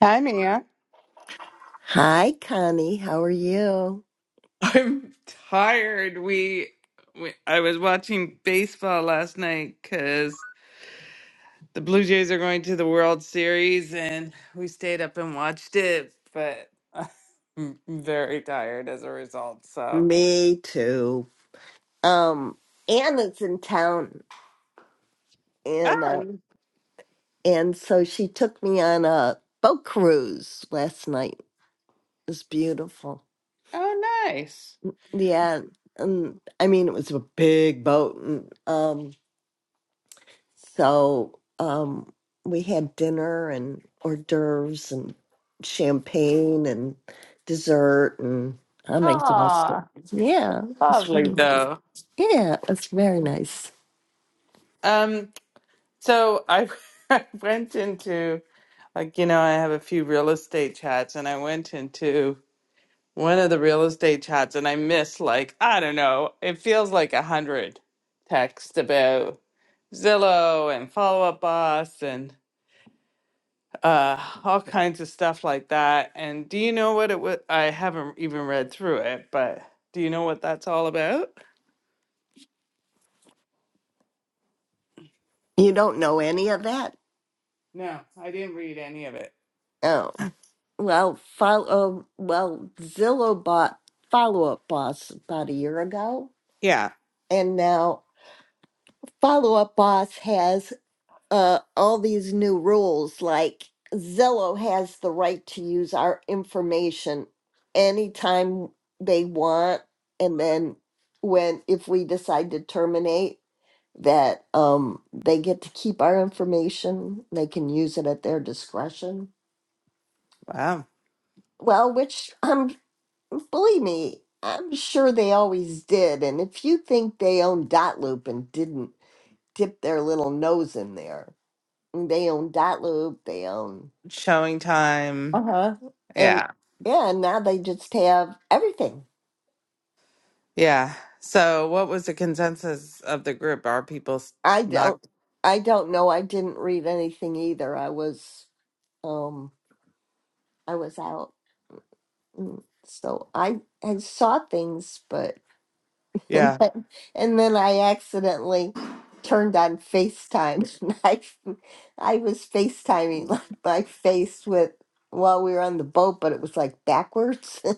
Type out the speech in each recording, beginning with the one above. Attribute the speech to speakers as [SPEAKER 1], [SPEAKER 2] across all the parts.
[SPEAKER 1] Hi, Mia.
[SPEAKER 2] Hi, Connie. How are you?
[SPEAKER 1] I'm tired. We, we I was watching baseball last night because the Blue Jays are going to the World Series, and we stayed up and watched it. But I'm very tired as a result. So,
[SPEAKER 2] Me too. Um, Anna's in town, and uh,
[SPEAKER 1] oh,
[SPEAKER 2] and so she took me on a boat cruise last night. It was beautiful.
[SPEAKER 1] oh nice.
[SPEAKER 2] Yeah, and I mean it was a big boat, and um, so um, we had dinner and hors d'oeuvres and champagne and dessert, and I'm exhausted.
[SPEAKER 1] Ah,
[SPEAKER 2] Yeah, it was
[SPEAKER 1] lovely
[SPEAKER 2] fun.
[SPEAKER 1] though.
[SPEAKER 2] Yeah, it's very nice.
[SPEAKER 1] Um, so I I went into like you know I have a few real estate chats, and I went into one of the real estate chats and I missed like, I don't know, it feels like a hundred texts about Zillow and Follow Up Boss and uh all kinds of stuff like that. And do you know what it was? I haven't even read through it, but do you know what that's all about?
[SPEAKER 2] You don't know any of that?
[SPEAKER 1] No, I didn't read any of it.
[SPEAKER 2] Oh, Well, follow. Well, Zillow bought Follow Up Boss about a year ago,
[SPEAKER 1] Yeah.
[SPEAKER 2] and now Follow Up Boss has uh, all these new rules. Like Zillow has the right to use our information anytime they want, and then when if we decide to terminate. that um, they get to keep our information. They can use it at their discretion.
[SPEAKER 1] Wow.
[SPEAKER 2] Well, which um, believe me, I'm sure they always did. And if you think they owned Dotloop and didn't dip their little nose in there, they own Dotloop. They own
[SPEAKER 1] Showing
[SPEAKER 2] uh
[SPEAKER 1] time.
[SPEAKER 2] huh, and
[SPEAKER 1] Yeah.
[SPEAKER 2] yeah, and now they just have everything.
[SPEAKER 1] Yeah. So what was the consensus of the group? Are people s-
[SPEAKER 2] I
[SPEAKER 1] not?
[SPEAKER 2] don't, I don't know. I didn't read anything either. I was, um, I was out. Mm, So I I saw things, but and
[SPEAKER 1] yeah.
[SPEAKER 2] then, and then I accidentally turned on FaceTime. and I I was FaceTiming like my face with while we were on the boat, but it was like backwards.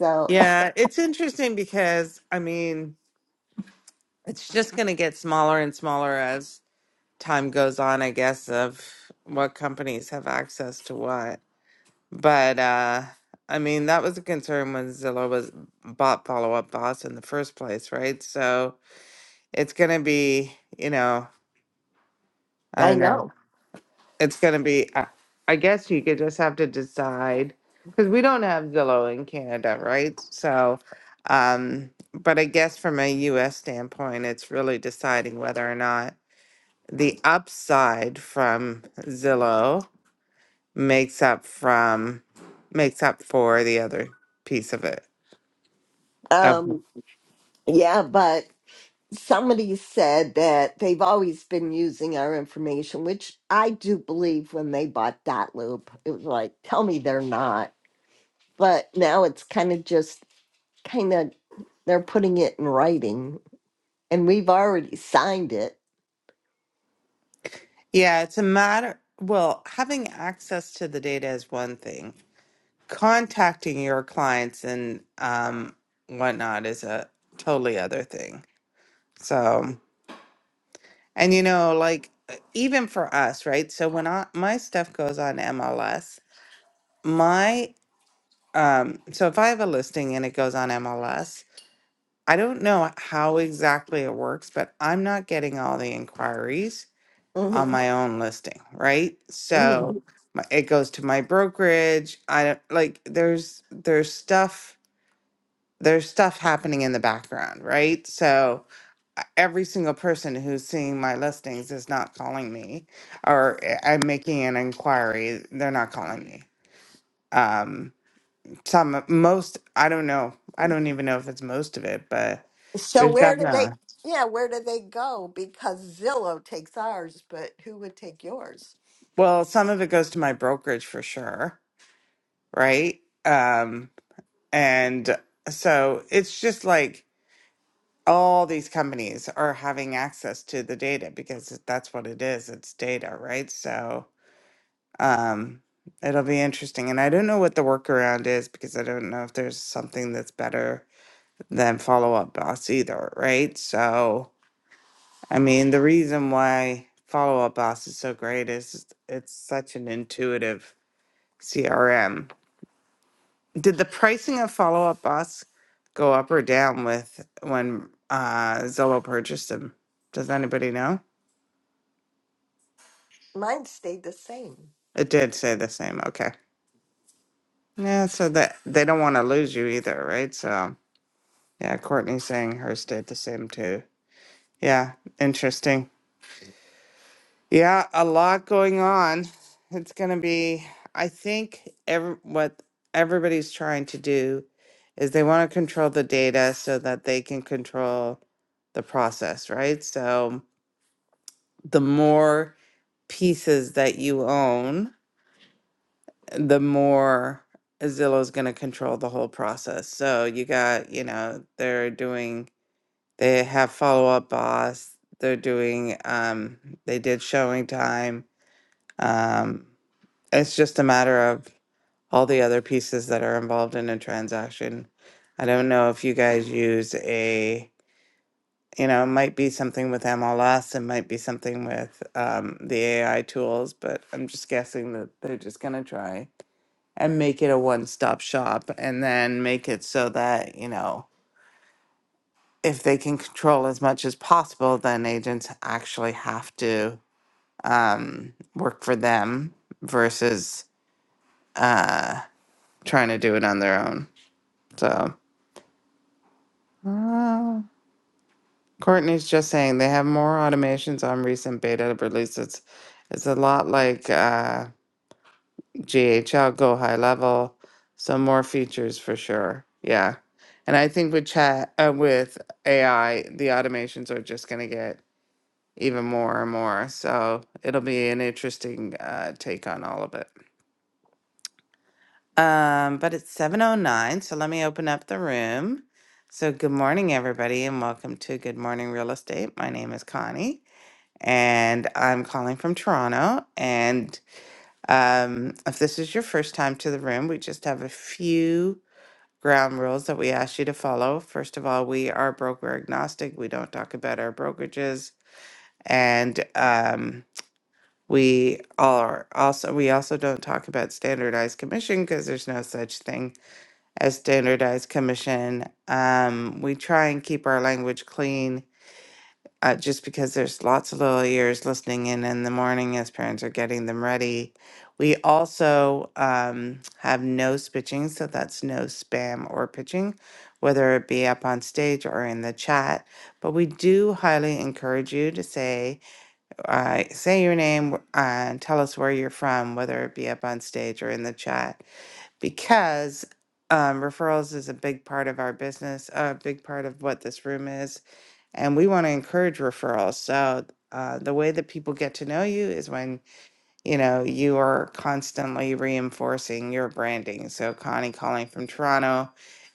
[SPEAKER 2] So
[SPEAKER 1] Yeah, it's interesting because I mean, it's just going to get smaller and smaller as time goes on, I guess, of what companies have access to what. But uh I mean, that was a concern when Zillow was bought Follow Up Boss in the first place, right? So it's going to be, you know, I
[SPEAKER 2] I
[SPEAKER 1] don't know.
[SPEAKER 2] know.
[SPEAKER 1] it's going to be i I guess you could just have to decide because we don't have zillow in canada right so um but i guess from a us standpoint it's really deciding whether or not the upside from zillow makes up from makes up for the other piece of it of-
[SPEAKER 2] Um yeah, but somebody said that they've always been using our information, which I do believe when they bought Dot Loop. It was like, tell me they're not. But now it's kind of just kind of they're putting it in writing and we've already signed it
[SPEAKER 1] yeah it's a matter well having access to the data is one thing contacting your clients and um whatnot is a totally other thing so and you know like even for us right so when i my stuff goes on mls my um so if i have a listing and it goes on mls i don't know how exactly it works but i'm not getting all the inquiries on
[SPEAKER 2] hmm
[SPEAKER 1] my own listing right so
[SPEAKER 2] hmm
[SPEAKER 1] my, it goes to my brokerage i don't like there's there's stuff there's stuff happening in the background, right? So uh, every single person who's seeing my listings is not calling me, or uh, I'm making an inquiry. They're not calling me. Um, some uh, most I don't know. I don't even know if it's most of it, but
[SPEAKER 2] so
[SPEAKER 1] there's
[SPEAKER 2] where do they
[SPEAKER 1] definitely
[SPEAKER 2] yeah where do they go because zillow takes ours but who would take yours
[SPEAKER 1] well, some of it goes to my brokerage for sure, right? Um, and so it's just like all these companies are having access to the data because that's what it is it's data right so um it'll be interesting and i don't know what the workaround is because i don't know if there's something that's better than follow up boss either right so i mean the reason why follow up boss is so great is it's such an intuitive crm Did the pricing of Follow Up Boss go up or down with when uh, Zillow purchased them? Does anybody know?
[SPEAKER 2] mine stayed the same
[SPEAKER 1] It did say the same. Okay. Yeah, so that they don't want to lose you either, right? So yeah, Courtney's saying hers did the same too. Yeah, interesting. Yeah, a lot going on. It's gonna be. I think every what everybody's trying to do is they want to control the data so that they can control the process, right? So the more pieces that you own, the more Zillow's going to control the whole process. So you got, you know, they're doing, they have follow up boss. They're doing, um, they did showing time. Um, it's just a matter of all the other pieces that are involved in a transaction. I don't know if you guys use a you know, it might be something with MLS, it might be something with um, the AI tools, but I'm just guessing that they're just going to try and make it a one stop shop and then make it so that, you know, if they can control as much as possible, then agents actually have to um, work for them versus uh, trying to do it on their own. So. Courtney's just saying they have more automations on recent beta releases. It's a lot like uh, GHL Go High Level, so more features for sure. Yeah, and I think with chat uh, with AI, the automations are just going to get even more and more. So it'll be an interesting uh, take on all of it. Um, but it's seven oh nine, so let me open up the room. So good morning, everybody, and welcome to Good Morning Real Estate. My name is Connie. and I'm calling from Toronto. And um, if this is your first time to the room, we just have a few ground rules that we ask you to follow. First of all, we are broker agnostic, we don't talk about our brokerages, and um, we are also we also don't talk about standardized commission because there's no such thing as standardized commission. Um, we try and keep our language clean uh, just because there's lots of little ears listening in in the morning as parents are getting them ready. We also um, have no spitching, so that's no spam or pitching, whether it be up on stage or in the chat. But we do highly encourage you to say uh, say your name uh, and tell us where you're from, whether it be up on stage or in the chat, because um, referrals is a big part of our business, a big part of what this room is and we want to encourage referrals. So uh, the way that people get to know you is when you know you are constantly reinforcing your branding. So Connie calling from Toronto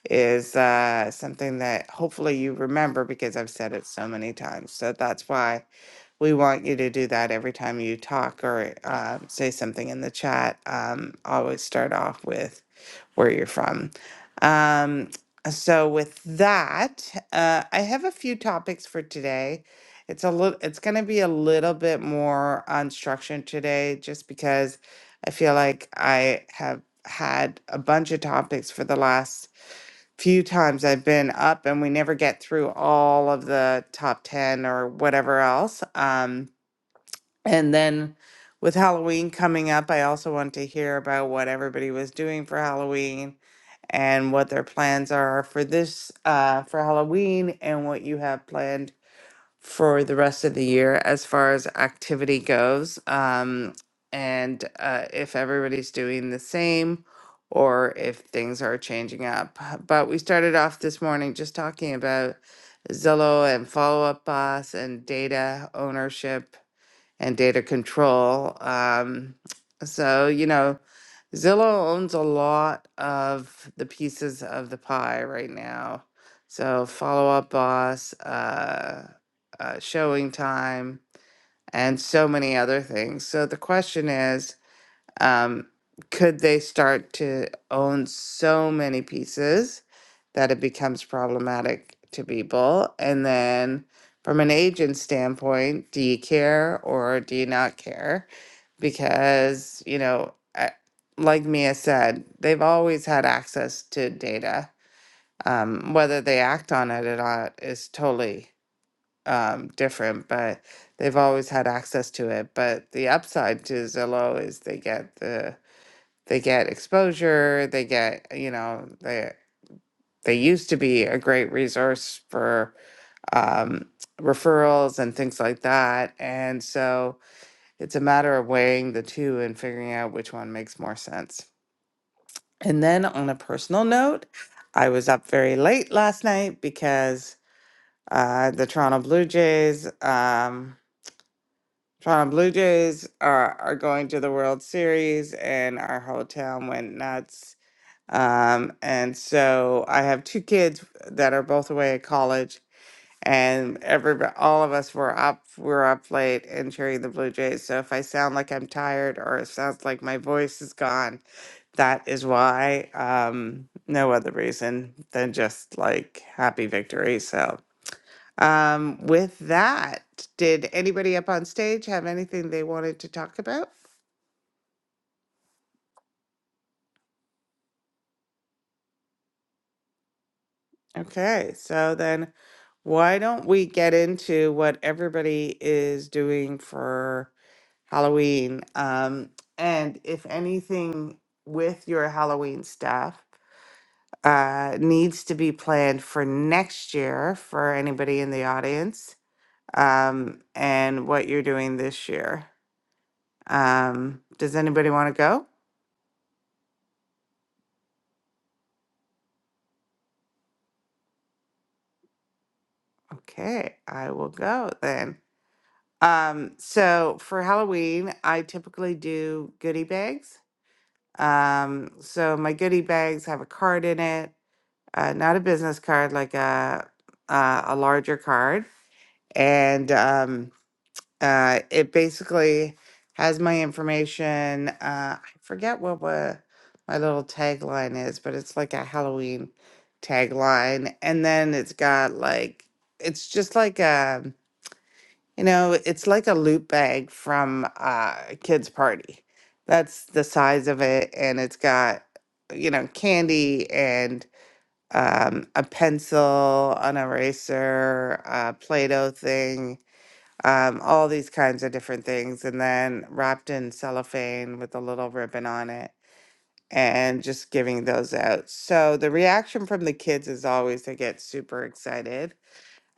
[SPEAKER 1] is uh, something that hopefully you remember because I've said it so many times. So that's why we want you to do that every time you talk or uh, say something in the chat. Um, always start off with where you're from. Um, so with that, uh, I have a few topics for today. It's a little, it's going to be a little bit more unstructured today, just because I feel like I have had a bunch of topics for the last few times I've been up, and we never get through all of the top ten or whatever else. Um, and then with Halloween coming up, I also want to hear about what everybody was doing for Halloween and what their plans are for this uh, for Halloween and what you have planned for the rest of the year as far as activity goes. Um, and uh, if everybody's doing the same or if things are changing up. But we started off this morning just talking about Zillow and follow up boss and data ownership and data control. Um, so, you know, Zillow owns a lot of the pieces of the pie right now. So, Follow Up Boss, uh, uh, Showing Time, and so many other things. So, the question is um, could they start to own so many pieces that it becomes problematic to people? And then, from an agent standpoint, do you care or do you not care? Because, you know, I- like Mia said, they've always had access to data. Um, whether they act on it or not is totally um, different, but they've always had access to it. But the upside to Zillow is they get the they get exposure they get you know they they used to be a great resource for um, referrals and things like that and so it's a matter of weighing the two and figuring out which one makes more sense and then on a personal note i was up very late last night because uh, the toronto blue jays um, toronto blue jays are, are going to the world series and our whole town went nuts Um, and so I have two kids that are both away at college, and every all of us were up were up late and cheering the Blue Jays. So if I sound like I'm tired or it sounds like my voice is gone, that is why. Um, no other reason than just like happy victory. So um, with that, did anybody up on stage have anything they wanted to talk about? Okay, so then why don't we get into what everybody is doing for Halloween? Um, and if anything with your Halloween stuff uh, needs to be planned for next year for anybody in the audience, um, and what you're doing this year. Um, does anybody want to go? Okay, I will go then. Um, so for Halloween, I typically do goodie bags. Um, so my goodie bags have a card in it, uh, not a business card, like a uh, a larger card, and um, uh, it basically has my information. Uh, I forget what wa- my little tagline is, but it's like a Halloween tagline, and then it's got like it's just like a you know, it's like a loot bag from uh, a kid's party. That's the size of it, and it's got, you know, candy and um, a pencil, an eraser, a Play-Doh thing, um, all these kinds of different things, and then wrapped in cellophane with a little ribbon on it, and just giving those out. So the reaction from the kids is always they get super excited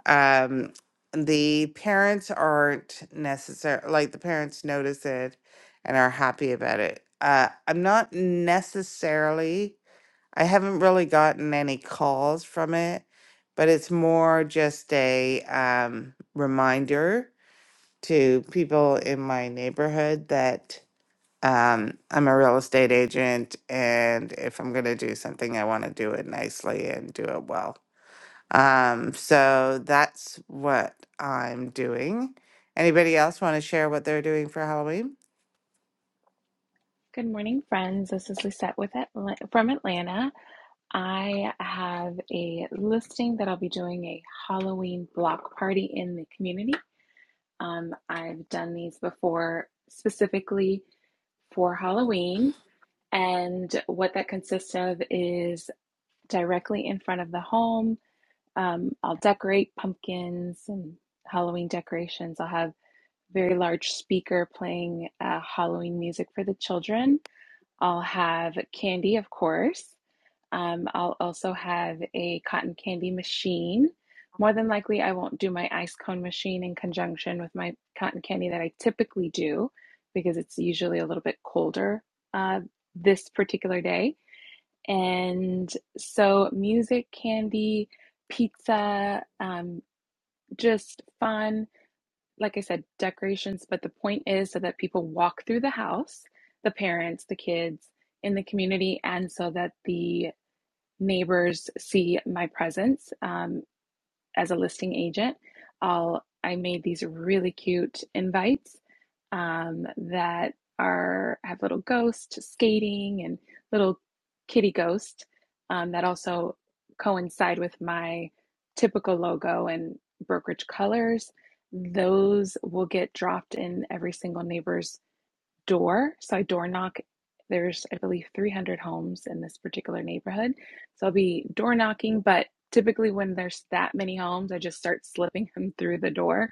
[SPEAKER 1] um, the parents aren't necessary, like the parents notice it and are happy about it. Uh, I'm not necessarily, I haven't really gotten any calls from it, but it's more just a um, reminder to people in my neighborhood that um, I'm a real estate agent, and if I'm going to do something, I want to do it nicely and do it well. Um, so that's what I'm doing. Anybody else want to share what they're doing for Halloween?
[SPEAKER 3] Good morning, friends. This is Lisette with Atla- from Atlanta. I have a listing that I'll be doing a Halloween block party in the community. Um, I've done these before specifically for Halloween, and what that consists of is directly in front of the home. Um, I'll decorate pumpkins and Halloween decorations. I'll have a very large speaker playing uh, Halloween music for the children I'll have candy, of course. Um, I'll also have a cotton candy machine. More than likely, I won't do my ice cone machine in conjunction with my cotton candy that I typically do because it's usually a little bit colder uh, this particular day. And so, music, candy, pizza, um, just fun like I said, decorations, but the point is so that people walk through the house, the parents, the kids in the community, and so that the neighbors see my presence. Um, as a listing agent, I'll I made these really cute invites um, that are have little ghosts skating and little kitty ghost um, that also coincide with my typical logo and brokerage colors. Those will get dropped in every single neighbor's door. So I door knock. There's, I believe, 300 homes in this particular neighborhood. So I'll be door knocking, but typically when there's that many homes, I just start slipping them through the door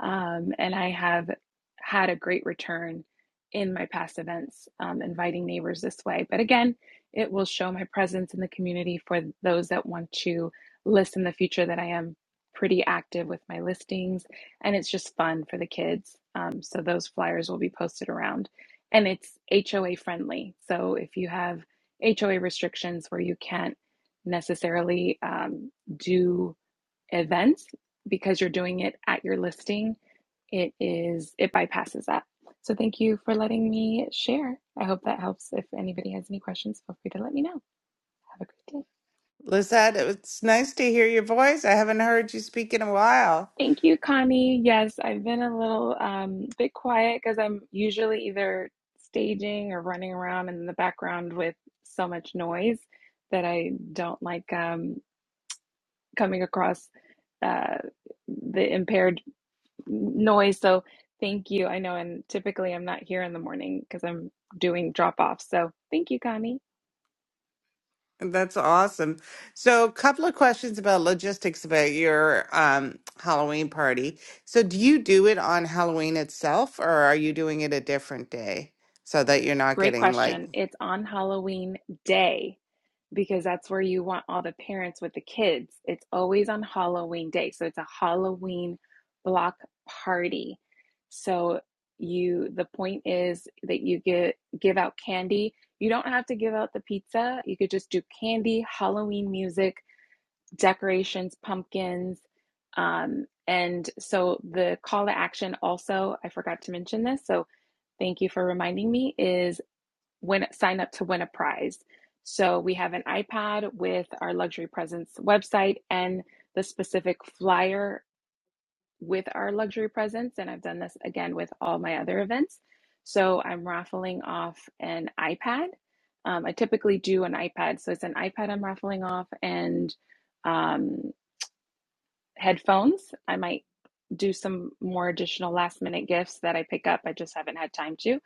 [SPEAKER 3] um, and I have had a great return in my past events, um, inviting neighbors this way. But again, it will show my presence in the community for those that want to list in the future that I am pretty active with my listings. And it's just fun for the kids. Um, so those flyers will be posted around. And it's HOA friendly. So if you have HOA restrictions where you can't necessarily um, do events because you're doing it at your listing it is it bypasses that so thank you for letting me share i hope that helps if anybody has any questions feel free to let me know have a great day
[SPEAKER 1] Lizette, it's nice to hear your voice. I haven't heard you speak in a while.
[SPEAKER 3] thank you connie yes i've been a little um, bit quiet because i'm usually either staging or running around in the background with so much noise that i don't like um, coming across uh, the impaired noise. So thank you. I know, and typically I'm not here in the morning because I'm doing drop offs. So thank you, Connie.
[SPEAKER 1] That's awesome. So, a couple of questions about logistics about your um, Halloween party. So, do you do it on Halloween itself, or are you doing it a different day so that you're not
[SPEAKER 3] Great
[SPEAKER 1] getting like,
[SPEAKER 3] question. It's on Halloween day because that's where you want all the parents with the kids. It's always on Halloween day. So it's a Halloween block party. So you the point is that you get give out candy. You don't have to give out the pizza. You could just do candy, Halloween music, decorations, pumpkins. Um, and so the call to action also, I forgot to mention this, so thank you for reminding me, is when sign up to win a prize. So we have an iPad with our luxury presents website and the specific flyer with our luxury presents. And I've done this again with all my other events. So I'm raffling off an iPad. Um, I typically do an iPad. So it's an iPad I'm raffling off and um, headphones. I might do some more additional last minute gifts that I pick up. I just haven't had time to.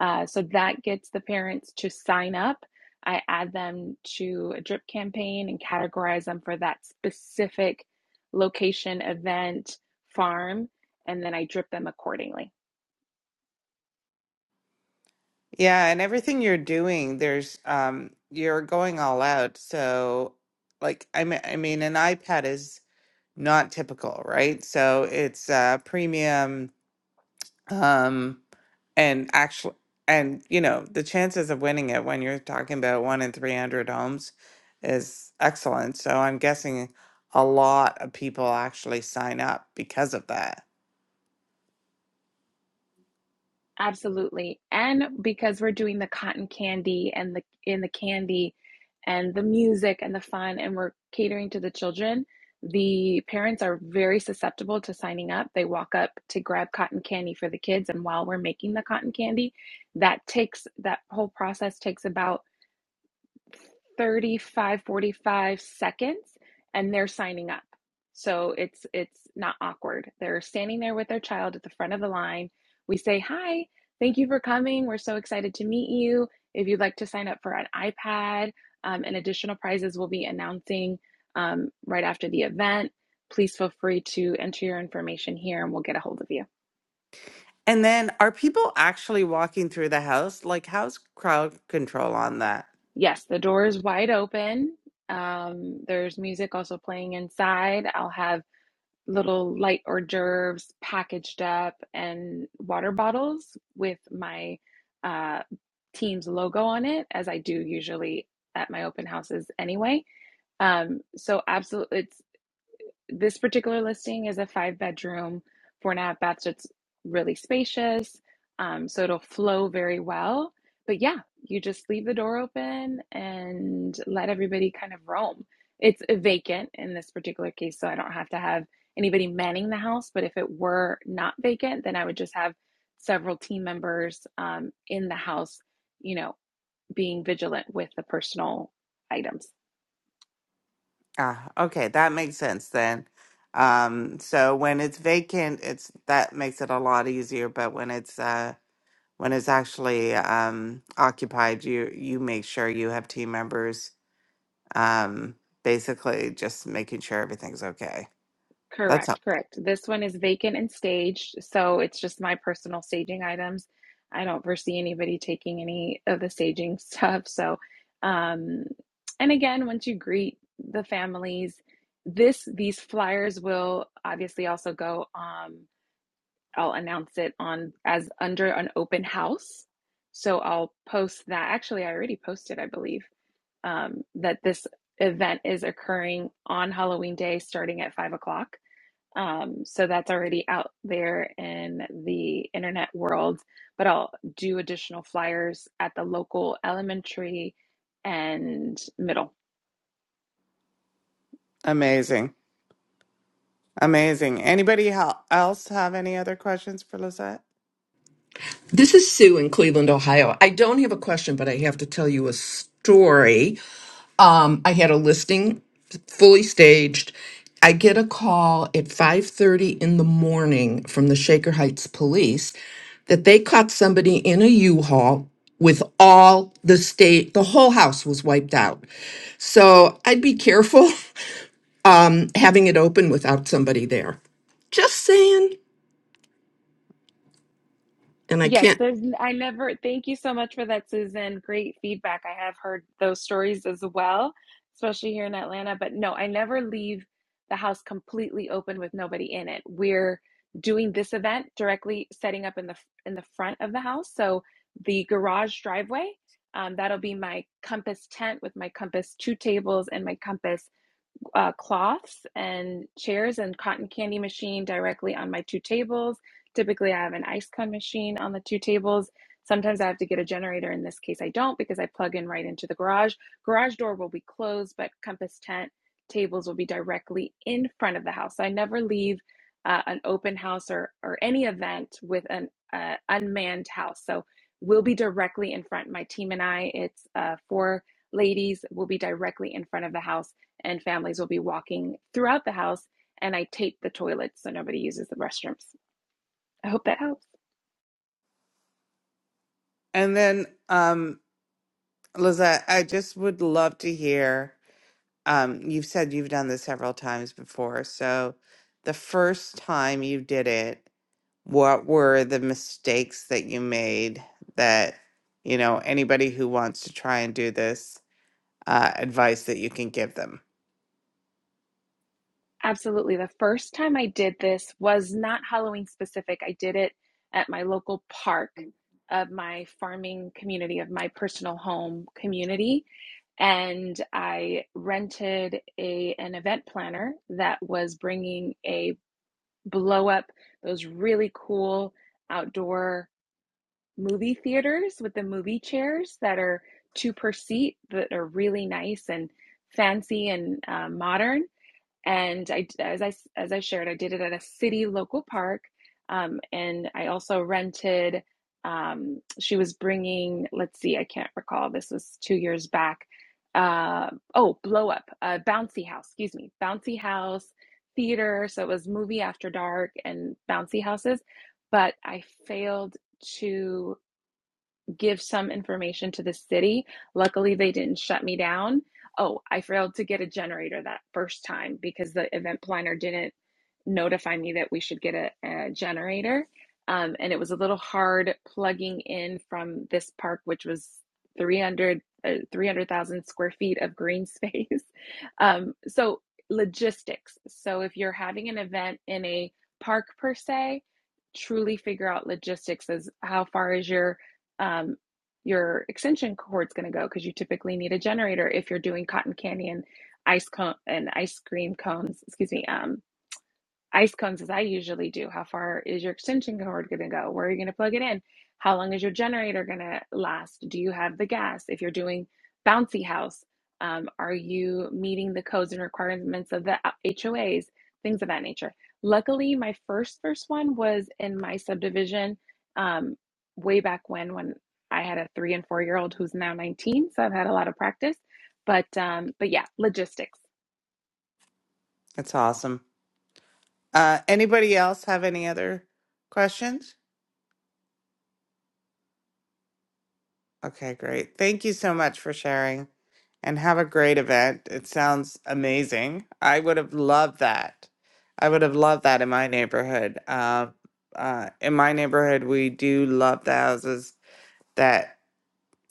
[SPEAKER 3] Uh, so that gets the parents to sign up. I add them to a drip campaign and categorize them for that specific location, event, farm, and then I drip them accordingly.
[SPEAKER 1] yeah, and everything you're doing, there's um, you're going all out. So, like, I mean, I mean, an iPad is not typical, right? So, it's uh, premium. Um, and actually and you know the chances of winning it when you're talking about one in 300 homes is excellent so i'm guessing a lot of people actually sign up because of that
[SPEAKER 3] Absolutely. And because we're doing the cotton candy and the in the candy and the music and the fun and we're catering to the children, the parents are very susceptible to signing up. They walk up to grab cotton candy for the kids and while we're making the cotton candy, that takes that whole process takes about 35 45 seconds and they're signing up so it's it's not awkward they're standing there with their child at the front of the line we say hi thank you for coming we're so excited to meet you if you'd like to sign up for an ipad um, and additional prizes we'll be announcing um, right after the event please feel free to enter your information here and we'll get a hold of you
[SPEAKER 1] and then are people actually walking through the house like how's crowd control on that
[SPEAKER 3] yes the door is wide open um, there's music also playing inside i'll have little light hors d'oeuvres packaged up and water bottles with my uh, team's logo on it, as I do usually at my open houses anyway. Um, so absolutely, it's this particular listing is a five bedroom, four and a half baths. so It's really spacious. Um, so it'll flow very well. But yeah, you just leave the door open and let everybody kind of roam. It's vacant in this particular case, so I don't have to have anybody manning the house. But if it were not vacant, then I would just have several team members um, in the house, you know, being vigilant with the personal items.
[SPEAKER 1] Ah, okay, that makes sense then. Um, so when it's vacant, it's that makes it a lot easier, but when it's uh when it's actually um occupied, you you make sure you have team members um basically just making sure everything's okay. That's a-
[SPEAKER 3] Correct, correct. This one is vacant and staged, so it's just my personal staging items. I don't foresee anybody taking any of the staging stuff. So, um, and again, once you greet the families, this these flyers will obviously also go. Um, I'll announce it on as under an open house. So I'll post that. Actually, I already posted, I believe, um, that this event is occurring on Halloween Day, starting at five o'clock. Um, so that's already out there in the internet world, but I'll do additional flyers at the local elementary and middle.
[SPEAKER 1] amazing. Amazing. Anybody hel- else have any other questions for Lizette?
[SPEAKER 4] This is Sue in Cleveland, Ohio. I don't have a question, but I have to tell you a story. Um, I had a listing fully staged. I get a call at 5:30 in the morning from the Shaker Heights police that they caught somebody in a U-Haul with all the state the whole house was wiped out. So, I'd be careful um having it open without somebody there. Just saying. And I
[SPEAKER 3] Yes,
[SPEAKER 4] can't
[SPEAKER 3] there's, n- I never, thank you so much for that, Susan. Great feedback. I have heard those stories as well, especially here in Atlanta. But no, I never leave the house completely open with nobody in it. We're doing this event directly setting up in the in the front of the house. So the garage driveway, um, that'll be my Compass tent with my Compass two tables and my Compass uh, cloths and chairs and cotton candy machine directly on my two tables. Typically, I have an ice cone machine on the two tables. Sometimes I have to get a generator. In this case, I don't because I plug in right into the garage. Garage door will be closed, but compass tent tables will be directly in front of the house. So I never leave uh, an open house or, or any event with an uh, unmanned house. So we'll be directly in front. My team and I, it's uh, four ladies, will be directly in front of the house and families will be walking throughout the house. And I tape the toilets so nobody uses the restrooms. I hope that helps.
[SPEAKER 1] And then um Lizette, I just would love to hear um, you've said you've done this several times before. So, the first time you did it, what were the mistakes that you made that, you know, anybody who wants to try and do this, uh, advice that you can give them?
[SPEAKER 3] Absolutely. The first time I did this was not Halloween specific. I did it at my local park of my farming community, of my personal home community. And I rented a, an event planner that was bringing a blow up, those really cool outdoor movie theaters with the movie chairs that are two per seat that are really nice and fancy and uh, modern. And I, as I as I shared, I did it at a city local park, um, and I also rented. Um, she was bringing. Let's see, I can't recall. This was two years back. Uh, oh, blow up, uh, bouncy house. Excuse me, bouncy house theater. So it was movie after dark and bouncy houses. But I failed to give some information to the city. Luckily, they didn't shut me down. Oh, I failed to get a generator that first time because the event planner didn't notify me that we should get a, a generator. Um, and it was a little hard plugging in from this park, which was 300, uh, 300,000 square feet of green space. Um, so, logistics. So, if you're having an event in a park per se, truly figure out logistics as how far is your um, your extension cord's going to go because you typically need a generator if you're doing cotton candy and ice cone and ice cream cones. Excuse me. Um, ice cones as I usually do. How far is your extension cord going to go? Where are you going to plug it in? How long is your generator going to last? Do you have the gas? If you're doing bouncy house, um, are you meeting the codes and requirements of the HOAs? Things of that nature. Luckily, my first first one was in my subdivision um, way back when when I had a three and four year old who's now 19. So I've had a lot of practice. But um, but yeah, logistics.
[SPEAKER 1] That's awesome. Uh, anybody else have any other questions? Okay, great. Thank you so much for sharing. and have a great event. It sounds amazing. I would have loved that. I would have loved that in my neighborhood. Uh, uh, in my neighborhood, we do love the houses that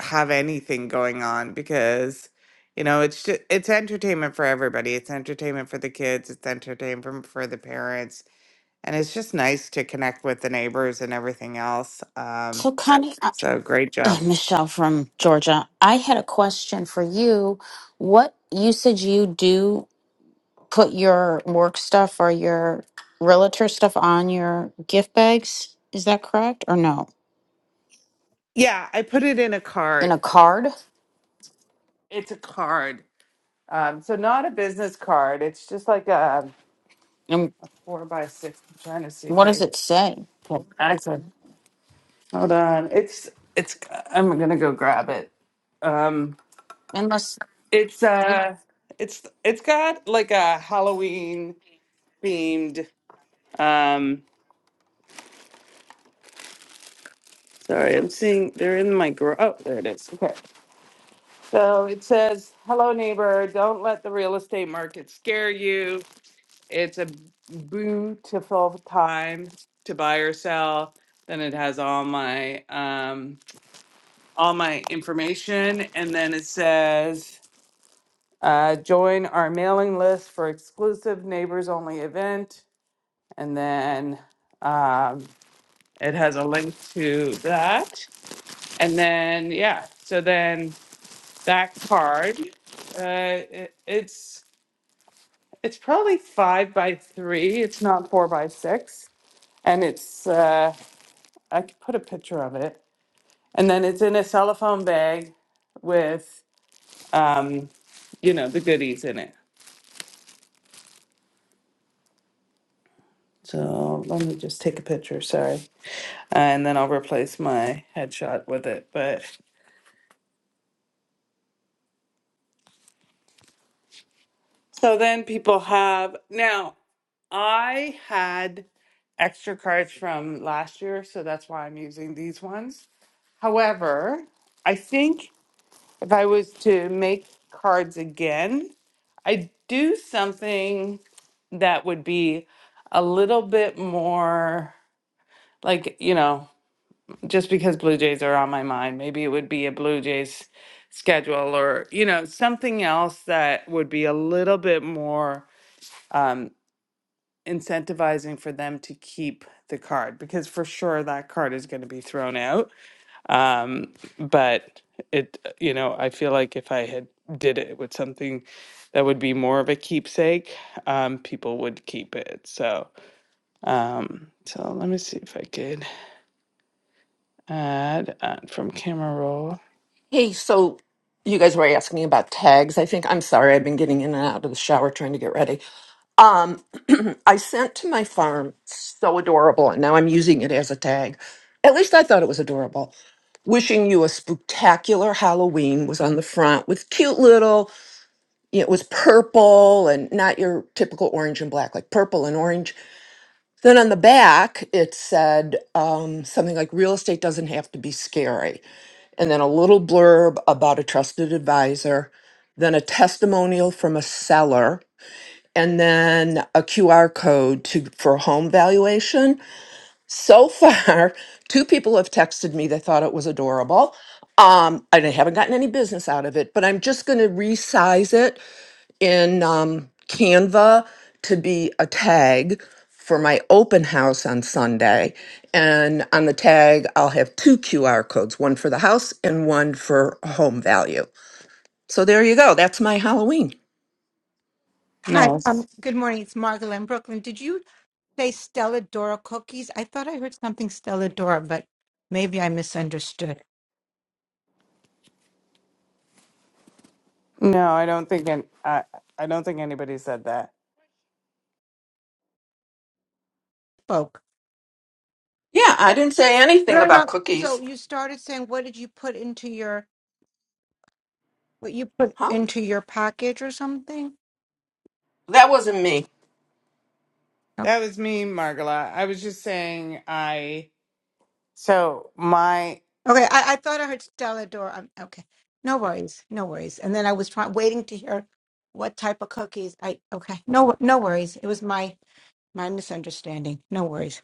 [SPEAKER 1] have anything going on because, you know, it's ju- it's entertainment for everybody. It's entertainment for the kids. It's entertainment for the parents, and it's just nice to connect with the neighbors and everything else. Um,
[SPEAKER 5] So, Connie, uh,
[SPEAKER 1] so great
[SPEAKER 5] eh,
[SPEAKER 1] job.
[SPEAKER 5] Michelle from Georgia, I had a question for you. What you said you do put your work stuff or your realtor stuff on your gift bags? Is that correct or no?
[SPEAKER 1] Yeah, I put it in a
[SPEAKER 5] In
[SPEAKER 1] card.
[SPEAKER 5] a card?
[SPEAKER 1] It's a card Um, so not a business card. It's just like a
[SPEAKER 5] And
[SPEAKER 1] four by six. I'm trying to see if
[SPEAKER 5] what does
[SPEAKER 1] I
[SPEAKER 5] it say?
[SPEAKER 1] well, actually hold on. It's it's. I'm gonna go grab it. Um,
[SPEAKER 5] Unless
[SPEAKER 1] it's uh, it's it's got like a Halloween themed. Um, sorry, I'm seeing they're in my garage. Oh, there it is. Okay, so it says, "Hello, neighbor. Don't let the real estate market scare you. It's a beautiful time to buy or sell. Then it has all my um, all my information, and then it says uh, join our mailing list for exclusive neighbors only event, and then um, it has a link to that, and then yeah, so then that card, uh, it, it's it's probably five by three. It's not four by six and it's uh, I could put a picture of it. And then it's in a cellophane bag with, um, you know, the goodies in it. So let me just take a picture, sorry. And then I'll replace my headshot with it. But so then people have, now I had extra cards from last year, so that's why I'm using these ones. However, I think if I was to make cards again, I'd do something that would be a little bit more like, you know, just because Blue Jays are on my mind, maybe it would be a Blue Jays schedule or, you know, something else that would be a little bit more um, incentivizing for them to keep the card because for sure that card is going to be thrown out. Um, but it, you know, I feel like if I had did it with something that would be more of a keepsake, um, people would keep it. So, Um, so let me see if I could add uh, from camera roll.
[SPEAKER 4] Hey, so you guys were asking about tags. I think I'm sorry. I've been getting in and out of the shower trying to get ready. Um, I sent to my farm so adorable, and now I'm using it as a tag. At least I thought it was adorable. Wishing you a spectacular Halloween was on the front with cute little. It was purple and not your typical orange and black, like purple and orange. Then on the back, it said um, something like "Real estate doesn't have to be scary." and then a little blurb about a trusted advisor, then a testimonial from a seller, and then a QR code to for a home valuation. So far, two people have texted me they thought it was adorable. Um, and I haven't gotten any business out of it, but I'm just going to resize it in um, Canva to be a tag for my open house on Sunday. And on the tag, I'll have two QR codes one for the house and one for home value. So there you go. That's my Halloween.
[SPEAKER 6] Hi,
[SPEAKER 1] Nice.
[SPEAKER 6] um, good morning. It's Margola in Brooklyn. Did you say Stella Dora cookies? I thought I heard something Stella Dora, but maybe I misunderstood.
[SPEAKER 1] no, I don't think an I, I don't think anybody said that.
[SPEAKER 6] Spoke.
[SPEAKER 4] Yeah, I
[SPEAKER 1] Yeah,
[SPEAKER 4] didn't say anything
[SPEAKER 6] No,
[SPEAKER 4] about
[SPEAKER 6] no.
[SPEAKER 4] cookies.
[SPEAKER 6] So you started saying, what did you put into your what you put
[SPEAKER 4] Huh?
[SPEAKER 6] into your package or something?
[SPEAKER 4] That wasn't me.
[SPEAKER 6] Okay.
[SPEAKER 1] that was me, Margola. I was just saying I. So my
[SPEAKER 6] Okay. I, I thought I heard Stella Dora. Um, okay. No worries. No worries. And then I was trying waiting to hear what type of cookies. I okay. No, wor- no worries. It was my my misunderstanding. No worries.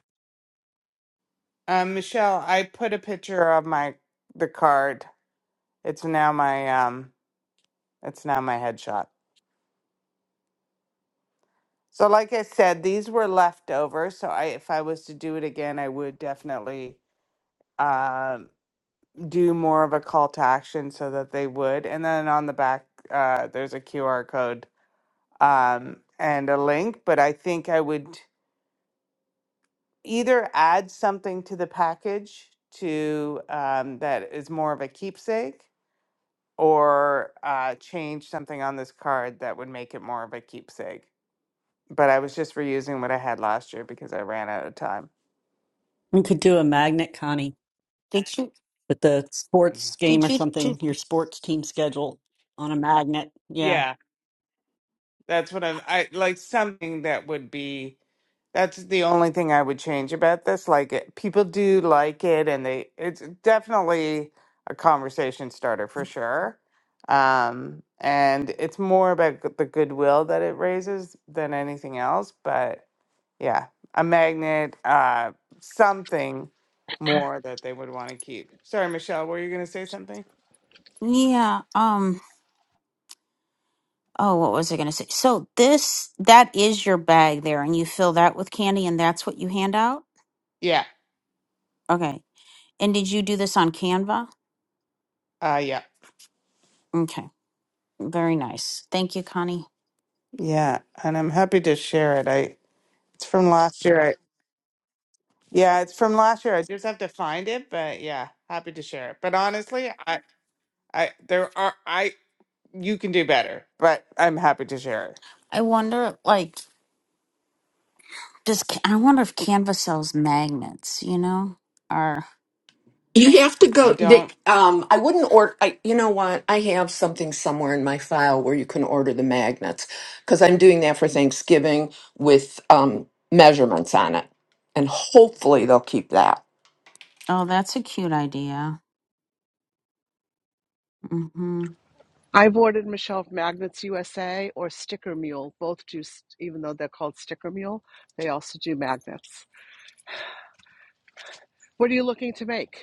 [SPEAKER 1] um, Michelle, I put a picture of my the card. It's now my um, it's now my headshot. So like I said, these were left over. So I, if I was to do it again, I would definitely. um. do more of a call to action so that they would. And then on the back, uh, there's a QR code um, and a link. But I think I would either add something to the package to um, that is more of a keepsake, or uh, change something on this card that would make it more of a keepsake. But I was just reusing what I had last year because I ran out of time.
[SPEAKER 7] You could do a magnet, Connie,
[SPEAKER 5] did you
[SPEAKER 7] with the
[SPEAKER 1] Yeah,
[SPEAKER 7] sports game
[SPEAKER 5] did
[SPEAKER 7] or
[SPEAKER 5] you do?
[SPEAKER 7] something, your sports team schedule on a magnet. Yeah.
[SPEAKER 1] yeah that's what I'm. I like something that would be. That's the only thing I would change about this. Like, it, people do like it, and they it's definitely a conversation starter for sure. Um, and it's more about g- the goodwill that it raises than anything else. But yeah, a magnet, uh, something more that they would want to keep. Sorry, Michelle, were you going to say something?
[SPEAKER 5] Yeah. Um. Oh, what was I going to say? So this that is your bag there, and you fill that with candy, and that's what you hand out.
[SPEAKER 1] Yeah.
[SPEAKER 5] Okay. And did you do this on Canva?
[SPEAKER 1] Uh, yeah.
[SPEAKER 5] Okay. Very nice. Thank you, Connie.
[SPEAKER 1] Yeah, and I'm happy to share it. I it's from last year. Yeah, it's from last year. I just have to find it, but yeah, happy to share it. But honestly, I, I, there are, I, you can do better, but I'm happy to share it.
[SPEAKER 5] I wonder, like, does Ca- I wonder if Canva sells magnets? You know, or
[SPEAKER 4] You have to
[SPEAKER 1] I
[SPEAKER 4] go. They,
[SPEAKER 1] don't,
[SPEAKER 4] um, I wouldn't order. I, you know what? I have something somewhere in my file where you can order the magnets because I'm doing that for Thanksgiving with um, measurements on it, and hopefully they'll keep that.
[SPEAKER 5] oh, that's a cute idea. Hmm.
[SPEAKER 8] I've ordered Michelle from Magnets USA or Sticker Mule. Both do, s- even though they're called Sticker Mule, they also do magnets. What are you looking to make?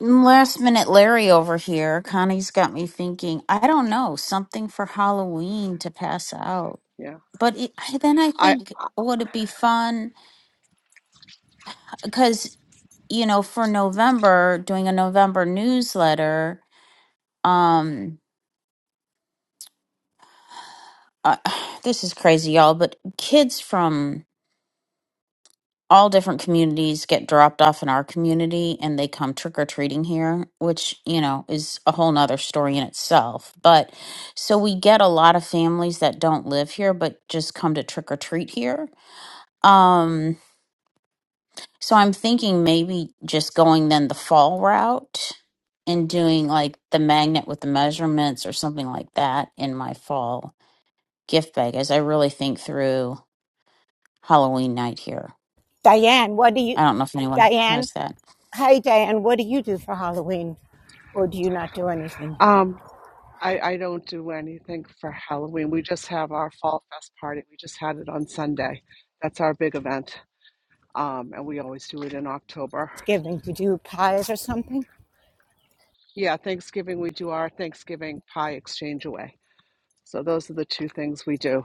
[SPEAKER 5] Last minute, Larry over here. Connie's got me thinking. I don't know something for Halloween to pass out.
[SPEAKER 8] Yeah,
[SPEAKER 5] But it, I, then I
[SPEAKER 8] I
[SPEAKER 5] think would it be fun? Because you know, for November, doing a November newsletter. Um, uh, this is crazy, y'all. But kids from all different communities get dropped off in our community and they come trick or treating here, which, you know, is a whole nother story in itself. But so we get a lot of families that don't live here but just come to trick or treat here. Um, so I'm thinking maybe just going then the fall route and doing like the magnet with the measurements or something like that in my fall gift bag as I really think through Halloween night here.
[SPEAKER 6] Diane, what do you,
[SPEAKER 5] I don't know if anyone
[SPEAKER 6] Diane?
[SPEAKER 5] has that.
[SPEAKER 6] Hi, Diane. What do you do for Halloween? Or do you not do anything?
[SPEAKER 8] um I I don't do anything for Halloween. We just have our Fall Fest party. We just had it on Sunday. That's our big event. Um, and we always do it in October.
[SPEAKER 6] Thanksgiving, Do you do pies or something?
[SPEAKER 8] Yeah, Thanksgiving we do our Thanksgiving pie exchange away. So those are the two things we do.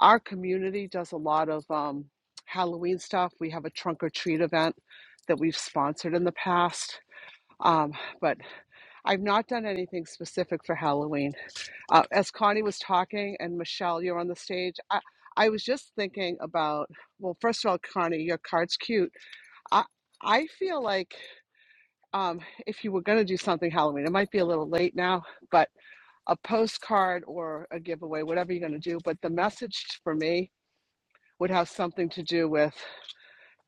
[SPEAKER 8] Our community does a lot of um, Halloween stuff. We have a trunk or treat event that we've sponsored in the past. Um, but I've not done anything specific for Halloween. Uh, as Connie was talking, and Michelle, you're on the stage, I, I was just thinking about, well, first of all, Connie, your card's cute. I, I feel like um, if you were going to do something Halloween, it might be a little late now, but a postcard or a giveaway, whatever you're going to do. But the message for me would have something to do with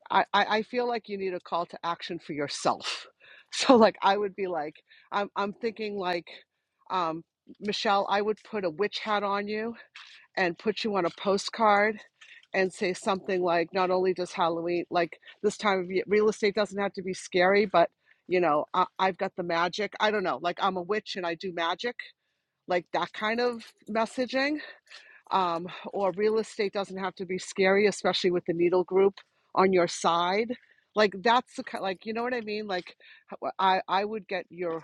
[SPEAKER 8] I, I feel like you need a call to action for yourself. So like I would be like I'm I'm thinking like um Michelle, I would put a witch hat on you and put you on a postcard and say something like not only does Halloween like this time of year real estate doesn't have to be scary, but you know, I, I've got the magic. I don't know, like I'm a witch and I do magic, like that kind of messaging um, or real estate doesn't have to be scary, especially with the needle group on your side. Like that's the ki- like you know what I mean. Like I I would get your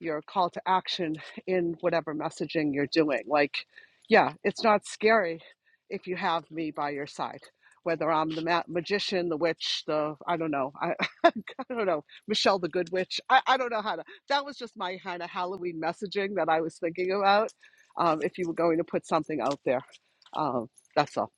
[SPEAKER 8] your call to action in whatever messaging you're doing. Like, yeah, it's not scary if you have me by your side, whether I'm the ma- magician, the witch, the I don't know, I, I don't know, Michelle the Good Witch. I, I don't know how to. That was just my kind of Halloween messaging that I was thinking about. Um, if you were going to put something out there, um, that's all.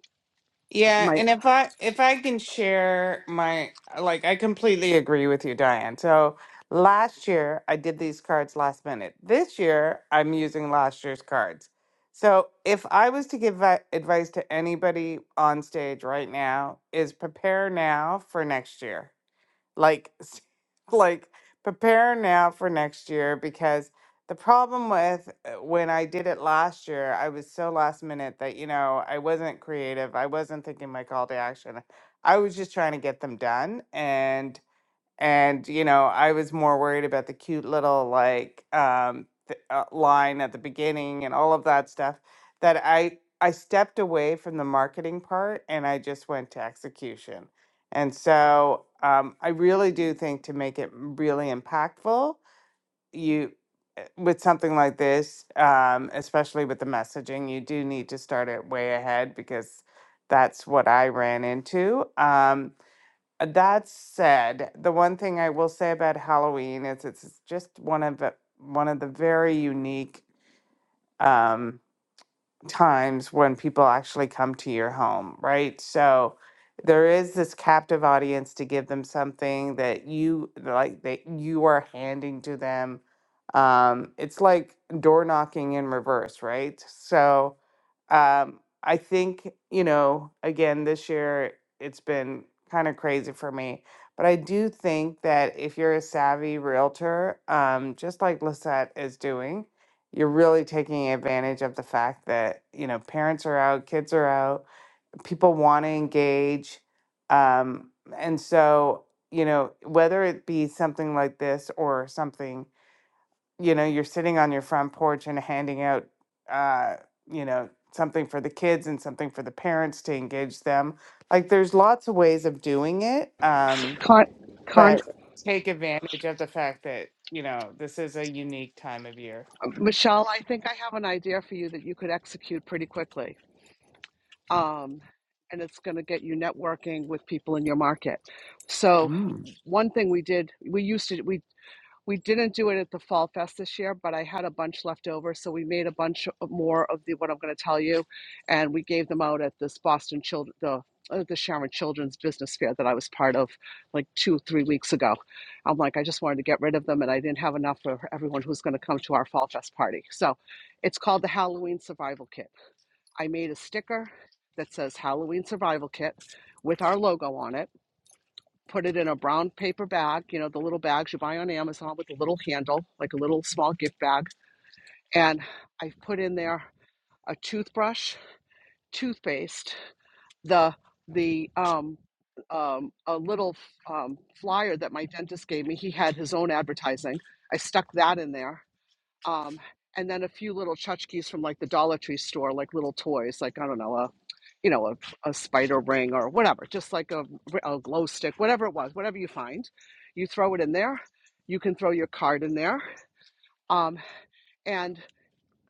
[SPEAKER 1] yeah,
[SPEAKER 8] My
[SPEAKER 1] and if I, if I can share my, like, I completely agree with you, Diane. So last year I did these cards last minute. This year I'm using last year's cards. So if I was to give a- advice to anybody on stage right now, is prepare now for next year like s- like prepare now for next year because the problem with uh, when I did it last year, I was so last minute that you know I wasn't creative. I wasn't thinking my call to action. I was just trying to get them done, and and you know i was more worried about the cute little like um th- uh, line at the beginning and all of that stuff that i i stepped away from the marketing part and i just went to execution and so um, i really do think to make it really impactful you uh, with something like this um, especially with the messaging you do need to start it way ahead because that's what i ran into um, uh, That said, the one thing I will say about Halloween is it's just one of the, one of the very unique um, times when people actually come to your home, right? So there is this captive audience to give them something that you like that you are handing to them. Um, it's like door knocking in reverse, right? So um, I think, you know, again, this year it's been kind of crazy for me. But I do think that if you're a savvy realtor, um, just like Lisette is doing, you're really taking advantage of the fact that, you know, parents are out, kids are out, people want to engage. Um, and so, you know, whether it be something like this or something you know, you're sitting on your front porch and handing out, uh, you know, something for the kids and something for the parents to engage them. Like, there's lots of ways of doing it, um,
[SPEAKER 8] con, con,
[SPEAKER 1] but take advantage of the fact that, you know, this is a unique time of year.
[SPEAKER 8] Michelle, I think I have an idea for you that you could execute pretty quickly um, and it's going to get you networking with people in your market. So one thing we did, we used to we we didn't do it at the fall fest this year, but I had a bunch left over, so we made a bunch of- more of the what I'm going to tell you, and we gave them out at this Boston children the uh, the Sharon Children's Business Fair that I was part of like two, three weeks ago. I'm like, I just wanted to get rid of them and I didn't have enough for everyone who's going to come to our Fall Fest party. So it's called the Halloween Survival Kit I made a sticker that says Halloween Survival Kit with our logo on it. Put it in a brown paper bag, you know, the little bags you buy on Amazon with a little handle, like a little small gift bag. And I put in there a toothbrush, toothpaste, the the um, um, a little um, flyer that my dentist gave me. He had his own advertising. I stuck that in there um, and then a few little tchotchkes from like the Dollar Tree store, like little toys, like I don't know, a you know, a, a spider ring or whatever, just like a, a glow stick, whatever it was, whatever you find, you throw it in there. You can throw your card in there. Um, and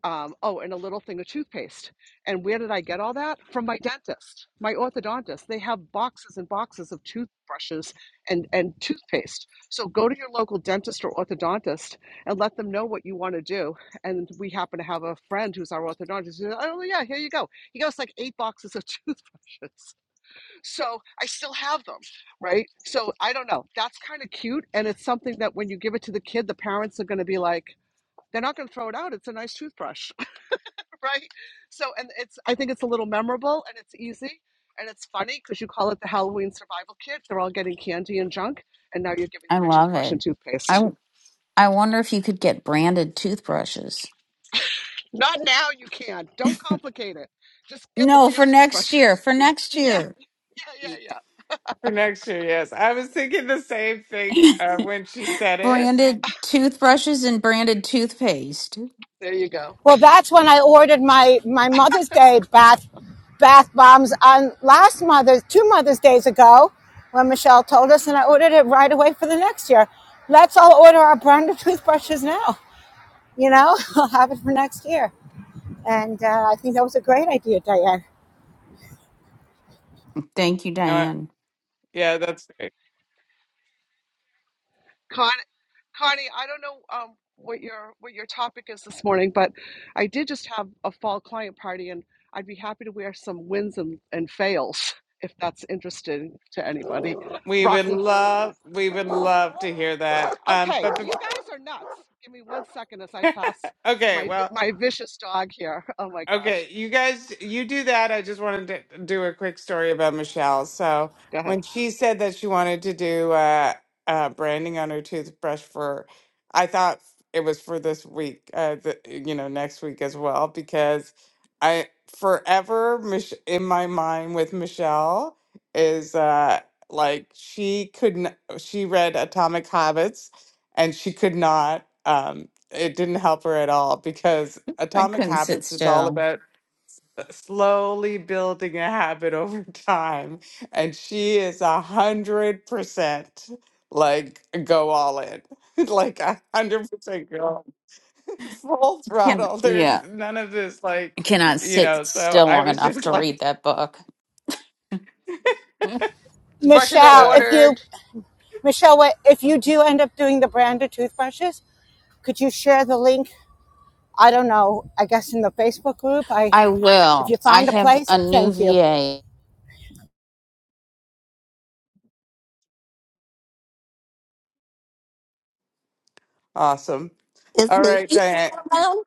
[SPEAKER 8] um, oh, and a little thing of toothpaste. And where did I get all that? From my dentist, my orthodontist. They have boxes and boxes of toothbrushes and, and toothpaste. So go to your local dentist or orthodontist and let them know what you want to do. And we happen to have a friend who's our orthodontist. He oh, yeah, here you go. He got us like eight boxes of toothbrushes. So I still have them, right? So I don't know. That's kind of cute. And it's something that when you give it to the kid, the parents are going to be like, they're not going to throw it out. It's a nice toothbrush right? So, and it's, I think it's a little memorable and it's easy and it's funny because you call it the Halloween survival kit. They're all getting candy and junk, and now you're giving
[SPEAKER 5] I
[SPEAKER 8] them a
[SPEAKER 5] love
[SPEAKER 8] toothbrush and
[SPEAKER 5] it.
[SPEAKER 8] toothpaste.
[SPEAKER 5] I I wonder if you could get branded toothbrushes.
[SPEAKER 8] Not now, you can. Don't complicate it. Just get the
[SPEAKER 5] No,
[SPEAKER 8] damn
[SPEAKER 5] for next year.
[SPEAKER 8] toothbrushes.
[SPEAKER 5] For next
[SPEAKER 8] Yeah,
[SPEAKER 5] year.
[SPEAKER 8] yeah,
[SPEAKER 1] Y-
[SPEAKER 8] yeah, yeah.
[SPEAKER 1] For next year, yes. I was thinking the same thing uh, when she said it.
[SPEAKER 5] Branded toothbrushes and branded toothpaste.
[SPEAKER 8] There you go.
[SPEAKER 6] Well, that's when I ordered my, my Mother's Day bath bath bombs on last Mother's, two Mother's Days ago, when Michelle told us, and I ordered it right away for the next year. Let's all order our brand new toothbrushes now. You know, I'll have it for next year. And uh, I think that was a great idea, Diane.
[SPEAKER 5] Thank you,
[SPEAKER 1] Uh,
[SPEAKER 5] Diane.
[SPEAKER 1] yeah, that's great.
[SPEAKER 8] Con- Connie, I don't know um, what your what your topic is this morning, but I did just have a fall client party, and I'd be happy to wear some wins and, and fails if that's interesting to anybody.
[SPEAKER 1] We would
[SPEAKER 8] Rocky.
[SPEAKER 1] love, we would love to hear that. Um,
[SPEAKER 8] Okay,
[SPEAKER 1] but
[SPEAKER 8] you
[SPEAKER 1] before,
[SPEAKER 8] guys are nuts. Give me one second as I pass
[SPEAKER 1] okay,
[SPEAKER 8] my
[SPEAKER 1] well,
[SPEAKER 8] my vicious dog here. Oh my gosh.
[SPEAKER 1] Okay, you guys, you do that. I just wanted to do a quick story about Michelle. So
[SPEAKER 8] Go ahead.
[SPEAKER 1] when she said that she wanted to do uh, uh, branding on her toothbrush for, I thought it was for this week, uh, the, you know, next week as well, because I forever Mich- in my mind with Michelle is uh, like she couldn't. She read Atomic Habits, and she could not. Um, it didn't help her at all because
[SPEAKER 5] I
[SPEAKER 1] Atomic
[SPEAKER 5] couldn't sit
[SPEAKER 1] Habits is all
[SPEAKER 5] still.
[SPEAKER 1] about uh, slowly building a habit over time. And she is a hundred percent like go all in. like a hundred percent go full
[SPEAKER 5] Can
[SPEAKER 1] throttle. There's
[SPEAKER 5] yeah.
[SPEAKER 1] none of this like
[SPEAKER 5] I cannot
[SPEAKER 1] you
[SPEAKER 5] sit
[SPEAKER 1] know, so
[SPEAKER 5] still
[SPEAKER 1] I
[SPEAKER 5] long
[SPEAKER 1] was
[SPEAKER 5] enough
[SPEAKER 1] just
[SPEAKER 5] to
[SPEAKER 1] like
[SPEAKER 5] read that book.
[SPEAKER 9] Brushes are
[SPEAKER 6] Michelle,
[SPEAKER 1] so
[SPEAKER 6] if
[SPEAKER 9] ordered.
[SPEAKER 6] you Michelle, if you do end up doing the branded toothbrushes, could you share the link? I don't know. I guess in the Facebook group. I
[SPEAKER 5] I
[SPEAKER 6] if
[SPEAKER 5] will.
[SPEAKER 6] you
[SPEAKER 5] I
[SPEAKER 6] find a
[SPEAKER 5] have
[SPEAKER 6] place,
[SPEAKER 5] a new
[SPEAKER 6] thank you.
[SPEAKER 5] VA.
[SPEAKER 1] awesome.
[SPEAKER 2] is
[SPEAKER 1] All
[SPEAKER 2] manny
[SPEAKER 1] right, Diane.
[SPEAKER 2] still around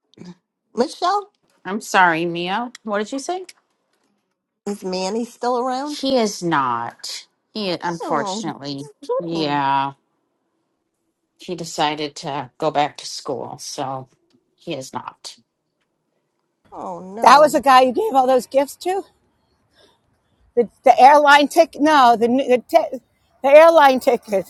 [SPEAKER 2] michelle
[SPEAKER 5] I'm sorry, Mia. What did you say?
[SPEAKER 2] is manny still around
[SPEAKER 5] He is not. He
[SPEAKER 2] oh just
[SPEAKER 5] unfortunately.
[SPEAKER 2] kidding.
[SPEAKER 5] Yeah. he decided to go back to school, so he is not.
[SPEAKER 2] oh
[SPEAKER 6] That was the
[SPEAKER 2] no
[SPEAKER 6] guy you gave all those gifts to. The, the airline ticket. No, the the, ti- the airline ticket.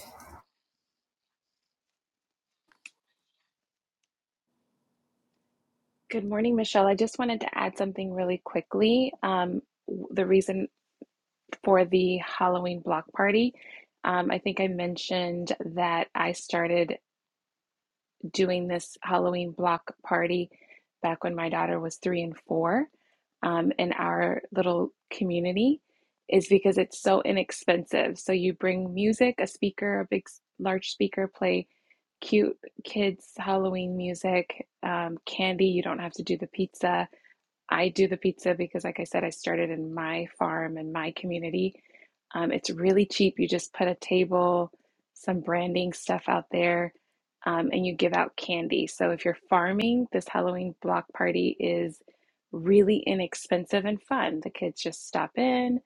[SPEAKER 3] Good morning, Michelle. I just wanted to add something really quickly. Um, w- the reason for the Halloween block party, um, I think I mentioned that I started doing this Halloween block party back when my daughter was three and four, um, in our little community, is because it's so inexpensive. So you bring music, a speaker, a big, s- large speaker, play cute kids' Halloween music, um, candy. You don't have to do the pizza I do the pizza because, like I said, I started in my farm and my community. Um, it's really cheap. You just put a table, some branding stuff out there, um, and you give out candy. So if you're farming, this Halloween block party is really inexpensive and fun. The kids just stop in,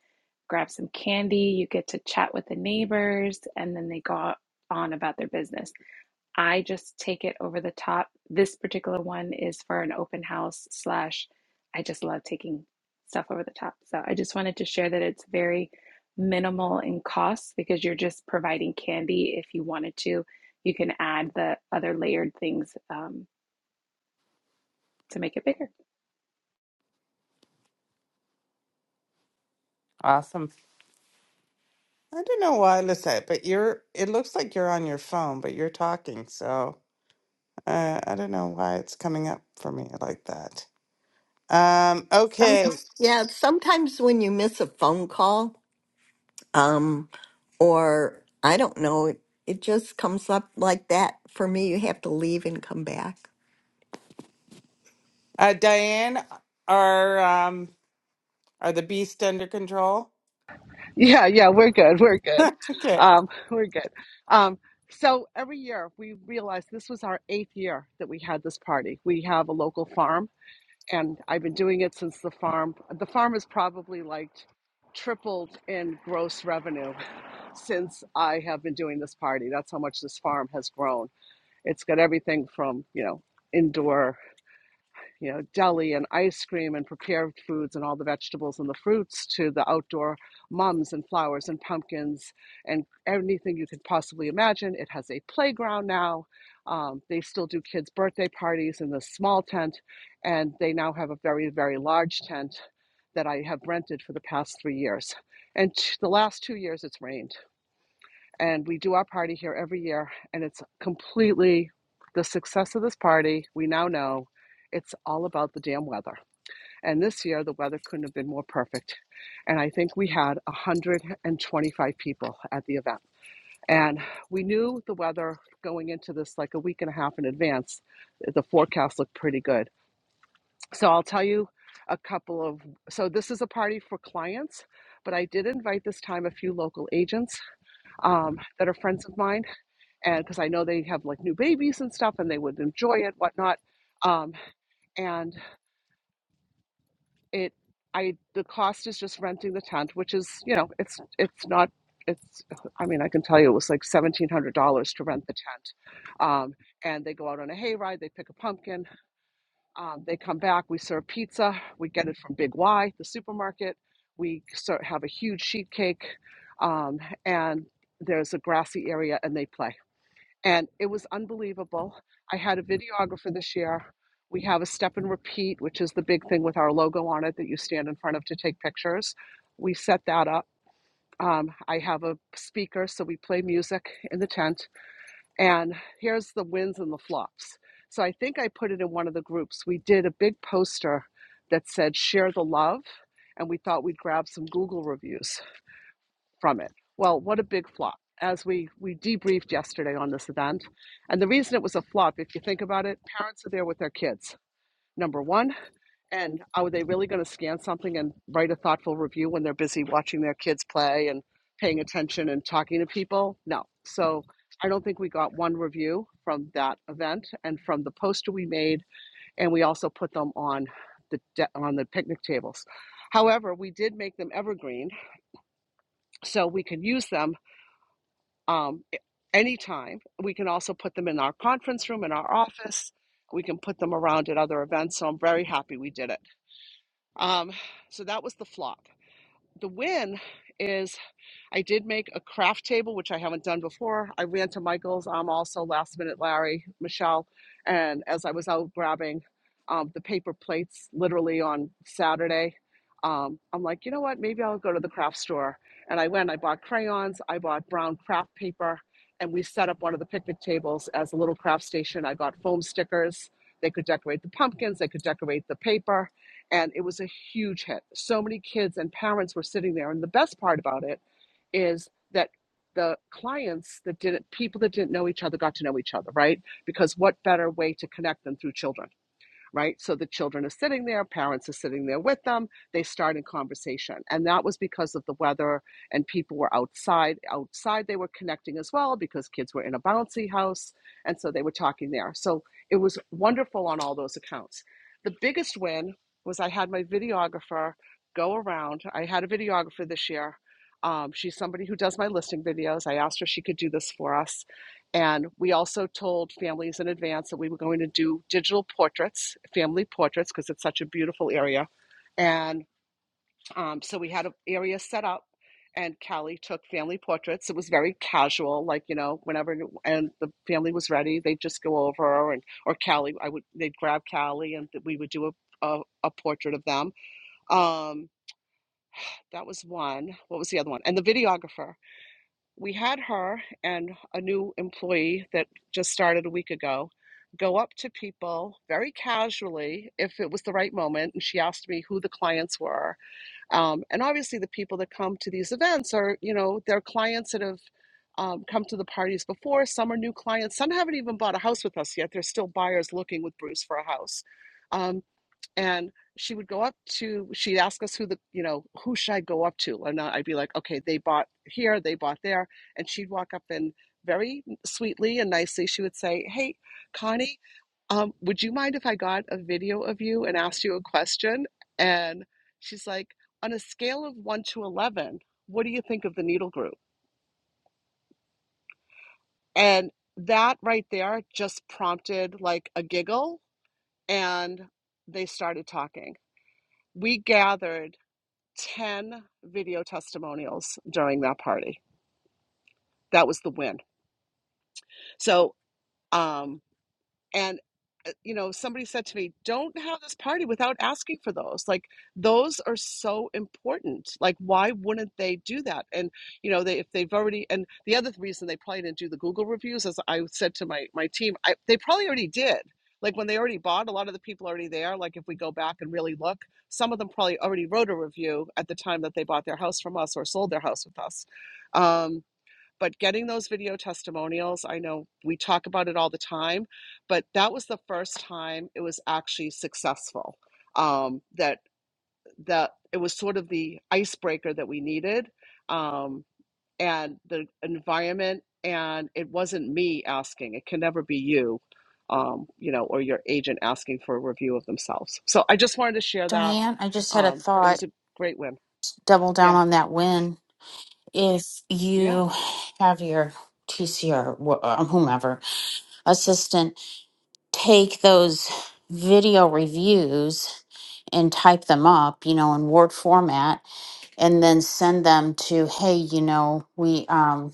[SPEAKER 3] grab some candy, you get to chat with the neighbors, and then they go on about their business. I just take it over the top. This particular one is for an open house slash I just love taking stuff over the top. So I just wanted to share that it's very minimal in cost because you're just providing candy. If you wanted to, you can add the other layered things um, to make it bigger.
[SPEAKER 1] Awesome. I don't know why, Lisette, but you're it looks like you're on your phone, but you're talking, so Uh, I don't know why it's coming up for me like that. Um,
[SPEAKER 2] Some,
[SPEAKER 1] okay,
[SPEAKER 2] yeah sometimes when you miss a phone call um, or I don't know. It, it just comes up like that for me. You have to leave and come back.
[SPEAKER 1] uh, Diane, are um, are the beast under control?
[SPEAKER 8] Yeah, yeah, we're good. We're good.
[SPEAKER 1] Okay,
[SPEAKER 8] Um, we're good. Um, so every year we realized this was our eighth year that we had this party. We have a local farm, and I've been doing it since the farm. The farm has probably like tripled in gross revenue since I have been doing this party. That's how much this farm has grown. It's got everything from you know indoor you know, deli and ice cream and prepared foods and all the vegetables and the fruits to the outdoor mums and flowers and pumpkins and anything you could possibly imagine. It has a playground now. Um, they still do kids' birthday parties in this small tent, and they now have a very, very large tent that I have rented for the past three years. And the last two years, it's rained and we do our party here every year and it's completely the success of this party we now know it's all about the damn weather and this year the weather couldn't have been more perfect and i think we had 125 people at the event and we knew the weather going into this like a week and a half in advance the forecast looked pretty good so i'll tell you a couple of so this is a party for clients but i did invite this time a few local agents um, that are friends of mine and because I know they have like new babies and stuff, and they would enjoy it, whatnot. Um, and it, I, the cost is just renting the tent, which is, you know, it's it's not, it's. I mean, I can tell you, it was like seventeen hundred dollars to rent the tent. Um, and they go out on a hayride, they pick a pumpkin, um, they come back, we serve pizza, we get it from Big Y, the supermarket. We sort of have a huge sheet cake, um, and there's a grassy area, and they play and it was unbelievable. I had a videographer this year. We have a step and repeat, which is the big thing with our logo on it that you stand in front of to take pictures. We set that up. Um, I have a speaker, so we play music in the tent. And here's the wins and the flops. So I think I put it in one of the groups. We did a big poster that said, Share the Love. And we thought we'd grab some Google reviews from it. Well, what a big flop. As we, we debriefed yesterday on this event. And the reason it was a flop, if you think about it, parents are there with their kids, number one. And are they really going to scan something and write a thoughtful review when they're busy watching their kids play and paying attention and talking to people? No. So I don't think we got one review from that event and from the poster we made. And we also put them on the, de- on the picnic tables. However, we did make them evergreen so we can use them um, i- anytime. We can also put them in our conference room, in our office. We can put them around at other events. So I'm very happy we did it. Um, so that was the flop. The win is I did make a craft table, which I haven't done before. I ran to Michael's, um, also last minute, Larry, Michelle, and as I was out grabbing um, the paper plates literally on Saturday, um, I'm like, you know what? Maybe I'll go to the craft store. And I went, I bought crayons, I bought brown craft paper, and we set up one of the picnic tables as a little craft station. I got foam stickers. They could decorate the pumpkins, they could decorate the paper, and it was a huge hit. So many kids and parents were sitting there. And the best part about it, is that the clients that didn't people that didn't know each other got to know each other right because what better way to connect than through children right? So the children are sitting there, parents are sitting there with them. They start in conversation. And that was because of the weather and people were outside. Outside, they were connecting as well because kids were in a bouncy house. And so they were talking there. So it was wonderful on all those accounts. The biggest win was I had my videographer go around. I had a videographer this year. Um, she's somebody who does my listing videos. I asked her if she could do this for us. And we also told families in advance that we were going to do digital portraits, family portraits, because it's such a beautiful area. And um, so we had an area set up, and Callie took family portraits. It was very casual, like you know, whenever and the family was ready, they'd just go over and or Callie, I would they'd grab Callie, and we would do a a, a portrait of them. Um, that was one. What was the other one? And the videographer we had her and a new employee that just started a week ago go up to people very casually if it was the right moment and she asked me who the clients were um, and obviously the people that come to these events are you know they're clients that have um, come to the parties before some are new clients some haven't even bought a house with us yet they're still buyers looking with bruce for a house Um, and she would go up to she'd ask us who the you know who should i go up to and i'd be like okay they bought here they bought there and she'd walk up and very sweetly and nicely she would say hey connie um, would you mind if i got a video of you and asked you a question and she's like on a scale of 1 to 11 what do you think of the needle group and that right there just prompted like a giggle and they started talking we gathered 10 video testimonials during that party. That was the win. So, um, and uh, you know somebody said to me don't have this party without asking for those like those are so important like why wouldn't they do that and you know they if they've already and the other reason they probably didn't do the google reviews as i said to my my team I, they probably already did like when they already bought a lot of the people already there like if we go back and really look some of them probably already wrote a review at the time that they bought their house from us or sold their house with us Um, but getting those video testimonials, I know we talk about it all the time, but that was the first time it was actually successful. Um, that that it was sort of the icebreaker that we needed, um, and the environment, and it wasn't me asking. It can never be you, um, you know, or your agent asking for a review of themselves. So I just wanted to share that.
[SPEAKER 5] Diane, I just had a
[SPEAKER 8] Um, it was
[SPEAKER 5] thought.
[SPEAKER 8] a great win.
[SPEAKER 5] Double down
[SPEAKER 8] Yeah,
[SPEAKER 5] on that win. If
[SPEAKER 8] yeah,
[SPEAKER 5] you have your TCR, wh- uh, whomever assistant, take those video reviews and type them up, you know, in Word format, and then send them to, hey, you know, we um,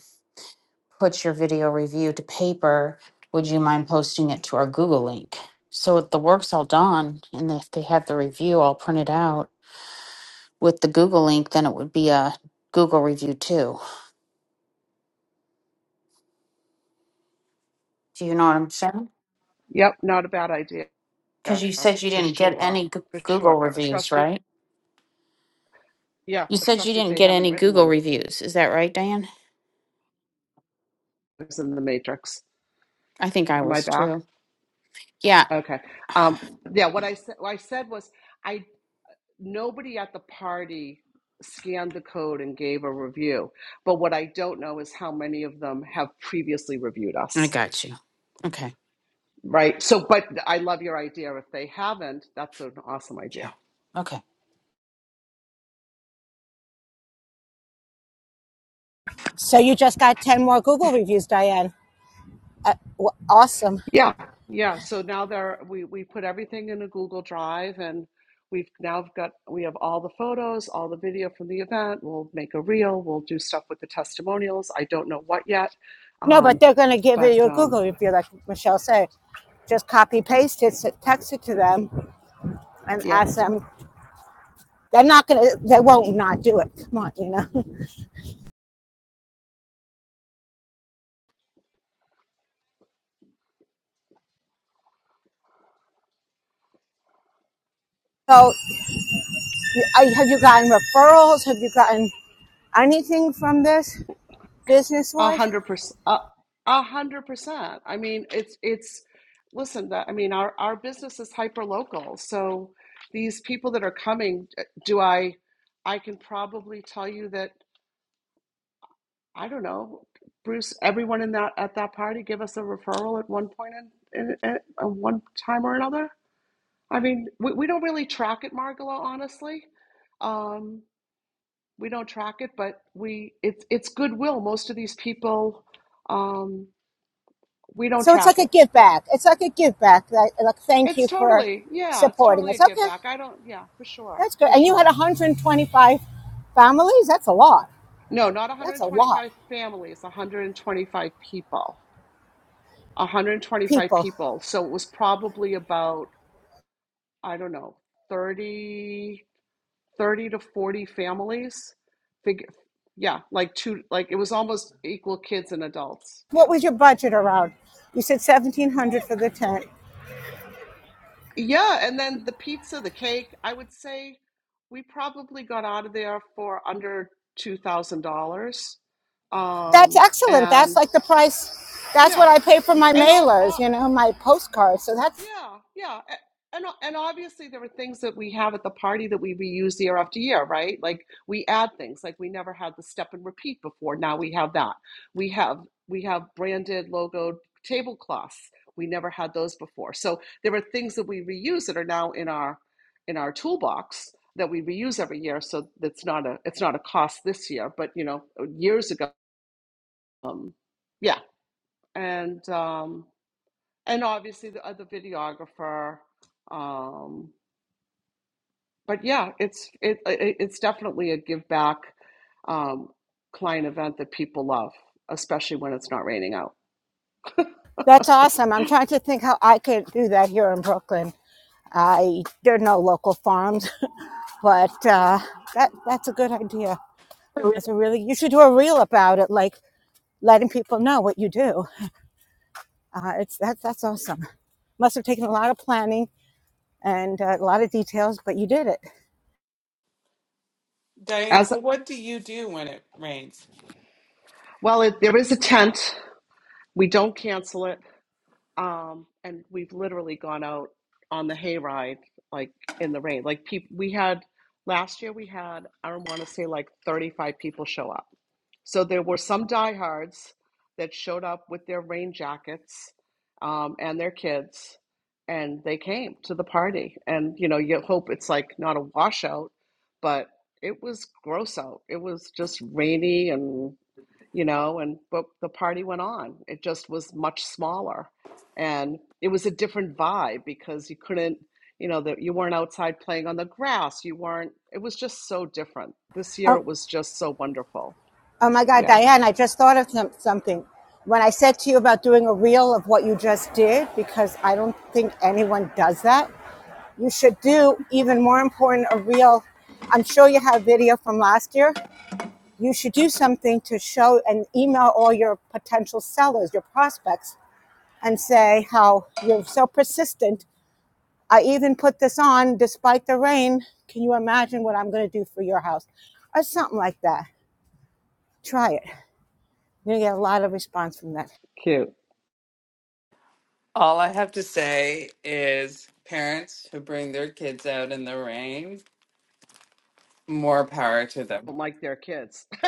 [SPEAKER 5] put your video review to paper, would you mind posting it to our Google link? So if the work's all done and if they have the review all printed out with the Google link, then it would be a Google review too. Do you know what I'm saying?
[SPEAKER 8] yep, not a bad idea. Yeah,
[SPEAKER 5] Because you said you
[SPEAKER 8] for
[SPEAKER 5] didn't get
[SPEAKER 8] sure,
[SPEAKER 5] any Goo-
[SPEAKER 8] for sure.
[SPEAKER 5] Google reviews,
[SPEAKER 8] Especially,
[SPEAKER 5] right?
[SPEAKER 8] yeah,
[SPEAKER 5] You said you
[SPEAKER 8] especially if
[SPEAKER 5] didn't
[SPEAKER 8] they
[SPEAKER 5] get
[SPEAKER 8] haven't
[SPEAKER 5] any
[SPEAKER 8] written
[SPEAKER 5] Google
[SPEAKER 8] one.
[SPEAKER 5] reviews. Is that right, Diane?
[SPEAKER 8] It's in the matrix.
[SPEAKER 5] I think I
[SPEAKER 8] Am I
[SPEAKER 5] was
[SPEAKER 8] back?
[SPEAKER 5] too. Yeah,
[SPEAKER 8] Okay. Um, yeah, what I said, what I said was, I nobody at the party scanned the code and gave a review. But what I don't know is how many of them have previously reviewed
[SPEAKER 5] I
[SPEAKER 8] us,
[SPEAKER 5] got you. Okay.
[SPEAKER 8] right? So, but I love your idea. If they haven't, that's an awesome idea.
[SPEAKER 5] Yeah. Okay.
[SPEAKER 6] So you just got ten more Google reviews, Diane. Uh, w- awesome.
[SPEAKER 8] Yeah, yeah. So now there we we put everything in a Google Drive and we've now got we have all the photos, all the video from the event. We'll make a reel, we'll do stuff with the testimonials. I don't know what yet.
[SPEAKER 6] No,
[SPEAKER 8] Um,
[SPEAKER 6] but they're going to give
[SPEAKER 8] but
[SPEAKER 6] you a
[SPEAKER 8] um
[SPEAKER 6] Google review, like Michelle said. Just copy paste it, text it to them, and
[SPEAKER 8] yeah,
[SPEAKER 6] ask them. They're not gonna. They won't not do it. Come on, you know. So, have you gotten referrals? Have you gotten anything from this business
[SPEAKER 8] a
[SPEAKER 6] wise?
[SPEAKER 8] hundred percent a hundred percent. I mean it's it's listen that I mean our our business is hyper local. So these people that are coming, do I I can probably tell you that I don't know, Bruce. Everyone in that at that party give us a referral at one point in, in, in at one time or another. I mean, we, we don't really track it, Margola. Honestly, um, we don't track it, but we it's it's goodwill. Most of these people, um, we don't
[SPEAKER 6] So it's
[SPEAKER 8] track
[SPEAKER 6] like a
[SPEAKER 8] it.
[SPEAKER 6] give back. It's like a give back. Like, like thank
[SPEAKER 8] It's
[SPEAKER 6] you for
[SPEAKER 8] totally yeah, it's
[SPEAKER 6] supporting
[SPEAKER 8] totally a
[SPEAKER 6] us.
[SPEAKER 8] give
[SPEAKER 6] Okay,
[SPEAKER 8] back. I don't yeah, for sure,
[SPEAKER 6] that's good.
[SPEAKER 8] for
[SPEAKER 6] And you had
[SPEAKER 8] sure.
[SPEAKER 6] 125 families. That's a lot.
[SPEAKER 8] No, not
[SPEAKER 6] That's a lot.
[SPEAKER 8] 125 families, 125 people. 125
[SPEAKER 6] People.
[SPEAKER 8] people. So it was probably about I don't know, 30, 30 to 40 families. Figure, yeah, like two, like it was almost equal kids and adults.
[SPEAKER 6] What
[SPEAKER 8] Yeah.
[SPEAKER 6] was your budget around? You said 1,700 for the tent.
[SPEAKER 8] Yeah. And then the pizza, the cake, I would say we probably got out of there for under $2,000.
[SPEAKER 6] That's
[SPEAKER 8] Um,
[SPEAKER 6] excellent. That's
[SPEAKER 8] and
[SPEAKER 6] like the price. That's
[SPEAKER 8] yeah.
[SPEAKER 6] what I pay for my
[SPEAKER 8] And all,
[SPEAKER 6] mailers,
[SPEAKER 8] all,
[SPEAKER 6] you know, my postcards. So that's
[SPEAKER 8] Yeah, yeah. A- And and obviously there are things that we have at the party that we reuse year after year, right? Like we add things, like we never had the step and repeat before. Now we have that. We have we have branded logoed tablecloths. We never had those before. So there are things that we reuse that are now in our in our toolbox that we reuse every year. So that's not a it's not a cost this year, but you know, years ago. Um, yeah. And um and obviously the other videographer. Um, but yeah, it's it, it it's definitely a give back um, client event that people love, especially when it's not raining out.
[SPEAKER 6] that's awesome. I'm trying to think how I could do that here in Brooklyn. I there are no local farms, but uh, that that's a good idea. That's a really you should do a reel about it, like letting people know what you do. Uh, it's that's that's awesome. Must have taken a lot of planning and uh, a lot of details, but you did it.
[SPEAKER 1] Diane.
[SPEAKER 8] As
[SPEAKER 1] So, what do you do when it rains?
[SPEAKER 8] well, it, there is a tent. We don't cancel it. Um, and we've literally gone out on the hayride, like in the rain. Like peop we had last year, we had I don't want to say like 35 people show up. So there were some diehards that showed up with their rain jackets um, and their kids, and they came to the party. And you know, you hope it's like not a washout, but it was gross out. It was just rainy and you know, and but the party went on. It just was much smaller, and it was a different vibe because you couldn't, you know, that you weren't outside playing on the grass. You weren't. It was just so different. This year
[SPEAKER 6] Um,
[SPEAKER 8] it was just so wonderful.
[SPEAKER 6] Oh my God,
[SPEAKER 8] Yeah,
[SPEAKER 6] Diane, I just thought of some, something. When I said to you about doing a reel of what you just did, because I don't think anyone does that, you should do, even more important, a reel. I'm sure you have video from last year. You should do something to show and email all your potential sellers, your prospects, and say how you're so persistent. I even put this on despite the rain. Can you imagine what I'm going to do for your house? Or something like that. Try it. You're going to get a lot of response from that.
[SPEAKER 8] cute.
[SPEAKER 1] All I have to say is parents who bring their kids out in the rain, more power to them.
[SPEAKER 8] Don't like their kids.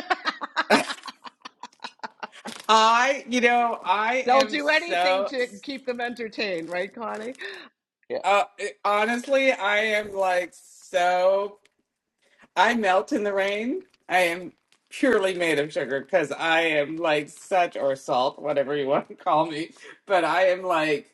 [SPEAKER 1] I, you know, I
[SPEAKER 8] They'll
[SPEAKER 1] am
[SPEAKER 8] do anything
[SPEAKER 1] so,
[SPEAKER 8] to keep them entertained, right, Connie? Yeah.
[SPEAKER 1] uh, honestly, I am like so I melt in the rain. I am purely made of sugar because I am like such or salt, whatever you want to call me. But I am like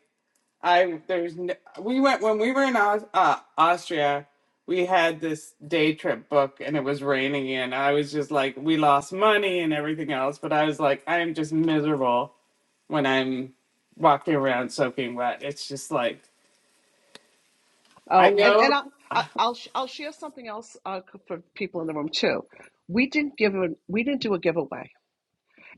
[SPEAKER 1] I there's no, we went when we were in Aus, uh, Austria. We had this day trip book and it was raining and I was just like we lost money and everything else. But I was like I am just miserable when I'm walking around soaking wet. It's just like I
[SPEAKER 8] Oh, and and
[SPEAKER 1] know.
[SPEAKER 8] I, I, I'll sh- I'll share something else uh, for people in the room too. We didn't give a, we didn't do a giveaway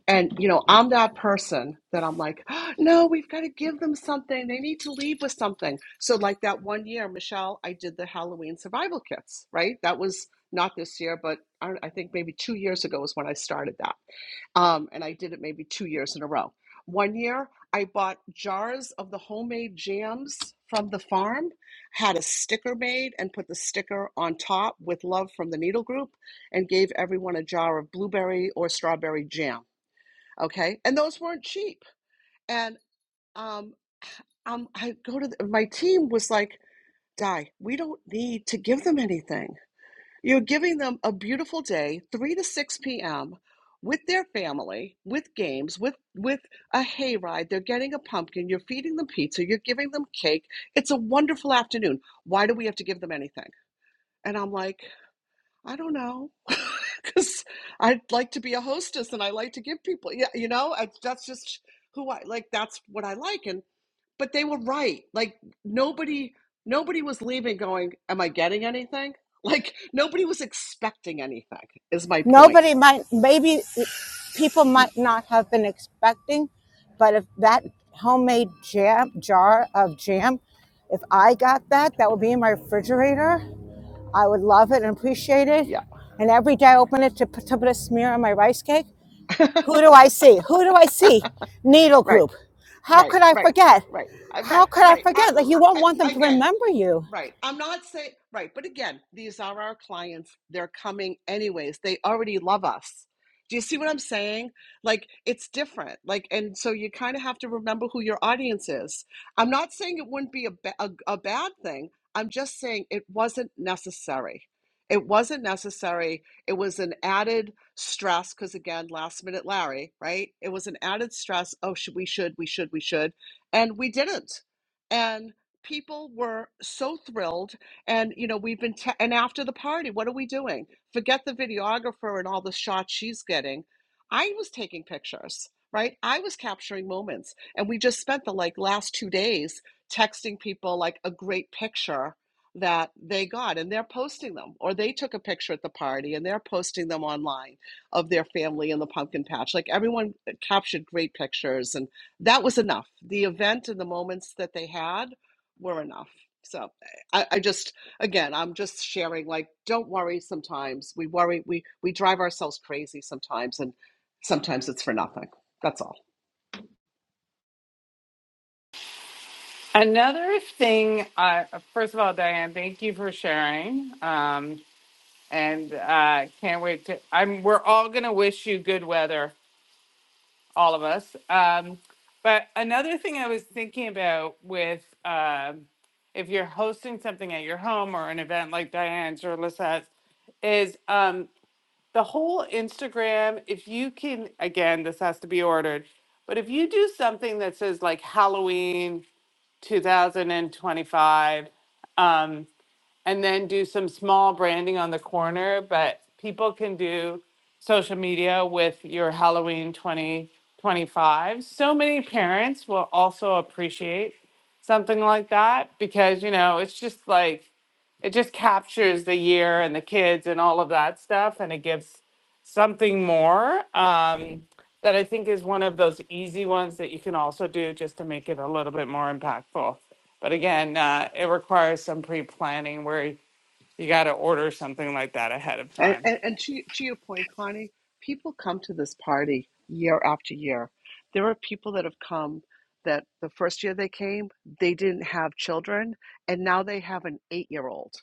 [SPEAKER 8] And, you know, I'm that person that I'm like, oh, no, we've got to give them something. They need to leave with something. So, like that one year, Michelle, I did the Halloween survival kits, right? That was not this year, but I, I think maybe two years ago was when I started that. Um, and I did it maybe two years in a row. One year, I bought jars of the homemade jams from the farm, had a sticker made, and put the sticker on top with love from the needle group, and gave everyone a jar of blueberry or strawberry jam okay and those weren't cheap and um, um i go to the, my team was like di we don't need to give them anything you're giving them a beautiful day 3 to 6 p.m with their family with games with with a hayride they're getting a pumpkin you're feeding them pizza you're giving them cake it's a wonderful afternoon why do we have to give them anything and i'm like I don't know. Because I'd like to be a hostess and I like to give people, yeah, you know, I, that's just who I like. That's what I like. And, but they were right. Like nobody, nobody was leaving going, am I getting anything? Like nobody was expecting anything is my point.
[SPEAKER 6] nobody might maybe people might not have been expecting but if that homemade jam jar of jam if i got that that would be in my refrigerator i would love it and appreciate it
[SPEAKER 8] Yeah.
[SPEAKER 6] and every day i open it to put, to put a smear on my rice cake who do i see who do i see needle
[SPEAKER 8] right,
[SPEAKER 6] group how
[SPEAKER 8] right,
[SPEAKER 6] could i
[SPEAKER 8] right,
[SPEAKER 6] forget
[SPEAKER 8] right, uh,
[SPEAKER 6] how
[SPEAKER 8] right,
[SPEAKER 6] could i
[SPEAKER 8] right. I,
[SPEAKER 6] forget like you
[SPEAKER 8] I,
[SPEAKER 6] won't want
[SPEAKER 8] I-
[SPEAKER 6] them to
[SPEAKER 8] again,
[SPEAKER 6] remember you
[SPEAKER 8] Right. I'm not saying, right. But again, these are our clients. They're coming anyways. They already love us. Do you see what I'm saying? Like, it's different. Like, and so you kind of have to remember who your audience is. I'm not saying it wouldn't be a, ba- a, a bad thing. I'm just saying it wasn't necessary. It wasn't necessary. It was an added stress because, again, last minute Larry, right? It was an added stress. Oh, should we should, we should, we should. And we didn't. And people were so thrilled and you know we've been te- and after the party what are we doing forget the videographer and all the shots she's getting i was taking pictures right i was capturing moments and we just spent the like last two days texting people like a great picture that they got and they're posting them or they took a picture at the party and they're posting them online of their family in the pumpkin patch like everyone uh, captured great pictures and that was enough the event and the moments that they had were enough. So I, I just again I'm just sharing like don't worry sometimes. We worry we we drive ourselves crazy sometimes and sometimes it's for nothing. That's all.
[SPEAKER 1] Another thing, uh, first of all, Diane, thank you for sharing. Um, and uh, can't wait to. I'm. We're all gonna wish you good weather, all of us. Um, but another thing I was thinking about with um if you're hosting something at your home or an event like Diane's or Lissette's, is um, the whole Instagram. If you can, again, this has to be ordered, but if you do something that says like Halloween. 2025. Um, and then do some small branding on the corner, but people can do social media with your Halloween 2025. So many parents will also appreciate something like that because, you know, it's just like, it just captures the year and the kids and all of that stuff and it gives something more. Um, that I think is one of those easy ones that you can also do just to make it a little bit more impactful. But again, uh, it requires some pre planning where you got to order something like that ahead of
[SPEAKER 8] And,
[SPEAKER 1] time.
[SPEAKER 8] and, and to, to your point, Connie, people come to this party year after year. There are people that have come that the first year they came, they didn't have children, and now they have an eight year old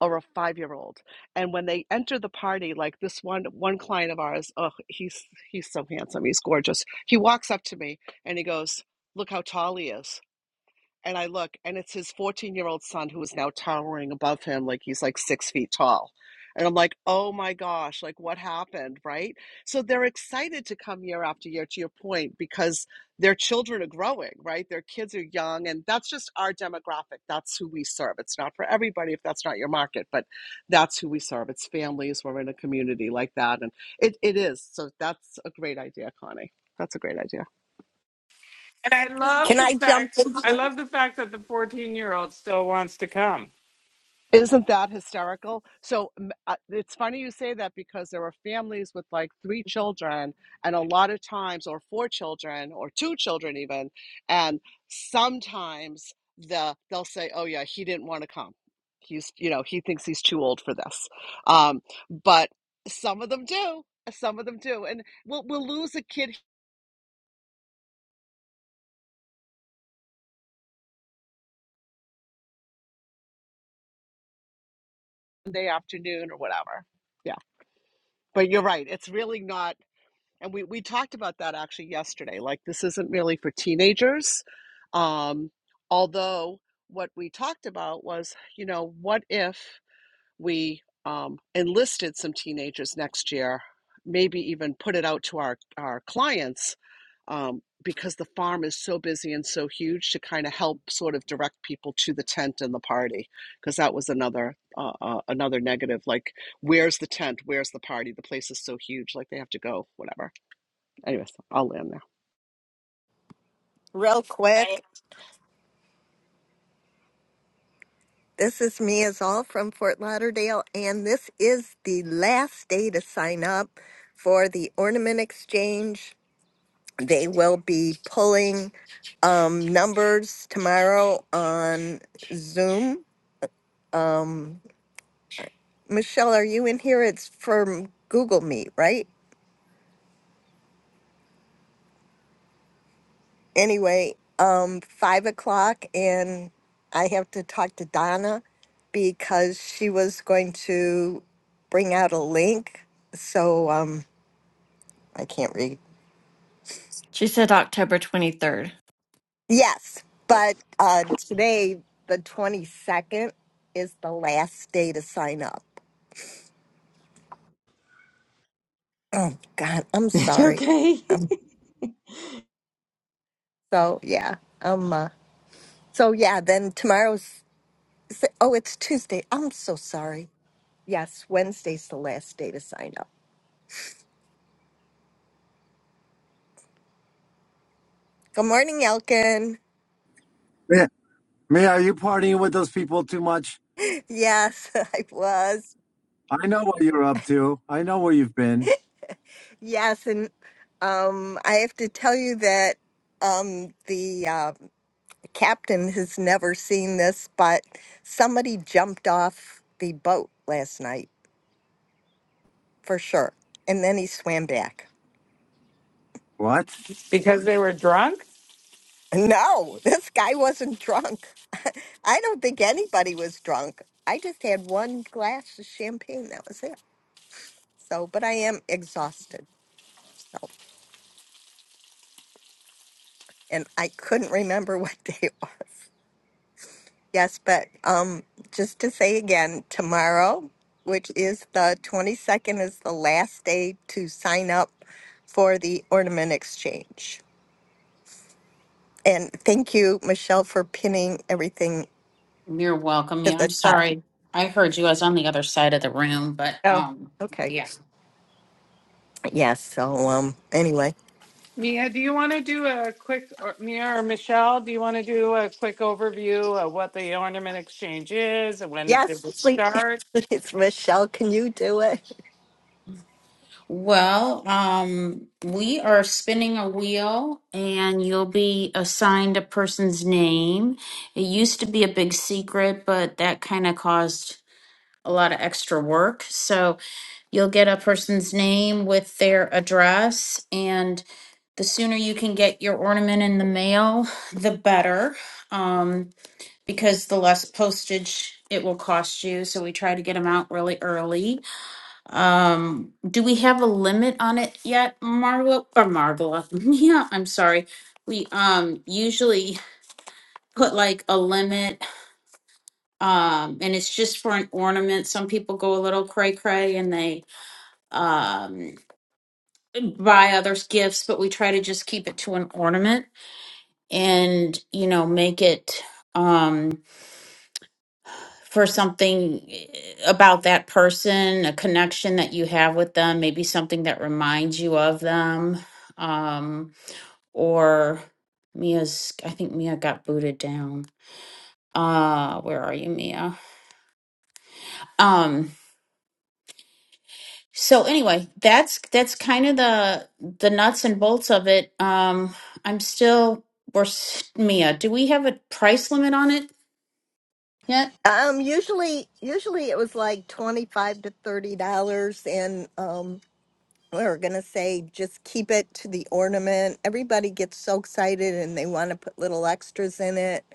[SPEAKER 8] or a five year old. And when they enter the party, like this one one client of ours, oh, he's he's so handsome, he's gorgeous. He walks up to me and he goes, Look how tall he is and I look, and it's his 14 year old son who is now towering above him, like he's like six feet tall. And I'm like, oh my gosh, like what happened, right? So they're excited to come year after year, to your point, because their children are growing, right? Their kids are young, and that's just our demographic. That's who we serve. It's not for everybody if that's not your market, but that's who we serve. It's families. We're in a community like that. And it, it is. So that's a great idea, Connie. That's a great idea.
[SPEAKER 1] And I love
[SPEAKER 2] Can
[SPEAKER 1] the
[SPEAKER 2] I jump
[SPEAKER 1] fact
[SPEAKER 2] in?
[SPEAKER 1] I
[SPEAKER 2] too?
[SPEAKER 1] love the fact that the 14 year old still wants to come
[SPEAKER 8] Isn't that hysterical? So m- uh, it's funny you say that because there are families with like three children, and a lot of times, or four children, or two children even, and sometimes the they'll say, "Oh yeah, he didn't want to come. He's you know he thinks he's too old for this." Um, but some of them do. Some of them do, and we'll we'll lose a kid Sunday afternoon or whatever. Yeah, but you're right. It's really not. And we, we talked about that actually yesterday. Like, this isn't really for teenagers. Um, although, what we talked about was, you know, what if we um, enlisted some teenagers next year, maybe even put it out to our, our clients um, because the farm is so busy and so huge to kind of help sort of direct people to the tent and the party because that was another uh, uh, another negative like where's the tent where's the party the place is so huge like they have to go whatever Anyways, I'll land there.
[SPEAKER 2] Real quick. This is Mia Zoll from Fort Lauderdale, and this is the last day to sign up for the ornament exchange. They will be pulling um, numbers tomorrow on Zoom. Um, Michelle, are you in here? It's from Google Meet, right? Anyway, um, five o'clock, and I have to talk to Donna because she was going to bring out a link. So, um, I can't read.
[SPEAKER 10] She said October 23rd.
[SPEAKER 2] Yes, but uh, today, the 22nd, is the last day to sign up. Oh, God, I'm
[SPEAKER 11] It's
[SPEAKER 2] sorry.
[SPEAKER 11] okay.
[SPEAKER 2] Um, so, yeah, um, uh, so yeah, then tomorrow's, is it- oh, it's Tuesday. I'm so sorry. Yes, Wednesday's the last day to sign up. Good morning, Elkin.
[SPEAKER 12] Mia, Mia, are you partying with those people too much?
[SPEAKER 2] Yes, I was.
[SPEAKER 12] I know what you're up to. I know where you've been.
[SPEAKER 2] Yes, and um, I have to tell you that um, the uh, captain has never seen this, but somebody jumped off the boat last night for sure. And then he swam back.
[SPEAKER 12] What?
[SPEAKER 1] because they were drunk.
[SPEAKER 2] No, this guy wasn't drunk. I don't think anybody was drunk. I just had one glass of champagne. That was it. So, but I am exhausted. So, and I couldn't remember what day it was. Yes, but um, just to say again, tomorrow, which is the 22nd, is the last day to sign up for the ornament exchange. And thank you, Michelle, for pinning everything
[SPEAKER 5] You're welcome.
[SPEAKER 2] to
[SPEAKER 5] Yeah, I'm
[SPEAKER 2] the top.
[SPEAKER 5] sorry. I heard you. I was on the other side of the room, but
[SPEAKER 2] Oh,
[SPEAKER 5] um,
[SPEAKER 2] okay.
[SPEAKER 5] yeah.
[SPEAKER 2] Yes. So, um, anyway,
[SPEAKER 1] Mia, do you want to do a quick, or Mia or Michelle, do you want to do a quick overview of what the ornament exchange is and when did
[SPEAKER 2] yes,
[SPEAKER 1] it
[SPEAKER 2] sleep.
[SPEAKER 1] start?
[SPEAKER 2] It's Michelle. Can you do it?
[SPEAKER 5] Well, um, we are spinning a wheel and you'll be assigned a person's name. It used to be a big secret, but that kind of caused a lot of extra work. So you'll get a person's name with their address, and the sooner you can get your ornament in the mail, the better, um, because the less postage it will cost you. So we try to get them out really early. Um, do we have a limit on it yet, Marvel or Marvela? Yeah, I'm sorry. We um usually put like a limit, um, and it's just for an ornament. Some people go a little cray cray and they um buy others gifts, but we try to just keep it to an ornament and you know make it um for something eh, about that person, a connection that you have with them, maybe something that reminds you of them. Um, or Mia's I think Mia got booted down. Uh where are you, Mia? Um so anyway, that's that's kind of the the nuts and bolts of it. Um I'm still we're s- Mia, do we have a price limit on it yet?
[SPEAKER 2] Um, usually, usually it was like twenty-five to thirty dollars, and um, we're going to say just keep it to the ornament. Everybody gets so excited and they want to put little extras in it.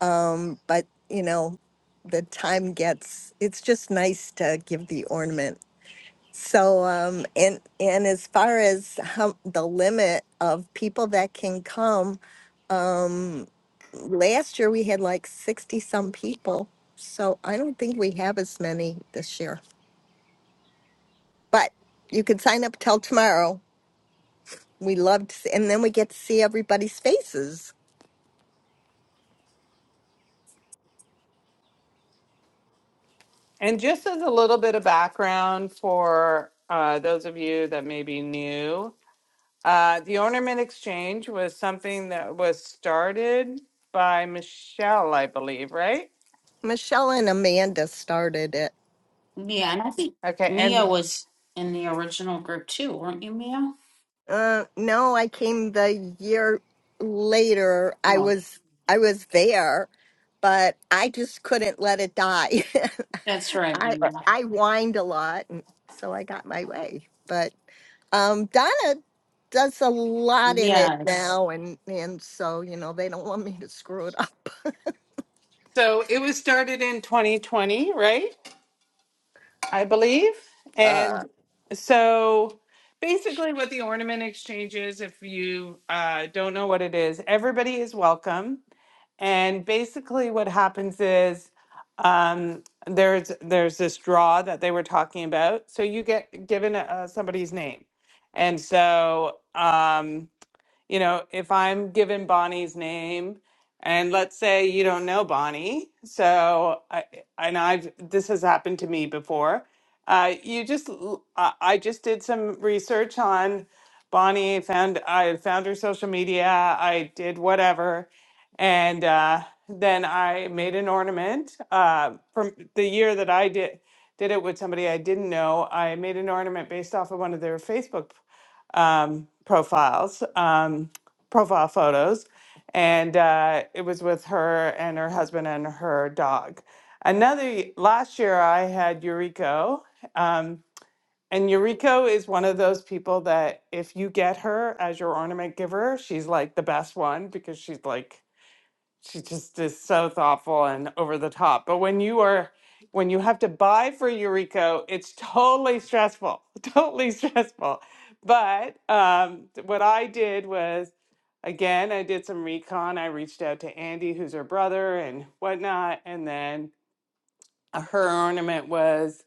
[SPEAKER 2] Um, but, you know, the time gets, it's just nice to give the ornament. So, um, and, and as far as how the limit of people that can come, um, last year we had like 60 some people. So I don't think we have as many this year, but you can sign up till tomorrow we loved, and then we get to see everybody's faces.
[SPEAKER 1] And just as a little bit of background for uh, those of you that may be new, uh, the Ornament Exchange was something that was started by Michelle, I believe, right?
[SPEAKER 2] Michelle and Amanda started it.
[SPEAKER 5] Yeah, and I think
[SPEAKER 1] Okay,
[SPEAKER 5] Mia
[SPEAKER 1] and
[SPEAKER 5] was in the original group too, weren't you, Mia?
[SPEAKER 2] Uh, no, I came the year later. I
[SPEAKER 5] No.
[SPEAKER 2] was I was there, but I just couldn't let it die.
[SPEAKER 5] That's right,
[SPEAKER 2] I
[SPEAKER 1] Right.
[SPEAKER 5] Mia.
[SPEAKER 2] I whined a lot, and so I got my way. But um, Donna does a lot in it
[SPEAKER 5] Yes.
[SPEAKER 2] now, and and so you know they don't want me to screw it up.
[SPEAKER 1] so it was started in 2020, right? I believe.
[SPEAKER 2] Uh,
[SPEAKER 1] And so basically, what the Ornament Exchange is, if you uh, don't know what it is, everybody is welcome And basically, what happens is um, there's there's this draw that they were talking about. So you get given uh, somebody's name, and so um, you know, if I'm given Bonnie's name, and let's say you don't know Bonnie, so I, and I've this has happened to me before. Uh, you just, l- I I just did some research on Bonnie. Found I found her social media. I did whatever, and uh, then I made an ornament uh, from the year that I did did it with somebody I didn't know. I made an ornament based off of one of their Facebook um, profiles, um, profile photos, and uh, it was with her and her husband and her dog. Another y- last year, I had Eureka, um, and Eureka is one of those people that if you get her as your ornament giver, she's like the best one because she's like she just is so thoughtful and over the top. But when you are when you have to buy for Eureka, it's totally stressful, totally stressful. But um, th- what I did was, again, I did some recon. I reached out to Andy, who's her brother, and whatnot. And then uh, her ornament was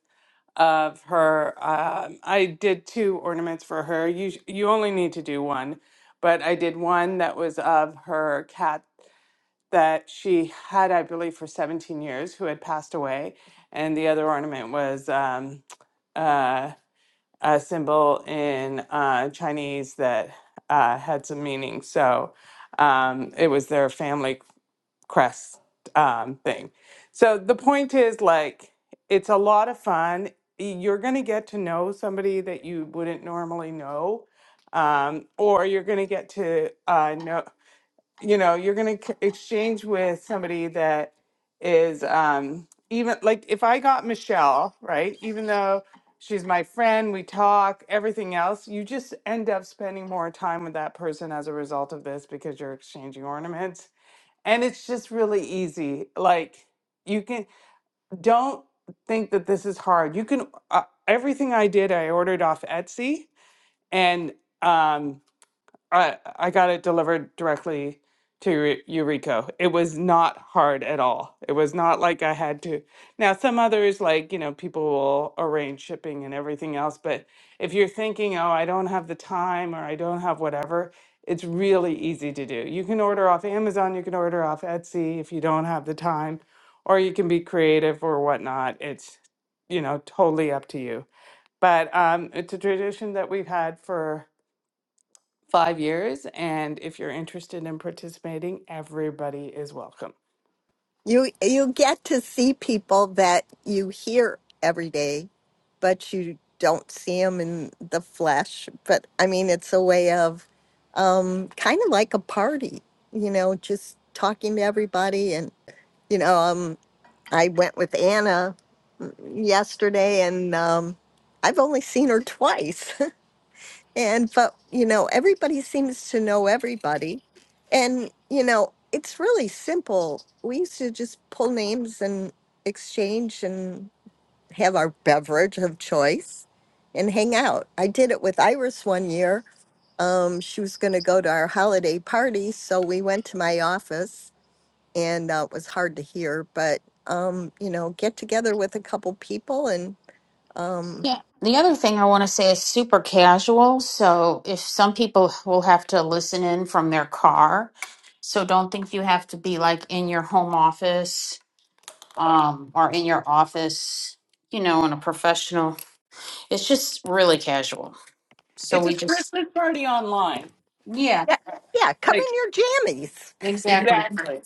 [SPEAKER 1] of her. Um, I did two ornaments for her. You sh- you only need to do one, but I did one that was of her cat that she had, I believe, for 17 years, who had passed away. And the other ornament was um, uh, a symbol in uh, Chinese that uh, had some meaning. So um, it was their family crest um, thing. So the point is like, it's a lot of fun. You're going to get to know somebody that you wouldn't normally know. Um, or you're going to get to uh, know you know you're going to exchange with somebody that is um even like if i got michelle right even though she's my friend we talk everything else you just end up spending more time with that person as a result of this because you're exchanging ornaments and it's just really easy like you can don't think that this is hard you can uh, everything i did i ordered off etsy and um I I got it delivered directly to Eur- Eureka. It was not hard at all. It was not like I had to. Now, some others, like, you know, people will arrange shipping and everything else, but if you're thinking, oh, I don't have the time or I don't have whatever, it's really easy to do. You can order off Amazon, you can order off Etsy if you don't have the time, or you can be creative or whatnot. It's, you know, totally up to you. But um, it's a tradition that we've had for five years. And if you're interested in participating, everybody is welcome.
[SPEAKER 2] You you get to see people that you hear every day, but you don't see them in the flesh. But I mean, it's a way of um, kind of like a party, you know, just talking to everybody. And you know, um, I went with Anna yesterday, and um, I've only seen her twice. And, but, you know, everybody seems to know everybody. And, you know, it's really simple. We used to just pull names and exchange and have our beverage of choice and hang out. I did it with Iris one year. Um, she was going to go to our holiday party. So we went to my office and uh, it was hard to hear, but, um, you know, get together with a couple people and,
[SPEAKER 5] Yeah. The other thing I want to say is super casual. So if some people will have to listen in from their car, so don't think you have to be like in your home office um, or in your office, you know, in a professional. It's just really casual. So
[SPEAKER 1] It's
[SPEAKER 5] we
[SPEAKER 1] a
[SPEAKER 5] just,
[SPEAKER 1] Christmas party online.
[SPEAKER 5] yeah,
[SPEAKER 2] yeah, yeah, come in
[SPEAKER 1] Like,
[SPEAKER 2] your jammies.
[SPEAKER 5] exactly.
[SPEAKER 1] exactly.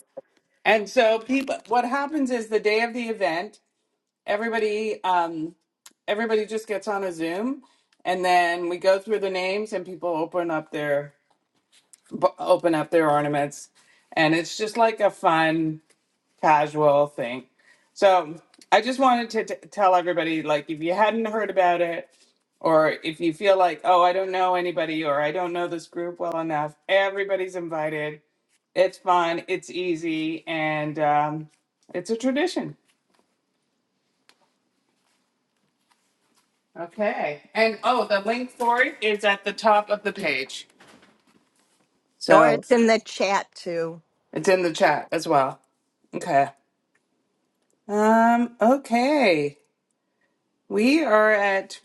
[SPEAKER 1] And so, people, what happens is the day of the event, everybody, um, everybody just gets on a Zoom, and then we go through the names, and people open up their b- open up their ornaments, and it's just like a fun casual thing. So I just wanted to t- tell everybody like, if you hadn't heard about it, or if you feel like, oh, I don't know anybody, or I don't know this group well enough, everybody's invited. It's fun, it's easy, and um, it's a tradition. Okay. And oh, the link for it is at the top of the page.
[SPEAKER 2] Or
[SPEAKER 1] So
[SPEAKER 2] it's in the chat too.
[SPEAKER 1] it's in the chat as well. Okay. Um, okay. We are at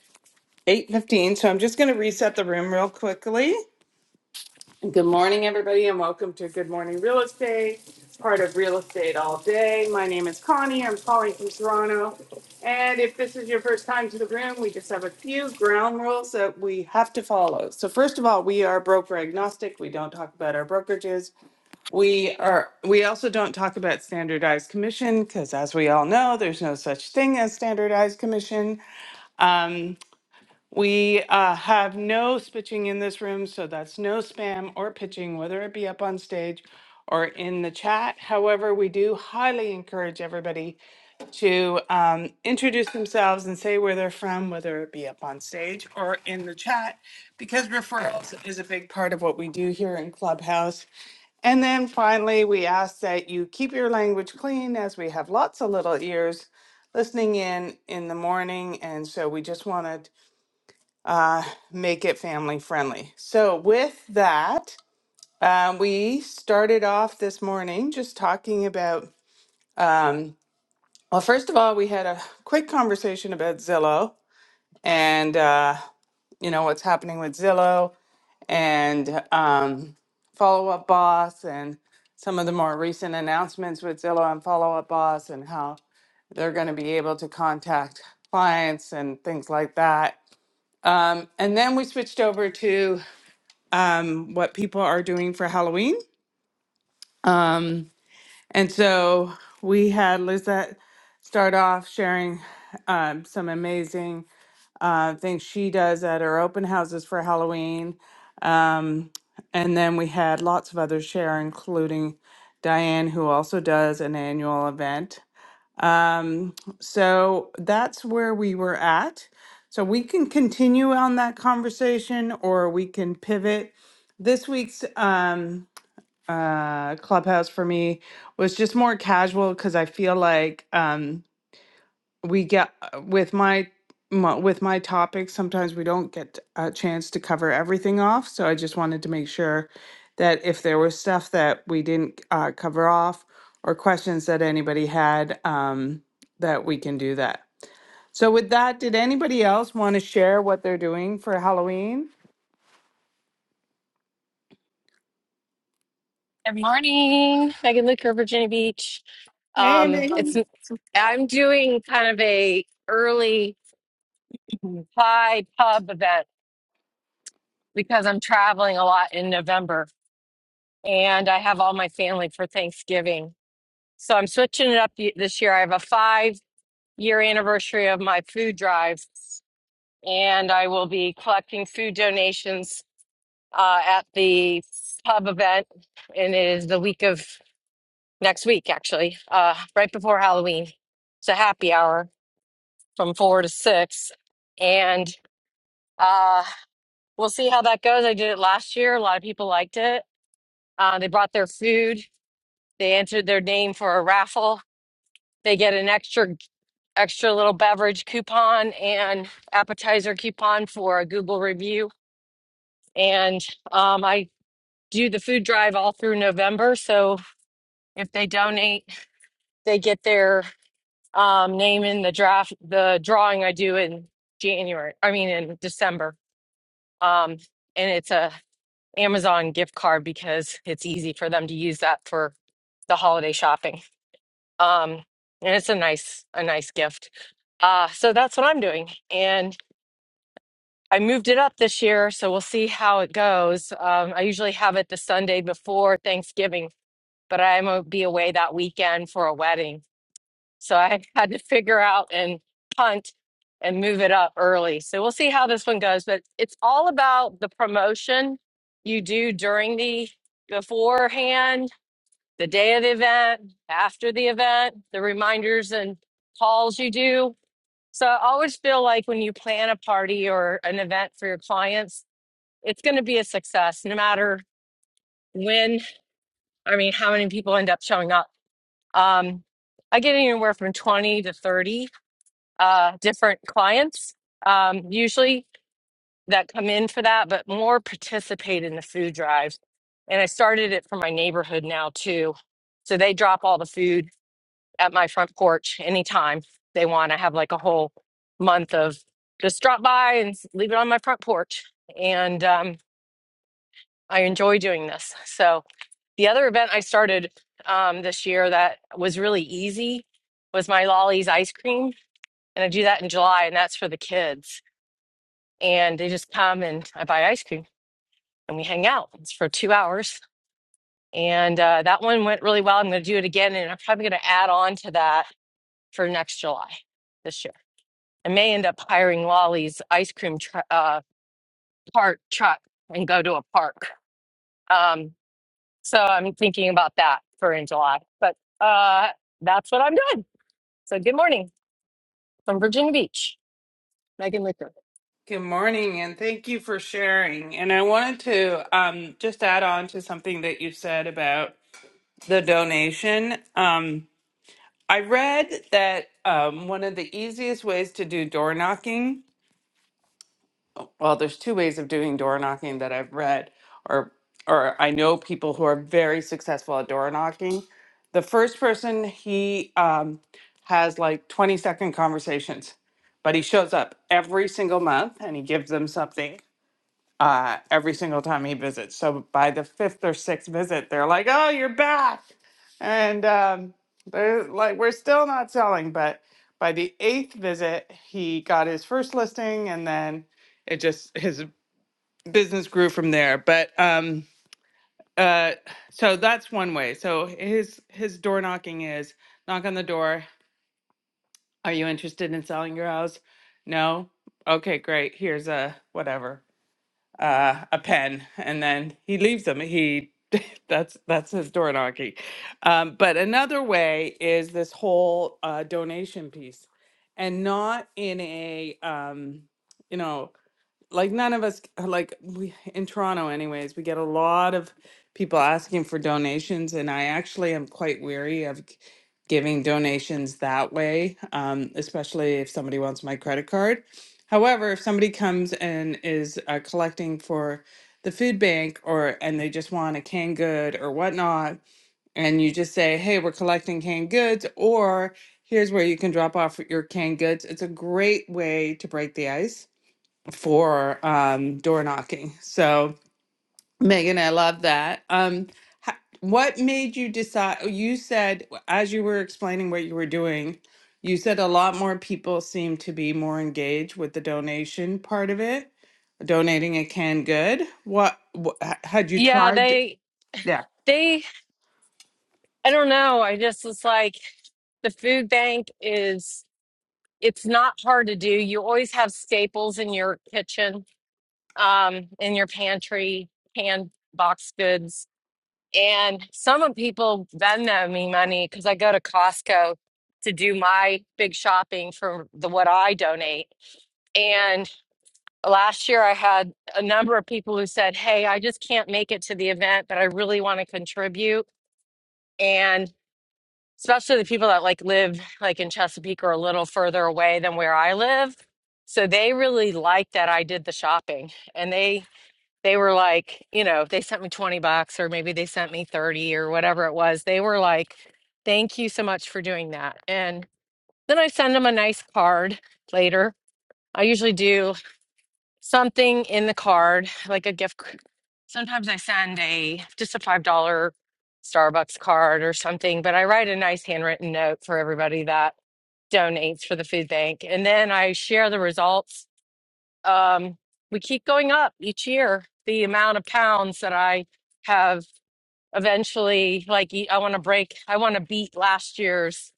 [SPEAKER 1] 8:15, so I'm just going to reset the room real quickly. Good morning everybody and welcome to Good Morning Real Estate, part of Real Estate All Day. My name is Connie. I'm calling from Toronto. And if this is your first time to the room, we just have a few ground rules that we have to follow. So first of all, we are broker agnostic. We don't talk about our brokerages. We are we also don't talk about standardized commission because as we all know, there's no such thing as standardized commission. We uh, have no spitching in this room, so that's no spam or pitching, whether it be up on stage or in the chat. However, we do highly encourage everybody to um, introduce themselves and say where they're from, whether it be up on stage or in the chat, because referrals is a big part of what we do here in Clubhouse. And then finally, we ask that you keep your language clean as we have lots of little ears listening in in the morning. And so we just wanted uh, make it family friendly. So, with that, um, we started off this morning just talking about, um, well, first of all, we had a quick conversation about Zillow and, uh, you know, what's happening with Zillow and um, Follow Up Boss and some of the more recent announcements with Zillow and Follow Up Boss and how they're going to be able to contact clients and things like that. Um, and then we switched over to um, what people are doing for Halloween. Um, and so we had Lizette start off sharing um, some amazing uh, things she does at her open houses for Halloween. Um, and then we had lots of others share, including Diane, who also does an annual event. Um, so that's where we were at. So we can continue on that conversation or we can pivot. This week's um, uh clubhouse for me was just more casual because i feel like um we get uh, with my, my with my topics sometimes we don't get a chance to cover everything off so i just wanted to make sure that if there was stuff that we didn't uh, cover off or questions that anybody had um that we can do that so with that did anybody else want to share what they're doing for halloween
[SPEAKER 13] Good morning, Megan Luker, Virginia Beach. Um, it's I'm doing kind of a early pie pub event because I'm traveling a lot in November, and I have all my family for Thanksgiving. So I'm switching it up y- this year. I have a five year anniversary of my food drive, and I will be collecting food donations uh, at the pub event, and it is the week of next week, actually, uh, right before Halloween. It's a happy hour from four to six. And uh, we'll see how that goes. I did it last year. A lot of people liked it. Uh, they brought their food, they entered their name for a raffle. They get an extra extra little beverage coupon and appetizer coupon for a Google review. And um, I do the food drive all through November. So if they donate, they get their um, name in the draft, the drawing I do in January, I mean in December. Um, and it's a Amazon gift card because it's easy for them to use that for the holiday shopping. Um, and it's a nice, a nice gift. Uh, so that's what I'm doing. And I moved it up this year, so we'll see how it goes. Um, I usually have it the Sunday before Thanksgiving, but I'm gonna be away that weekend for a wedding. So I had to figure out and punt and move it up early. So we'll see how this one goes. But it's all about the promotion you do during the beforehand, the day of the event, after the event, the reminders and calls you do. So I always feel like when you plan a party or an event for your clients, it's going to be a success no matter when, I mean, how many people end up showing up. Um, I get anywhere from 20 to 30 uh, different clients um, usually that come in for that, but more participate in the food drives. And I started it for my neighborhood now too. So they drop all the food at my front porch anytime they want. I have like a whole month of just drop by and s- leave it on my front porch. And um, I enjoy doing this. So the other event I started um, this year that was really easy was my Lolly's ice cream. And I do that in July, and that's for the kids and they just come and I buy ice cream and we hang out. It's for two hours. And uh, that one went really well. I'm going to do it again. And I'm probably going to add on to that for next July this year. I may end up hiring Lolly's ice cream tr- uh, park truck and go to a park. Um, so I'm thinking about that for in July. But uh, that's what I'm doing. So good morning from Virginia Beach. Megan Licker.
[SPEAKER 1] Good morning, and thank you for sharing. And I wanted to um, just add on to something that you said about the donation. Um, I read that um, one of the easiest ways to do door knocking, well, there's two ways of doing door knocking that I've read, or or I know people who are very successful at door knocking. The first person he um, has like 20 second conversations, but he shows up every single month and he gives them something uh, every single time he visits. So by the fifth or sixth visit, they're like, "Oh, you're back," and um, they're like, "We're still not selling." But by the eighth visit, he got his first listing, and then it just his business grew from there. But um, uh, so that's one way. So his his door knocking is knock on the door. Are you interested in selling your house? No. Okay, great. Here's a whatever uh, a pen and then he leaves them. He that's that's his door knocking. Um, but another way is this whole uh, donation piece, and not in a um, you know like none of us like we in Toronto anyways, we get a lot of people asking for donations and I actually am quite weary of g- giving donations that way, um, especially if somebody wants my credit card. However, if somebody comes and is uh, collecting for the food bank or and they just want a canned good or whatnot, and you just say, "Hey, we're collecting canned goods," or "Here's where you can drop off your canned goods." It's a great way to break the ice for um, door knocking. So, Megan, I love that. Um, ho- what made you decide? oh, You said, as you were explaining what you were doing, you said a lot more people seem to be more engaged with the donation part of it, donating a canned good. What, what had you
[SPEAKER 13] Yeah,
[SPEAKER 1] tried?
[SPEAKER 13] they,
[SPEAKER 1] Yeah.
[SPEAKER 13] they, I don't know. I just was like, the food bank is. it's not hard to do. You always have staples in your kitchen, um, in your pantry, canned box goods. And some of people Venmo me money because I go to Costco to do my big shopping for the what I donate. And last year I had a number of people who said, Hey, I just can't make it to the event, but I really want to contribute. and especially the people that like live like in Chesapeake or a little further away than where I live. So they really liked that I did the shopping and they they were like, you know, they sent me 20 bucks or maybe they sent me 30 or whatever it was. They were like, "Thank you so much for doing that." And then I send them a nice card later. I usually do something in the card, like a gift. c- Sometimes I send a just a five dollar Starbucks card or something, but I write a nice handwritten note for everybody that donates for the food bank, and then I share the results. Um, we keep going up each year. The amount of pounds that I have eventually like I want to break I want to beat last year's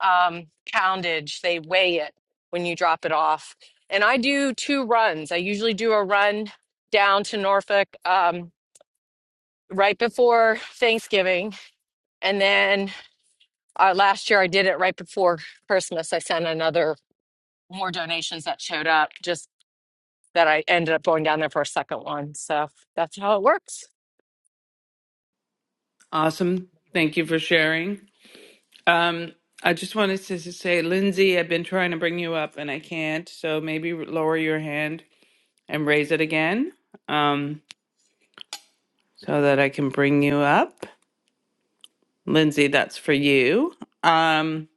[SPEAKER 13] um poundage they weigh it when you drop it off and I do two runs I usually do a run down to Norfolk um right before Thanksgiving and then uh, last year I did it right before Christmas I sent another more donations that showed up just that I ended up going down there for a second one so that's how it works
[SPEAKER 1] Awesome. Thank you for sharing. Um, I just wanted to s- say, Lindsay, I've been trying to bring you up and I can't. So maybe lower your hand and raise it again um, so that I can bring you up. Lindsay, that's for you. Um,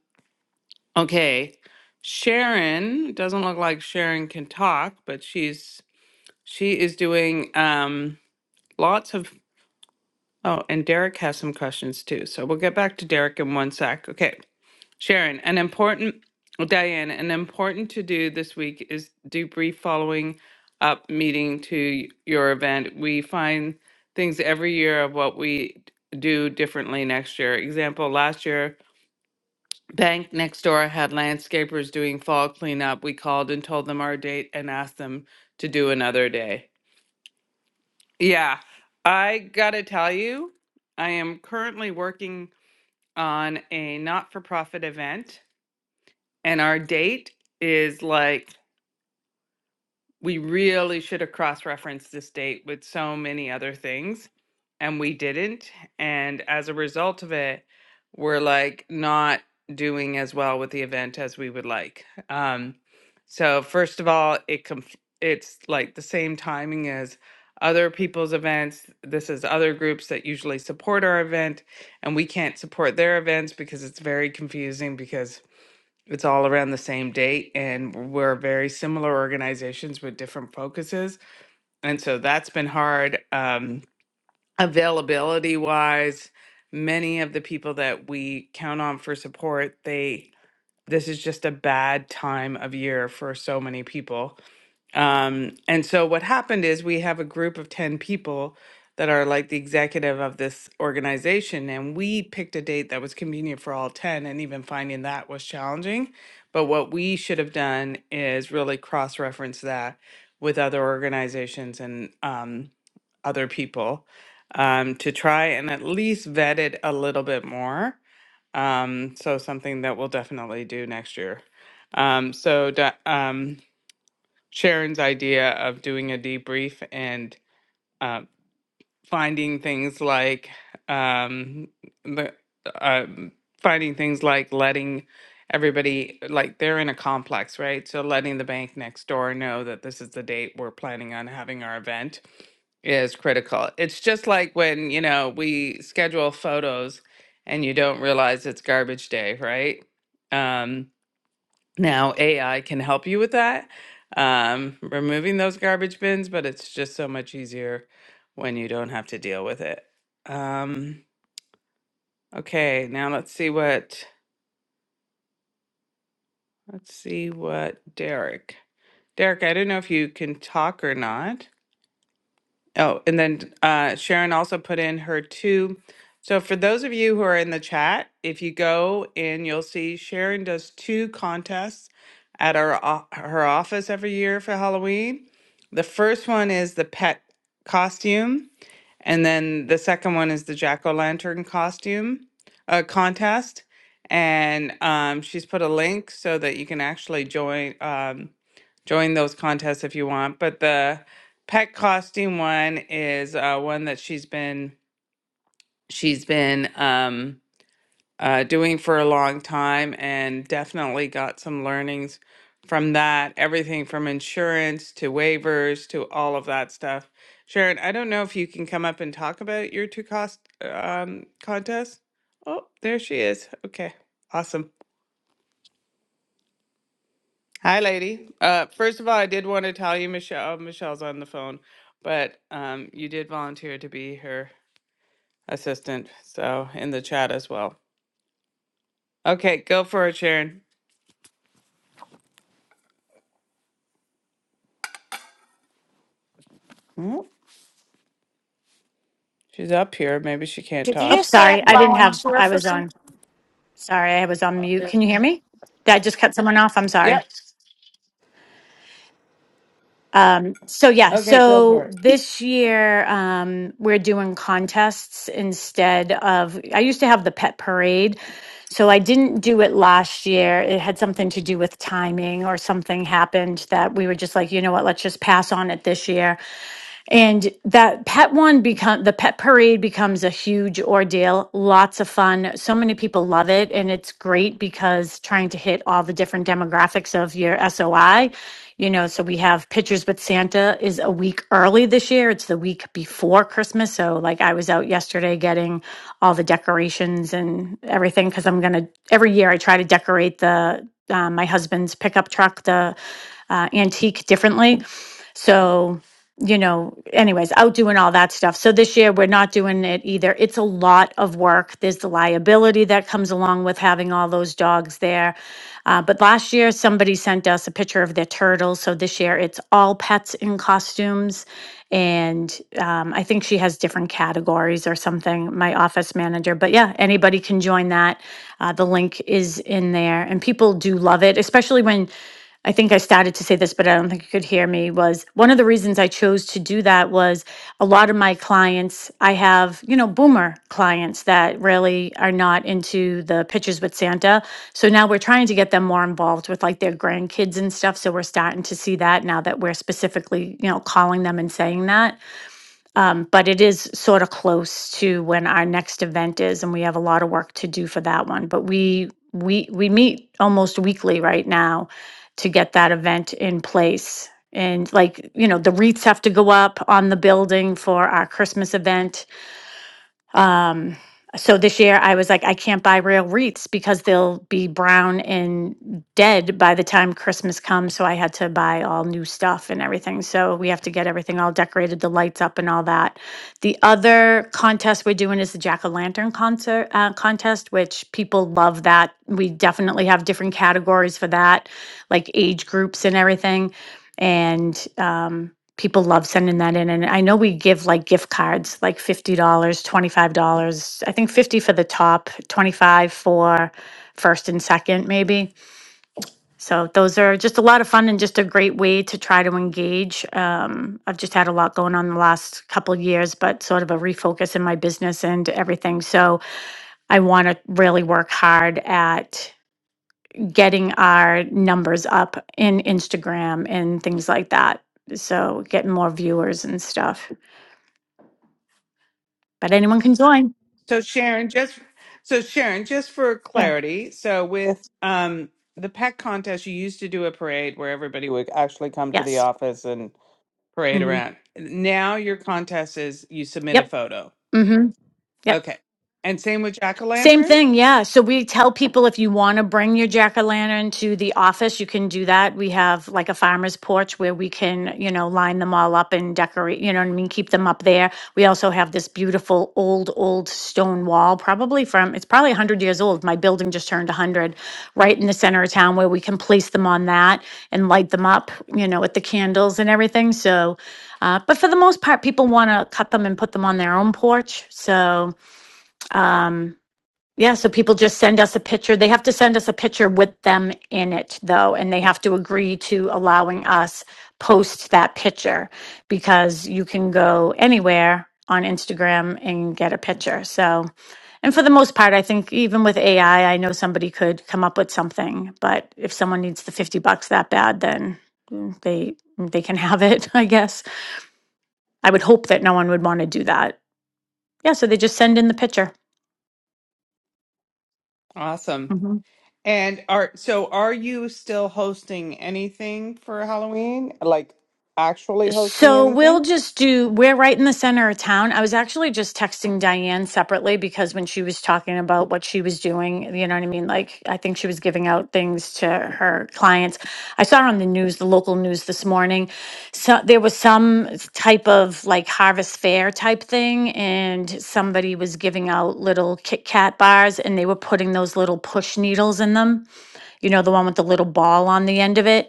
[SPEAKER 1] okay. Sharon doesn't look like Sharon can talk, but she's she is doing um, lots of oh, and Derek has some questions too. So we'll get back to Derek in one sec. Okay. Sharon, an important, well, Diane, an important to do this week is debrief following up meeting to your event. We find things every year of what we do differently next year. Example, last year, Bank next door had landscapers doing fall cleanup. We called and told them our date and asked them to do another day. Yeah, I gotta tell you, I am currently working on a not for profit event and our date is like we really should have cross-referenced this date with so many other things and we didn't and as a result of it we're like not doing as well with the event as we would like um so first of all it conf- it's like the same timing as other people's events this is other groups that usually support our event and we can't support their events because it's very confusing because it's all around the same date, and we're very similar organizations with different focuses. And so that's been hard. Um, availability wise, many of the people that we count on for support, they this is just a bad time of year for so many people. Um, and so what happened is we have a group of 10 people that are like the executive of this organization, and we picked a date that was convenient for all 10, and even finding that was challenging. But what we should have done is really cross reference that with other organizations and um, other people um, to try and at least vet it a little bit more. Um, so, something that we'll definitely do next year. Um, so, da- um, Sharon's idea of doing a debrief and uh, finding things like um, the um finding things like letting everybody like they're in a complex, right? So letting the bank next door know that this is the date we're planning on having our event is critical. It's just like when you know we schedule photos and you don't realize it's garbage day, right? Um, now, AI can help you with that, um, removing those garbage bins, but it's just so much easier when you don't have to deal with it. Um, okay, now let's see what let's see what Derek. Derek, I don't know if you can talk or not. Oh, and then uh, Sharon also put in her two. So for those of you who are in the chat, if you go and you'll see Sharon does two contests at our o- her office every year for Halloween. The first one is the pet costume, and then the second one is the jack o' lantern costume uh, contest. And um, she's put a link so that you can actually join um, join those contests if you want. But the pet costing one is uh, one that she's been she's been um, uh, doing for a long time and definitely got some learnings from that everything from insurance to waivers to all of that stuff sharon i don't know if you can come up and talk about your two cost um, contest oh there she is okay awesome hi lady uh, first of all i did want to tell you michelle michelle's on the phone but um, you did volunteer to be her assistant. So in the chat as well. Okay, go for it, Sharon. Mm, She's up here. Maybe she can't
[SPEAKER 5] Did you
[SPEAKER 14] Oh,
[SPEAKER 1] talk
[SPEAKER 5] just say I
[SPEAKER 14] sorry. I
[SPEAKER 1] yet.
[SPEAKER 14] didn't have,
[SPEAKER 5] volunteer
[SPEAKER 14] I
[SPEAKER 5] for
[SPEAKER 14] was on,
[SPEAKER 5] something?
[SPEAKER 14] sorry, I was on
[SPEAKER 1] Uh,
[SPEAKER 14] mute. Can you hear me? Did I just cut someone off? I'm sorry.
[SPEAKER 1] Yep.
[SPEAKER 14] Um, so yeah,
[SPEAKER 1] Okay, go for
[SPEAKER 14] so
[SPEAKER 1] it.
[SPEAKER 14] this year, um, we're doing contests instead of, I used to have the pet parade. So I didn't do it last year. It had something to do with timing or something happened that we were just like, you know what, let's just pass on it this year. And that pet one become the pet parade becomes a huge ordeal. Lots of fun. So many people love it. And it's great because trying to hit all the different demographics of your SOI, you know, so we have Pictures with Santa is a week early this year. It's the week before Christmas. So like I was out yesterday getting all the decorations and everything because I'm gonna every year I try to decorate the uh, my husband's pickup truck, the uh, antique differently. So you know, anyways, out doing all that stuff. So this year we're not doing it either. It's a lot of work. There's the liability that comes along with having all those dogs there. Uh, but last year somebody sent us a picture of their turtles. So this year it's all pets in costumes. And um, I think she has different categories or something, my office manager. But yeah, anybody can join that. Uh, the link is in there. And people do love it, especially when I think I started to say this, but I don't think you could hear me. Was one of the reasons I chose to do that was a lot of my clients, I have, you know, boomer clients that really are not into the pictures with Santa. So now we're trying to get them more involved with like their grandkids and stuff. So we're starting to see that now that we're specifically, you know, calling them and saying that. Um, but it is sort of close to when our next event is, and we have a lot of work to do for that one. But we we we meet almost weekly right now to get that event in place. And like, you know, the wreaths have to go up on the building for our Christmas event. Um, so this year I was like, I can't buy real wreaths because they'll be brown and dead by the time Christmas comes. So I had to buy all new stuff and everything. So we have to get everything all decorated, the lights up and all that. The other contest we're doing is the jack o' lantern concert uh, contest, which people love that. We definitely have different categories for that, like age groups and everything. And um, people love sending that in and i know we give like gift cards like $50 dollars, $25 i think 50 for the top 25 for first and second maybe so those are just a lot of fun and just a great way to try to engage um, i've just had a lot going on the last couple years but sort of a refocus in my business and everything so i want to really work hard at getting our numbers up in instagram and things like that so getting more viewers and stuff but anyone can join.
[SPEAKER 1] So Sharon, just so Sharon, just for
[SPEAKER 14] Yeah.
[SPEAKER 1] clarity, so with um the pet contest, you used to do a parade where everybody would actually come to the
[SPEAKER 14] Yes.
[SPEAKER 1] office and parade
[SPEAKER 14] hmm
[SPEAKER 1] around. Now your contest is you submit a
[SPEAKER 14] Yep.
[SPEAKER 1] photo.
[SPEAKER 14] hmm Yep.
[SPEAKER 1] Okay. And same with Jack O'
[SPEAKER 14] Same
[SPEAKER 1] Lantern?
[SPEAKER 14] thing, yeah. So we tell people if you want to bring your jack o' lantern to the office, you can do that. We have like a farmer's porch where we can, you know, line them all up and decorate, you know what I mean? Keep them up there. We also have this beautiful old, old stone wall, probably from, it's probably 100 years old. My building just turned 100, right in the center of town where we can place them on that and light them up, you know, with the candles and everything. So, uh, but for the most part, people want to cut them and put them on their own porch. So, um, yeah, so people just send us a picture. They have to send us a picture with them in it, though, and they have to agree to allowing us post that picture because you can go anywhere on Instagram and get a picture. So, and for the most part, I think even with AI, I I know somebody could come up with something, but if someone needs the 50 bucks that bad, then mm, they they can have it, I guess. I would hope that no one would want to do that. Yeah, so they just send in the picture.
[SPEAKER 1] Awesome.
[SPEAKER 14] Mm-hmm.
[SPEAKER 1] And are so are you still hosting anything for Halloween? Like actually hosting
[SPEAKER 14] So we'll
[SPEAKER 1] anything?
[SPEAKER 14] just do, we're right in the center of town. I was actually just texting Diane separately because when she was talking about what she was doing, you know what I mean? Like, I think she was giving out things to her clients. I saw on the news, the local news this morning. So there was some type of like harvest fair type thing, and somebody was giving out little Kit Kat bars and they were putting those little push needles in them, you know, the one with the little ball on the end of it.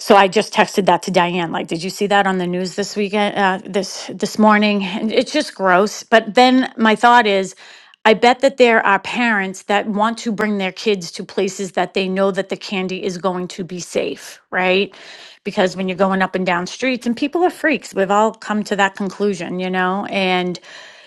[SPEAKER 14] So I just texted that to Diane. Like, did you see that on the news this weekend? Uh, this this morning, and it's just gross. But then my thought is, I bet that there are parents that want to bring their kids to places that they know that the candy is going to be safe, right? Because when you're going up and down streets, and people are freaks, we've all come to that conclusion, you know, and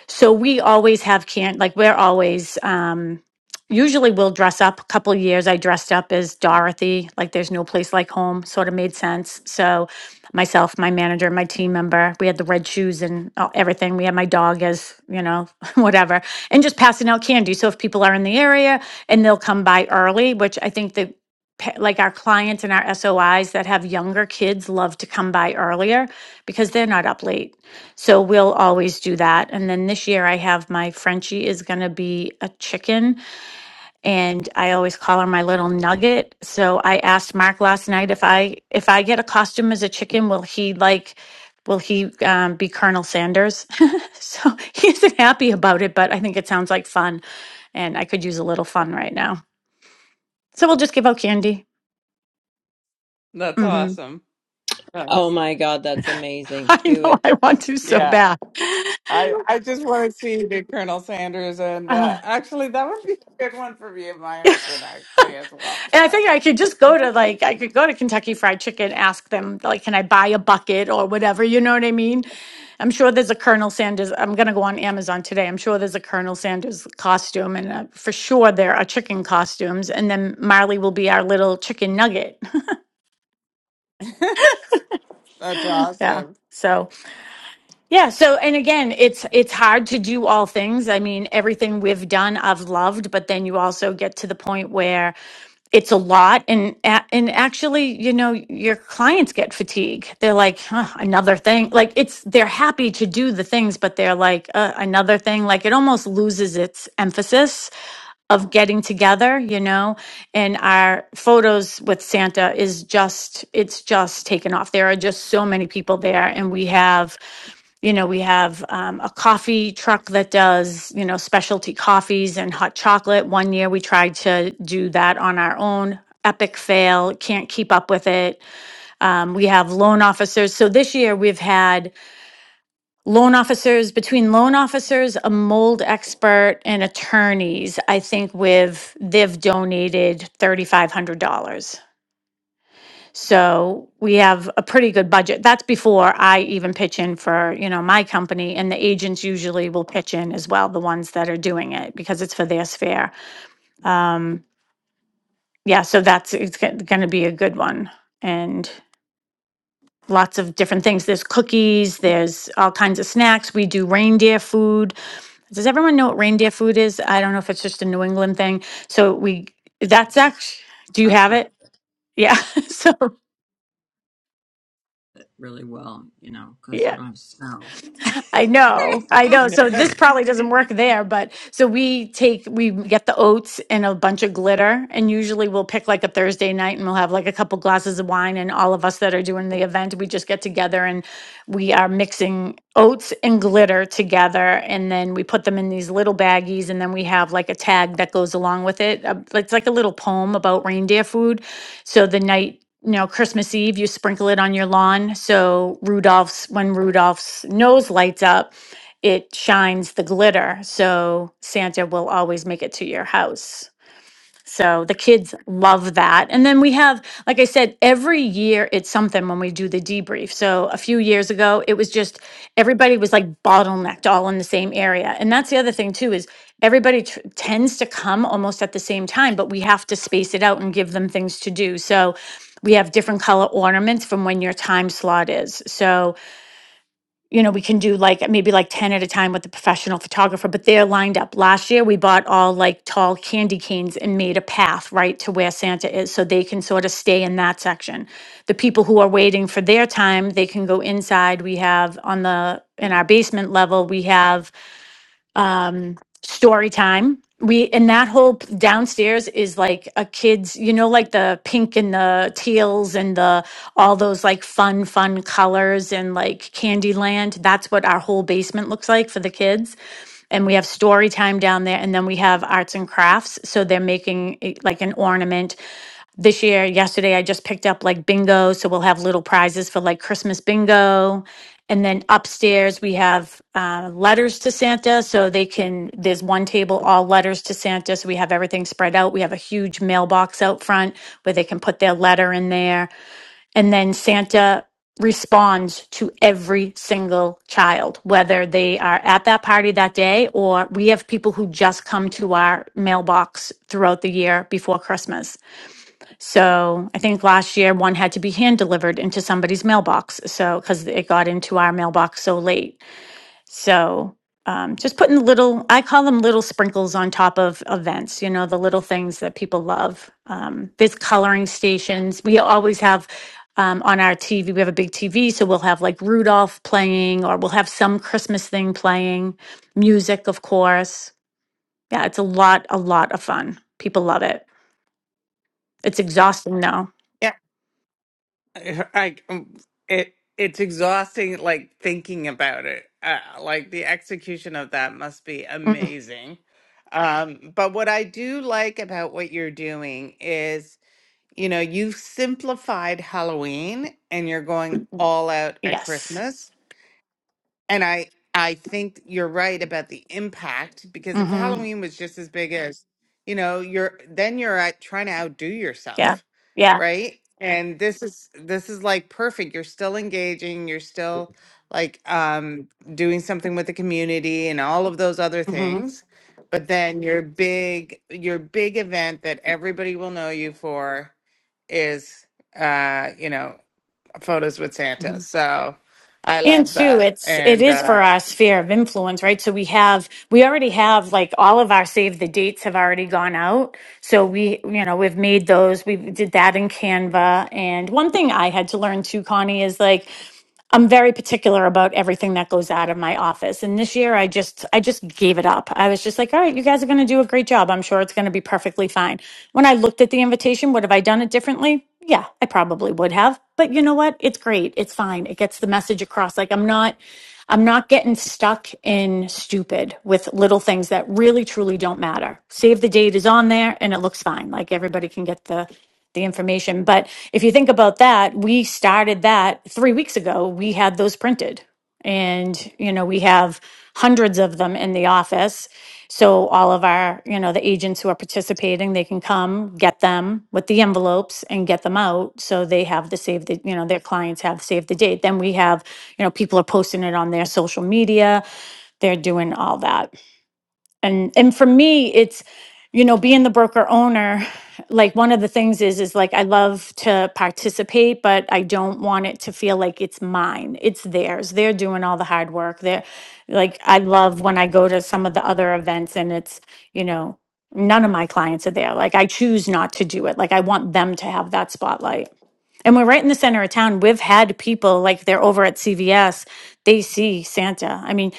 [SPEAKER 14] so we always have can like we're always um usually we'll dress up a couple years I dressed up as Dorothy like there's no place like home sort of made sense. So myself, my manager, my team member, we had the red shoes and uh, everything. We had my dog as, you know, whatever and just passing out candy. So if people are in the area and they'll come by early, which I think that pa- like our clients and our SOIs that have younger kids love to come by earlier because they're not up late so we'll always do that. And then this year I have my Frenchie is going to be a chicken and I always call her my little nugget. So I asked Mark last night if I if I get a costume as a chicken, will he like will he um, be Colonel Sanders? so he isn't happy about it, but I think it sounds like fun and I could use a little fun right now. So we'll just give out candy.
[SPEAKER 1] That's
[SPEAKER 14] hmm
[SPEAKER 1] awesome.
[SPEAKER 11] Oh
[SPEAKER 1] Thanks.
[SPEAKER 11] my God, that's amazing.
[SPEAKER 14] I
[SPEAKER 11] Do
[SPEAKER 14] know
[SPEAKER 11] it.
[SPEAKER 14] I want to so
[SPEAKER 1] Yeah.
[SPEAKER 14] bad.
[SPEAKER 1] I I just want to see the Colonel Sanders and uh
[SPEAKER 14] Ah.
[SPEAKER 1] actually that would be a good one for me and my husband actually as well.
[SPEAKER 14] And I think I could just go to
[SPEAKER 1] So,
[SPEAKER 14] like I could go to Kentucky Fried Chicken, ask them like, can I buy a bucket or whatever? You know what I mean? I'm sure there's a Colonel Sanders. I'm gonna go on Amazon today. I'm sure there's a Colonel Sanders costume, and uh, for sure there are chicken costumes. And then Marley will be our little chicken nugget.
[SPEAKER 1] That's
[SPEAKER 14] yeah.
[SPEAKER 1] awesome.
[SPEAKER 14] So yeah. So and again, it's it's hard to do all things. I mean, everything we've done, I've loved, but then you also get to the point where it's a lot and a- and actually you know your clients get fatigue they're like huh, another thing like it's they're happy to do the things but they're like uh, another thing like it almost loses its emphasis of getting together you know and our photos with santa is just it's just taken off there are just so many people there and we have you know, we have um, a coffee truck that does, you know, specialty coffees and hot chocolate. One year we tried to do that on our own. Epic fail, can't keep up with it. Um, we have loan officers. So this year we've had loan officers, between loan officers, a mold expert, and attorneys, I think we've, they've donated $3,500. So we have a pretty good budget. That's before I even pitch in for, you know, my company and the agents usually will pitch in as well, the ones that are doing it because it's for their sphere. Um, yeah, so that's, it's going to be a good one. And lots of different things. There's cookies, there's all kinds of snacks. We do reindeer food. Does everyone know what reindeer food is? I don't know if it's just a New England thing. So we, that's actually, do you
[SPEAKER 11] I've
[SPEAKER 14] have
[SPEAKER 11] heard
[SPEAKER 14] it? Yeah. So,
[SPEAKER 11] it really well, you know,
[SPEAKER 14] yeah.
[SPEAKER 11] because we don't have snow.
[SPEAKER 14] I know, I know. So this probably doesn't work there, but so we take we get the oats and a bunch of glitter, and usually we'll pick like a Thursday night, and we'll have like a couple glasses of wine, and all of us that are doing the event, we just get together and we are mixing oats and glitter together, and then we put them in these little baggies, and then we have like a tag that goes along with it. Uh, It's like a little poem about reindeer food. So the night you know, Christmas Eve, you sprinkle it on your lawn. So Rudolph's, when Rudolph's nose lights up, it shines the glitter. So Santa will always make it to your house. So the kids love that. And then we have, like I said, every year it's something when we do the debrief. So a few years ago, it was just everybody was like bottlenecked all in the same area. And that's the other thing, too, is everybody tr- tends to come almost at the same time, but we have to space it out and give them things to do. So we have different color ornaments from when your time slot is. So you know, we can do like maybe like 10 at a time with the professional photographer, but they're lined up. Last year, we bought all like tall candy canes and made a path right to where Santa is so they can sort of stay in that section. The people who are waiting for their time, they can go inside. We have on the, in our basement level, we have um story time we and that whole p- downstairs is like a kids you know like the pink and the teals and the all those like fun fun colors and like Candyland. that's what our whole basement looks like for the kids and we have story time down there and then we have arts and crafts so they're making eh, like an ornament this year yesterday i just picked up like bingo so we'll have little prizes for like christmas bingo and then upstairs, we have uh, letters to Santa. So they can, there's one table, all letters to Santa. So we have everything spread out. We have a huge mailbox out front where they can put their letter in there. And then Santa responds to every single child, whether they are at that party that day or we have people who just come to our mailbox throughout the year before Christmas. So I think last year one had to be hand delivered into somebody's mailbox. So because it got into our mailbox so late. So um, just putting little, I call them little sprinkles on top of events, you know, the little things that people love. Um, there's coloring stations. We always have um, on our TV, we have a big TV. So we'll have like Rudolph playing or we'll have some Christmas thing playing, music, of course. Yeah, it's a lot, a lot of fun. People love it. It's exhausting though.
[SPEAKER 1] I um, it it's exhausting like thinking about it. Uh, like the execution of that must be
[SPEAKER 14] Mm-hmm.
[SPEAKER 1] amazing. Um, but what I do like about what you're doing is, you know, you've simplified Halloween and you're going all out at
[SPEAKER 14] Yes.
[SPEAKER 1] Christmas and I I think you're right about the impact because if
[SPEAKER 14] Mm-hmm.
[SPEAKER 1] Halloween was just as big as, you know, you're then you're at trying to outdo
[SPEAKER 14] Yeah.
[SPEAKER 1] yourself,
[SPEAKER 14] Yeah.
[SPEAKER 1] right? And this is this is like perfect. You're still engaging, you're still like um doing something with the community and all of those other
[SPEAKER 14] Mm-hmm.
[SPEAKER 1] things. But then your big your big event that everybody will know you for is uh you know photos with
[SPEAKER 14] hmm
[SPEAKER 1] Santa. So I
[SPEAKER 14] And
[SPEAKER 1] love
[SPEAKER 14] too,
[SPEAKER 1] that.
[SPEAKER 14] it's it
[SPEAKER 1] And
[SPEAKER 14] is
[SPEAKER 1] uh,
[SPEAKER 14] for our sphere of influence, right? So we have we already have like all of our save the dates have already gone out. So we you know we've made those. We did that in Canva. And one thing I had to learn too, Connie, is like I'm very particular about everything that goes out of my office. And this year I just I just gave it up. I was just like, "All right, you guys are going to do a great job. I'm sure it's going to be perfectly fine." When I looked at the invitation, would have I done it differently? Yeah, I probably would have. But you know what? It's great. It's fine. It gets the message across. Like I'm not I'm not getting stuck in stupid with little things that really truly don't matter. Save the date is on there and it looks fine. Like everybody can get the the information. But if you think about that, we started that 3 weeks ago. We had those printed. And you know, we have hundreds of them in the office. So all of our, you know, the agents who are participating, they can come, get them with the envelopes and get them out so they have the save the, you know, their clients have save the date. Then we have you know, people are posting it on their social media. They're doing all that and and for me it's you know being the broker owner like one of the things is is like i love to participate but i don't want it to feel like it's mine it's theirs they're doing all the hard work they're like i love when i go to some of the other events and it's you know none of my clients are there like i choose not to do it like i want them to have that spotlight and we're right in the center of town we've had people like they're over at cvs they see santa i mean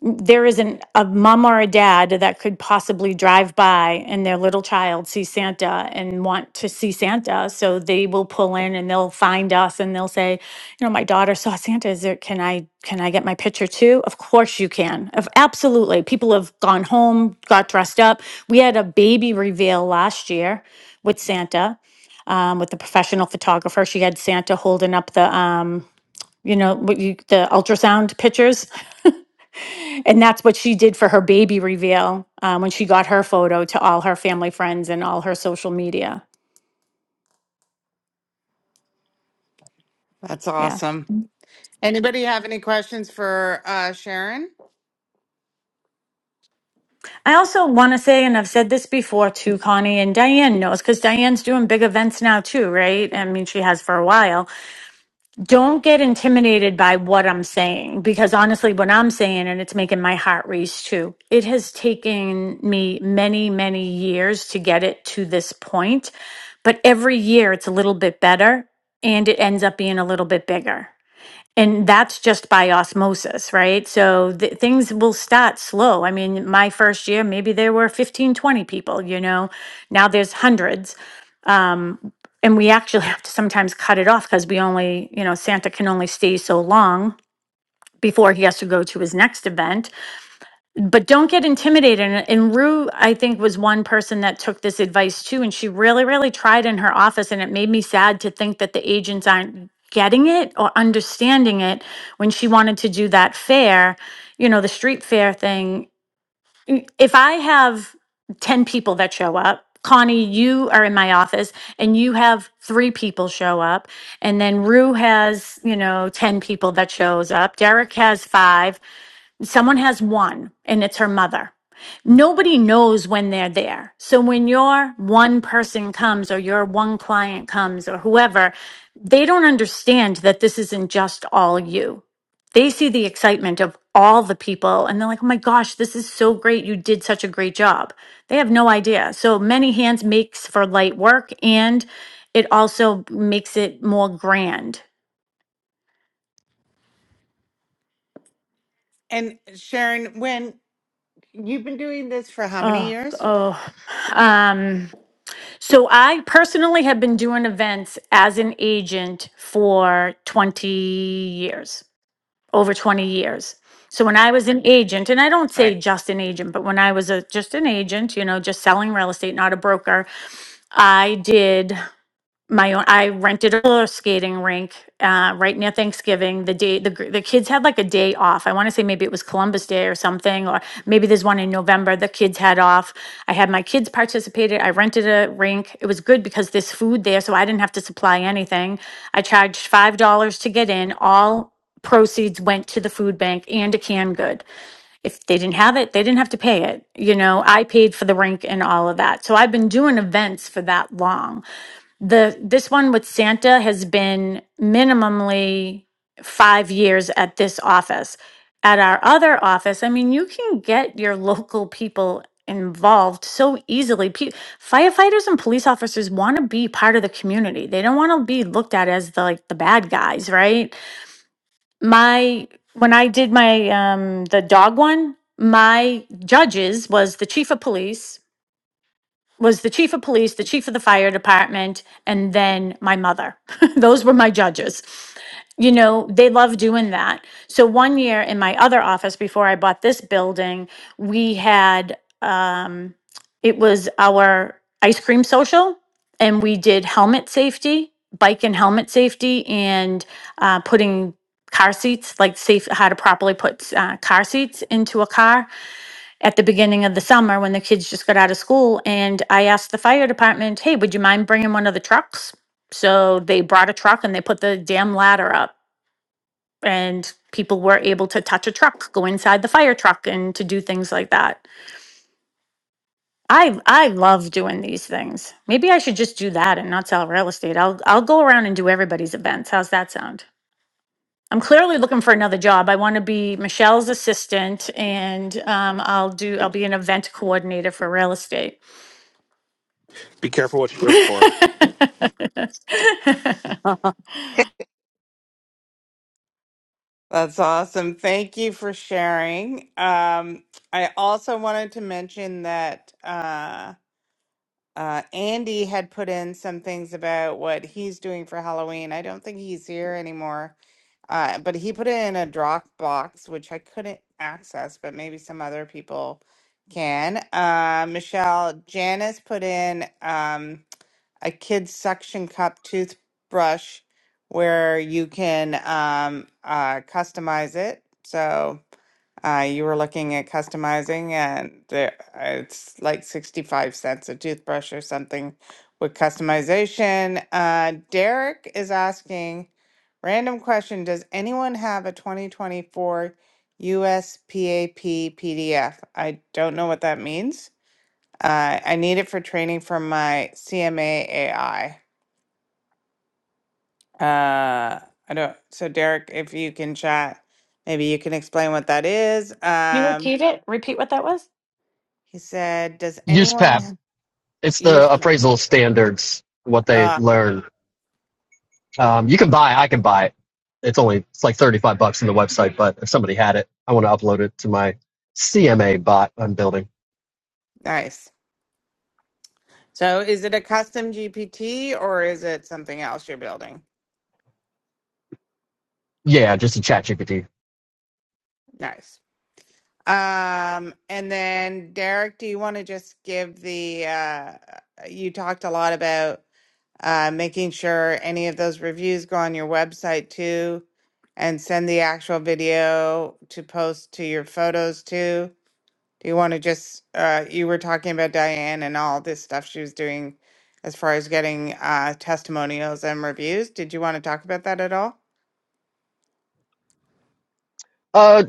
[SPEAKER 14] there isn't a mom or a dad that could possibly drive by and their little child see Santa and want to see Santa. So they will pull in and they'll find us and they'll say, you know, my daughter saw Santa. Is there can I can I get my picture too? Of course you can. Of absolutely. People have gone home, got dressed up. We had a baby reveal last year with Santa, um, with the professional photographer. She had Santa holding up the um, you know, what you the ultrasound pictures and that's what she did for her baby reveal um, when she got her photo to all her family friends and all her social media.
[SPEAKER 1] that's
[SPEAKER 14] Yeah.
[SPEAKER 1] awesome. Anybody have any questions for uh, Sharon?
[SPEAKER 14] I also want to say, and I've said this before too, Connie and Diane knows because Diane's doing big events now too, right? I mean, she has for a while don't get intimidated by what I'm saying because honestly, what I'm saying, and it's making my heart race too, it has taken me many, many years to get it to this point. But every year it's a little bit better and it ends up being a little bit bigger. And that's just by osmosis, right? So th- things will start slow. I mean, my first year, maybe there were 15, 20 people, you know, now there's hundreds. Um, and we actually have to sometimes cut it off because we only, you know, Santa can only stay so long before he has to go to his next event. But don't get intimidated. And, and Rue, I think, was one person that took this advice too. And she really, really tried in her office. And it made me sad to think that the agents aren't getting it or understanding it when she wanted to do that fair, you know, the street fair thing if I have 10 people that show up, Connie, you are in my office and you have three people show up. And then Rue has, you know, 10 people that shows up. Derek has five. Someone has one, and it's her mother. Nobody knows when they're there. So when your one person comes or your one client comes or whoever, they don't understand that this isn't just all you. They see the excitement of all the people and they're like, oh my gosh, this is so great. You did such a great job. They have no idea. So many hands makes for light work and it also makes it more grand.
[SPEAKER 1] And Sharon, when you've been doing this for how many
[SPEAKER 14] Oh,
[SPEAKER 1] years?
[SPEAKER 14] oh. Um, So I personally have been doing events as an agent for 20 years, over 20 years. So when I was an agent, and I don't say
[SPEAKER 1] Right.
[SPEAKER 14] just an agent, but when I was a just an agent, you know, just selling real estate, not a broker, I did my own i rented a roller skating rink uh, right near thanksgiving the day the, gr- the kids had like a day off i want to say maybe it was columbus day or something or maybe there's one in november the kids had off i had my kids participated i rented a rink it was good because there's food there so i didn't have to supply anything i charged five dollars to get in all proceeds went to the food bank and a canned good if they didn't have it they didn't have to pay it you know i paid for the rink and all of that so i've been doing events for that long the this one with Santa has been minimally five years at this office. At our other office, I mean, you can get your local people involved so easily. Pe- firefighters and police officers want to be part of the community. They don't want to be looked at as the, like the bad guys, right? My when I did my um, the dog one, my judges was the chief of police, was the chief of police, the chief of the fire department, and then my mother. Those were my judges. You know, they love doing that. So one year in my other office before I bought this building, we had um it was our ice cream social and we did helmet safety, bike and helmet safety and uh putting car seats like safe how to properly put uh, car seats into a car at the beginning of the summer when the kids just got out of school. And I asked the fire department, hey, would you mind bringing one of the trucks? So they brought a truck and they put the damn ladder up, and people were able to touch a truck, go inside the fire truck, and to do things like that. I I love doing these things. Maybe I should just do that and not sell real estate. I'll I'll go around and do everybody's events. How's that sound? I'm clearly looking for another job. I want to be Michelle's assistant, and um, I'll do I'll be an event coordinator for real estate.
[SPEAKER 15] Be careful what you wish for.
[SPEAKER 14] Can
[SPEAKER 1] That's awesome. Thank you for sharing. Um, I also wanted to mention that uh, uh, Andy had put in some things about what he's doing for Halloween. I don't think he's here anymore Uh, but he put it in a Dropbox, which I couldn't access, but maybe some other people can. Uh, Michelle, Janice put in um, a kid's suction cup toothbrush where you can um, uh, customize it. So. Uh, you were looking at customizing, and there, it's like 65 cents a toothbrush or something with customization. Uh, Derek is asking random question Does anyone have a 2024 USPAP PDF? I don't know what that means. Uh, I need it for training for my CMAAI. Uh, I don't, so Derek, if you can chat, maybe you can explain what that is.
[SPEAKER 14] you
[SPEAKER 1] Um,
[SPEAKER 14] repeat it? Repeat what that was?
[SPEAKER 1] He said, "Does anyone
[SPEAKER 16] USPAP.
[SPEAKER 1] have-
[SPEAKER 16] It's
[SPEAKER 1] use?"
[SPEAKER 16] the
[SPEAKER 1] Chat?"
[SPEAKER 16] appraisal standards, what they
[SPEAKER 1] Ah,
[SPEAKER 16] learn. Um, you can buy, I can buy it. It's only, it's like 35 bucks on the website, but if somebody had it, I want to upload it to my CMA bot I'm building.
[SPEAKER 1] nice. So, is it a custom GPT or is it something else you're building?
[SPEAKER 16] Yeah, just a chat GPT.
[SPEAKER 1] Nice. Um, and then Derek, do you want to just give the? Uh, you talked a lot about uh, making sure any of those reviews go on your website too, and send the actual video to post to your photos too. Do you want to just, uh, you were talking about Diane and all this stuff she was doing as far as getting uh, testimonials and reviews. Did you want to talk about that at all?
[SPEAKER 16] Uh,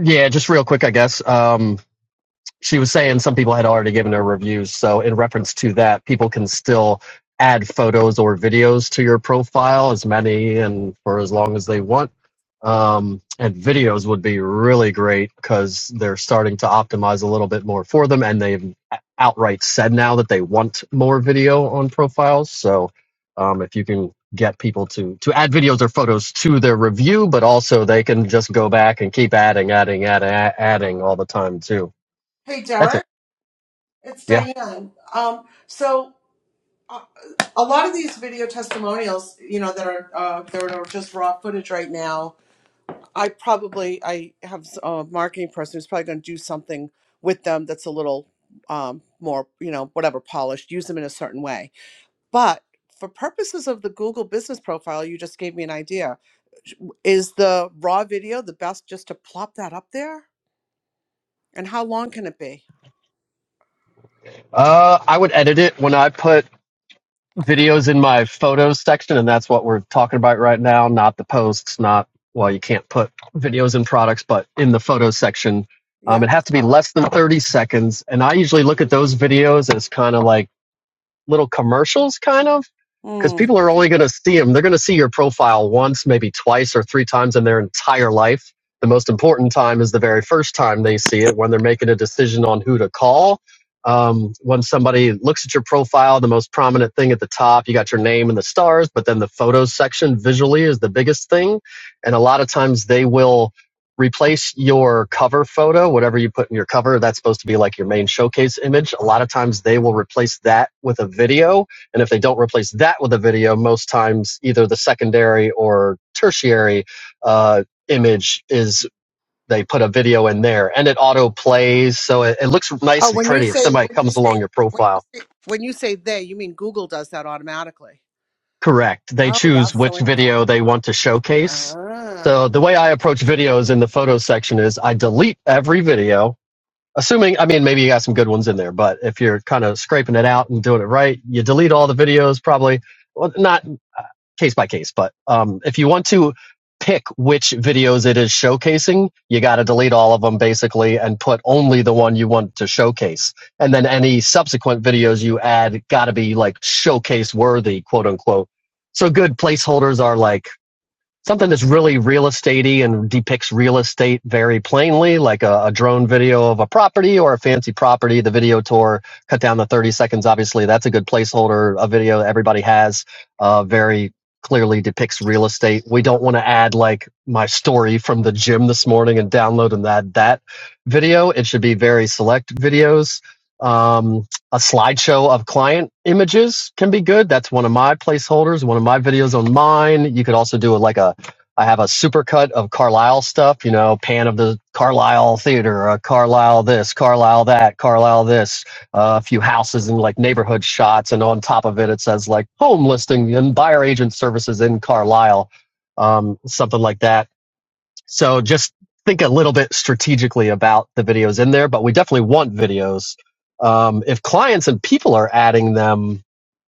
[SPEAKER 16] yeah, just real quick, I guess. Um, she was saying some people had already given her reviews. So, in reference to that, people can still add photos or videos to your profile, as many and for as long as they want. Um, and videos would be really great because they're starting to optimize a little bit more for them. And they've outright said now that they want more video on profiles. So, um, if you can get people to to add videos or photos to their review but also they can just go back and keep adding adding adding adding all the time too
[SPEAKER 8] Hey,
[SPEAKER 16] that's it
[SPEAKER 8] Derek, it's
[SPEAKER 16] yeah.
[SPEAKER 8] Diane. Um, so uh, a lot of these video testimonials, you know, that are uh, that are just raw footage right now. I probably I have a marketing person who's probably going to do something with them that's a little um, more, you know, whatever polished. Use them in a certain way, but for purposes of the Google Business Profile, you just gave me an idea. Is the raw video the best just to plop that up there? And how long can it be?
[SPEAKER 16] Uh, I would edit it when I put videos in my photos section, and that's what we're talking about right now, not the posts, not, well, you can't put videos in products, but in the photos section. Um, it
[SPEAKER 8] Yep.
[SPEAKER 16] has to be less than 30 seconds. And I usually look at those videos as kind of like little commercials, kind of. because
[SPEAKER 8] Mm.
[SPEAKER 16] people are only going to see them. They're going to see your profile once, maybe twice or three times in their entire life. The most important time is the very first time they see it when they're making a decision on who to call. Um, when somebody looks at your profile, the most prominent thing at the top, you got your name and the stars, but then the photos section visually is the biggest thing. And a lot of times they will replace your cover photo, whatever you put in your cover, that's supposed to be like your main showcase image. A lot of times they will replace that with a video and if they don't replace that with a video, most times either the secondary or tertiary uh, image is they put a video in there and it auto plays. So it, it looks
[SPEAKER 8] Oh,
[SPEAKER 16] nice and
[SPEAKER 8] when you
[SPEAKER 16] pretty if
[SPEAKER 8] say
[SPEAKER 16] somebody
[SPEAKER 8] when you
[SPEAKER 16] comes
[SPEAKER 8] say
[SPEAKER 16] along your
[SPEAKER 8] when you
[SPEAKER 16] profile.
[SPEAKER 8] say when you say they, you mean Google does that automatically.
[SPEAKER 16] Correct. They
[SPEAKER 8] Oh,
[SPEAKER 16] choose
[SPEAKER 8] that's so
[SPEAKER 16] which
[SPEAKER 8] interesting.
[SPEAKER 16] video they want to showcase.
[SPEAKER 8] Ah.
[SPEAKER 16] So the way I approach videos in the photo section is I delete every video. Assuming, I mean, maybe you got some good ones in there, but if you're kind of scraping it out and doing it right, you delete all the videos probably Well, not. case by case, but um, if you want to pick which videos it is showcasing, you got to delete all of them basically and put only the one you want to showcase. And then any subsequent videos you add got to be like showcase worthy, quote unquote. So good placeholders are like something that's really real estatey and depicts real estate very plainly, like a, a drone video of a property or a fancy property. The video tour cut down to 30 seconds. Obviously, that's a good placeholder. A video that everybody has uh, very clearly depicts real estate. We don't want to add like my story from the gym this morning and download and add that video. It should be very select videos. Um, a slideshow of client images can be good. That's one of my placeholders, one of my videos on mine. You could also do like a I have a supercut of Carlisle stuff, you know, pan of the Carlisle theater, uh, Carlisle this, Carlisle that, Carlisle this, uh, a few houses and like neighborhood shots. And on top of it, it says like home listing and buyer agent services in Carlisle, um, something like that. So just think a little bit strategically about the videos in there, but we definitely want videos. Um, if clients and people are adding them,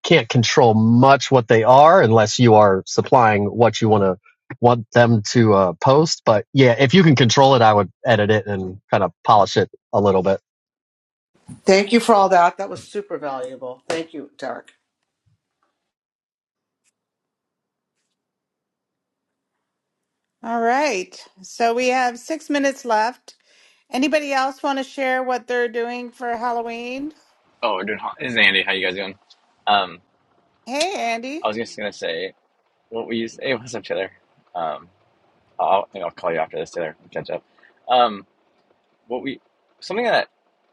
[SPEAKER 16] can't control much what they are unless you are supplying what you want to want them to uh, post. But yeah, if you can control it, I would edit it and kind of polish it a little bit.
[SPEAKER 8] Thank you for all that. That was super valuable. Thank you, Derek.
[SPEAKER 1] All right. So we have six minutes left. Anybody else want to share what they're doing for Halloween?
[SPEAKER 17] Oh, we're doing hot. This is Andy. How you guys doing? Um,
[SPEAKER 1] Hey,
[SPEAKER 17] I
[SPEAKER 1] Andy.
[SPEAKER 17] was just gonna say what we used. Hey, what's up, Taylor? Um, I'll I think I'll call you after this, Taylor. We'll Catch up. Um, what we something that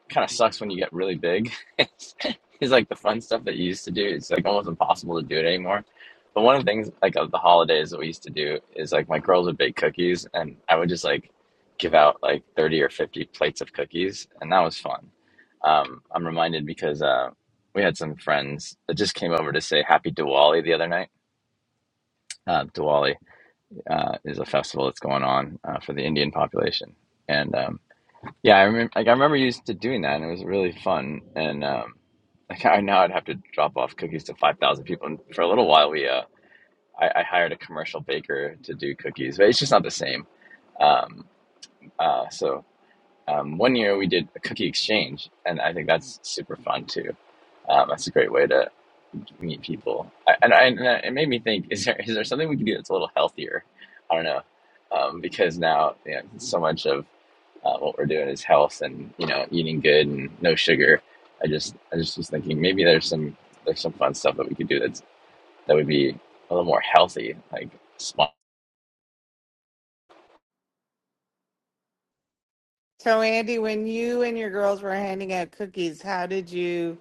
[SPEAKER 17] kind of sucks when you get really big. it's it's like the fun stuff that you used to do. It's like almost impossible to do it anymore. But one of the things like of the holidays that we used to do is like my girls would bake cookies, and I would just like give out like thirty or fifty plates of cookies, and that was fun. Um, I'm reminded because uh, we had some friends that just came over to say Happy Diwali the other night. Uh, Diwali uh, is a festival that's going on uh, for the Indian population, and um, yeah, I remember. Like I remember used to doing that, and it was really fun. And um, like I now I'd have to drop off cookies to five thousand people. And for a little while, we uh, I, I hired a commercial baker to do cookies, but it's just not the same. Um, uh, so um, one year we did a cookie exchange, and I think that's super fun too. Um, that's a great way to meet people. I, and, I, and it made me think: is there is there something we can do that's a little healthier? I don't know, um, because now you know, so much of uh, what we're doing is health and you know eating good and no sugar. I just I just was thinking maybe there's some there's some fun stuff that we could do that's that would be a little more healthy. Like small.
[SPEAKER 1] So Andy, when you and your girls were handing out cookies, how did you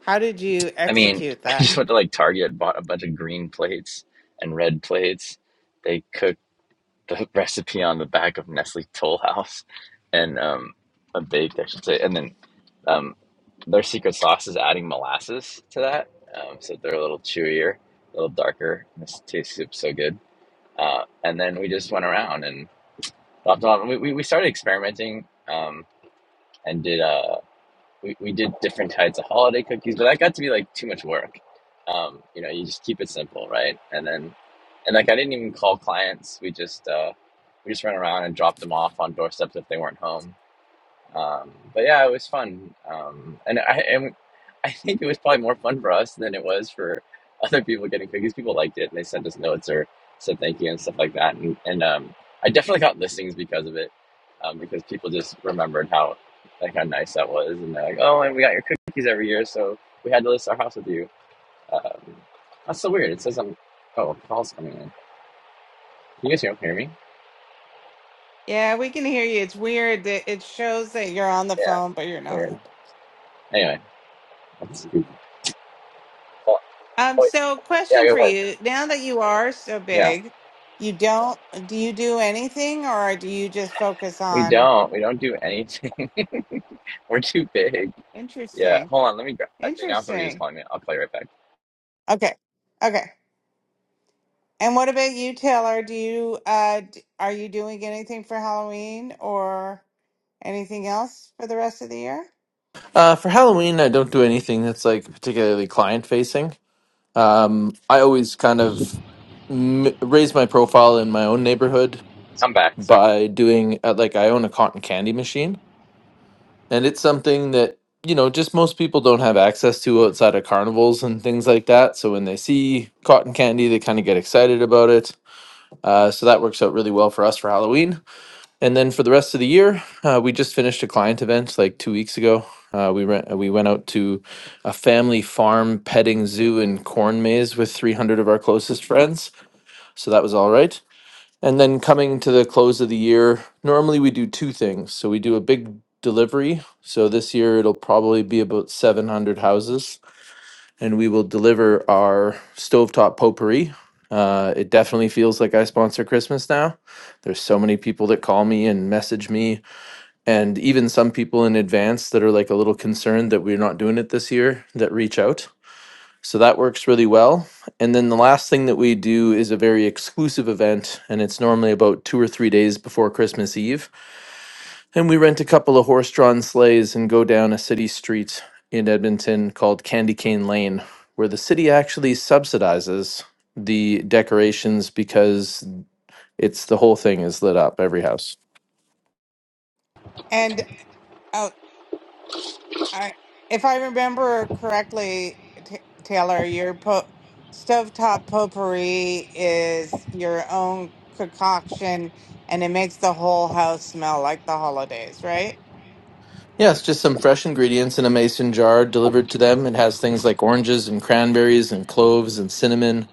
[SPEAKER 1] how did you
[SPEAKER 17] I mean,
[SPEAKER 1] execute
[SPEAKER 17] I
[SPEAKER 1] that?
[SPEAKER 17] just went to like Target, bought a bunch of green plates and red plates. They cooked the recipe on the back of Nestle Toll House and um, uh, baked, I should say, and then um, their secret sauce is adding molasses to that, um, so they're a little chewier, a little darker. And this tastes so good uh, and then we just went around and dropped off. we, we, we started experimenting um, and did uh, we, we did different types of holiday cookies, but that got to be like too much work. Um, you know, you just keep it simple, right? And then and like I didn't even call clients. We just uh, we just ran around and dropped them off on doorsteps if they weren't home. Um, but yeah, it was fun. Um, and I and I think it was probably more fun for us than it was for other people getting cookies. People liked it and they sent us notes or said thank you and stuff like that. And and um, I definitely got listings because of it, um, because people just remembered how like how nice that was, and they're like, oh, and we got your cookies every year, so we had to list our house with you. Um, that's so weird. It says I'm. Oh, call's coming in. Can you guys hear hear me?
[SPEAKER 1] Yeah, we can hear you. It's weird that it shows that you're on the
[SPEAKER 17] Yeah.
[SPEAKER 1] phone, but you're
[SPEAKER 17] Weird.
[SPEAKER 1] not.
[SPEAKER 17] Anyway, that's, oh,
[SPEAKER 1] Um,
[SPEAKER 17] oh,
[SPEAKER 1] so
[SPEAKER 17] yeah.
[SPEAKER 1] question
[SPEAKER 17] Go
[SPEAKER 1] for
[SPEAKER 17] ahead.
[SPEAKER 1] you. Now that you are so
[SPEAKER 17] Yeah.
[SPEAKER 1] big, you don't do you do anything or do you just focus
[SPEAKER 17] We
[SPEAKER 1] on
[SPEAKER 17] don't. We don't do anything. We're too big. Yeah.
[SPEAKER 1] interesting.
[SPEAKER 17] Hold on. Let me grab. Actually, now somebody is
[SPEAKER 1] Interesting.
[SPEAKER 17] calling me. I'll play right back.
[SPEAKER 1] Okay. Okay. And what about you, Taylor? Do you uh d- are you doing anything for Halloween or anything else for the rest of the year?
[SPEAKER 18] Uh, for Halloween, I don't do anything that's like particularly client facing. Um, I always kind of m- raise my profile in my own neighborhood
[SPEAKER 17] I'm back. Sorry.
[SPEAKER 18] by doing uh, like I own a cotton candy machine, and it's something that you know just most people don't have access to outside of carnivals and things like that. So when they see cotton candy, they kind of get excited about it. Uh, so that works out really well for us for Halloween. And then for the rest of the year, uh, we just finished a client event like two weeks ago. Uh, we went we went out to a family farm petting zoo and corn maze with 300 of our closest friends. So that was all right. And then coming to the close of the year, normally we do two things. So we do a big delivery. So this year it'll probably be about 700 houses, and we will deliver our stovetop potpourri. Uh, it definitely feels like I sponsor Christmas now. There's so many people that call me and message me and even some people in advance that are like a little concerned that we're not doing it this year that reach out. So that works really well. And then the last thing that we do is a very exclusive event, and it's normally about two or three days before Christmas Eve. And we rent a couple of horse drawn sleighs and go down a city street in Edmonton called Candy Cane Lane, where the city actually subsidizes the decorations because it's the whole thing is lit up, every house.
[SPEAKER 1] And oh, I, if I remember correctly, Ta Taylor, your po- stovetop potpourri is your own concoction, and it makes the whole house smell like the holidays, right?
[SPEAKER 18] Yeah, it's just some fresh ingredients in a mason jar delivered to them. It has things like oranges and cranberries and cloves and cinnamon.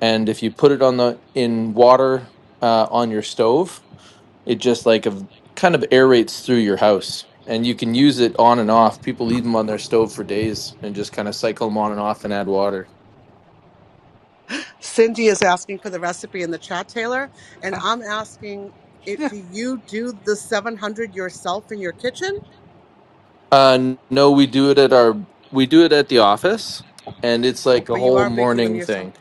[SPEAKER 18] And if you put it on the in water uh, on your stove, it just like a, kind of aerates through your house. And you can use it on and off. People leave them on their stove for days and just kind of cycle them on and off and add water.
[SPEAKER 8] Cindy is asking for the recipe in the chat, Taylor, and
[SPEAKER 1] Uh,
[SPEAKER 8] I'm asking it, do you do the 700 yourself in your kitchen?
[SPEAKER 18] Uh, n- no, we do it at our we do it at the office, and it's like a
[SPEAKER 8] But you
[SPEAKER 18] whole
[SPEAKER 8] are making them
[SPEAKER 18] morning
[SPEAKER 8] yourself.
[SPEAKER 18] thing.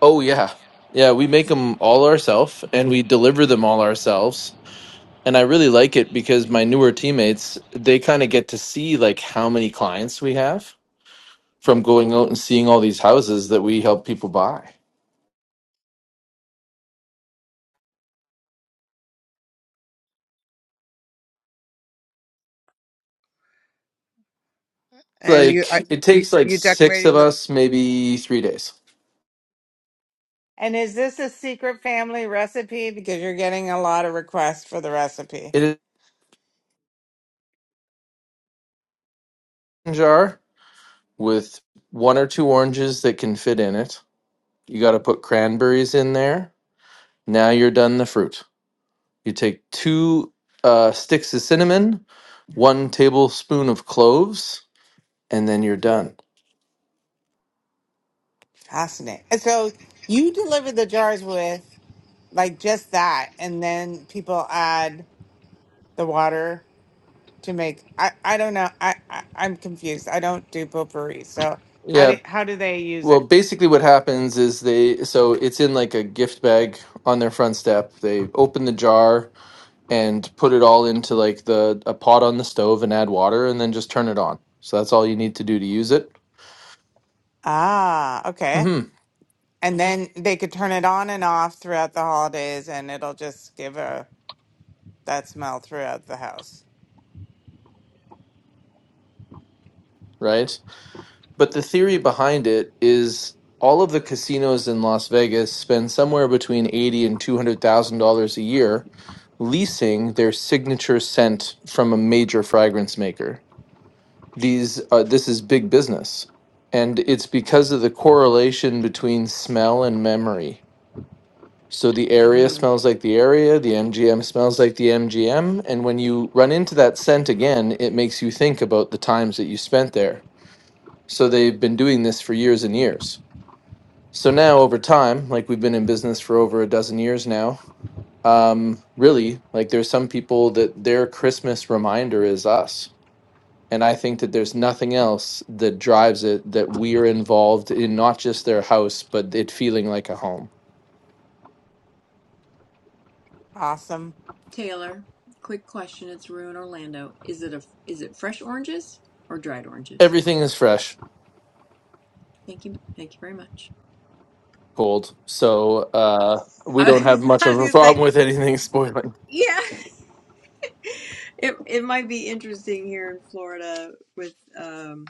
[SPEAKER 18] Oh yeah. Yeah, we make them all ourselves and we deliver them all ourselves. And I really like it because my newer teammates, they kind of get to see like how many clients we have from going out and seeing all these houses that we help people buy.
[SPEAKER 8] And you,
[SPEAKER 18] Like
[SPEAKER 8] I,
[SPEAKER 18] it
[SPEAKER 8] you
[SPEAKER 18] takes like
[SPEAKER 8] you
[SPEAKER 18] 6 of
[SPEAKER 8] decorating the
[SPEAKER 18] us maybe 3 days.
[SPEAKER 1] and is this a secret family recipe? Because you're getting a lot of requests for the recipe.
[SPEAKER 18] It is a jar with one or two oranges that can fit in it. You got to put cranberries in there. Now you're done the fruit. You take two uh, sticks of cinnamon, one tablespoon of cloves, and then you're done.
[SPEAKER 1] Fascinating. And so you deliver the jars with like just that, and then people add the water. to make I I don't know. I, I I'm confused. I don't do potpourri. So how
[SPEAKER 18] Yeah.
[SPEAKER 1] do how do they use
[SPEAKER 18] Well,
[SPEAKER 1] it?
[SPEAKER 18] basically, what happens is they so it's in like a gift bag on their front step. They open the jar and put it all into like the a pot on the stove and add water and then just turn it on. So that's all you need to do to use it.
[SPEAKER 1] Ah, okay.
[SPEAKER 18] Mm-hmm.
[SPEAKER 1] And then they could turn it on and off throughout the holidays and it'll just give a that smell throughout the house.
[SPEAKER 18] Right. But the theory behind it is all of the casinos in Las Vegas spend somewhere between eighty and two hundred thousand dollars a year leasing their signature scent from a major fragrance maker. These uh, this is big business, and it's because of the correlation between smell and memory. So the area
[SPEAKER 1] Mm,
[SPEAKER 18] smells like the area, the MGM smells like the MGM, and when you run into that scent again, it makes you think about the times that you spent there. So they've been doing this for years and years. So now over time, like we've been in business for over a dozen years now, um, really, like there's some people that their Christmas reminder is us. And I think that there's nothing else that drives it that we are involved in not just their house, but it feeling like a home.
[SPEAKER 1] awesome.
[SPEAKER 11] Taylor, quick question. It's Rue in Orlando. Is it a is it fresh oranges or dried oranges?
[SPEAKER 18] Everything is fresh,
[SPEAKER 11] Thank you. Thank you very much.
[SPEAKER 18] cold. So uh, we
[SPEAKER 11] I,
[SPEAKER 18] don't have much
[SPEAKER 11] I was
[SPEAKER 18] of a
[SPEAKER 11] gonna say,
[SPEAKER 18] problem with anything spoiling.
[SPEAKER 11] yeah. It it might be interesting here in Florida with um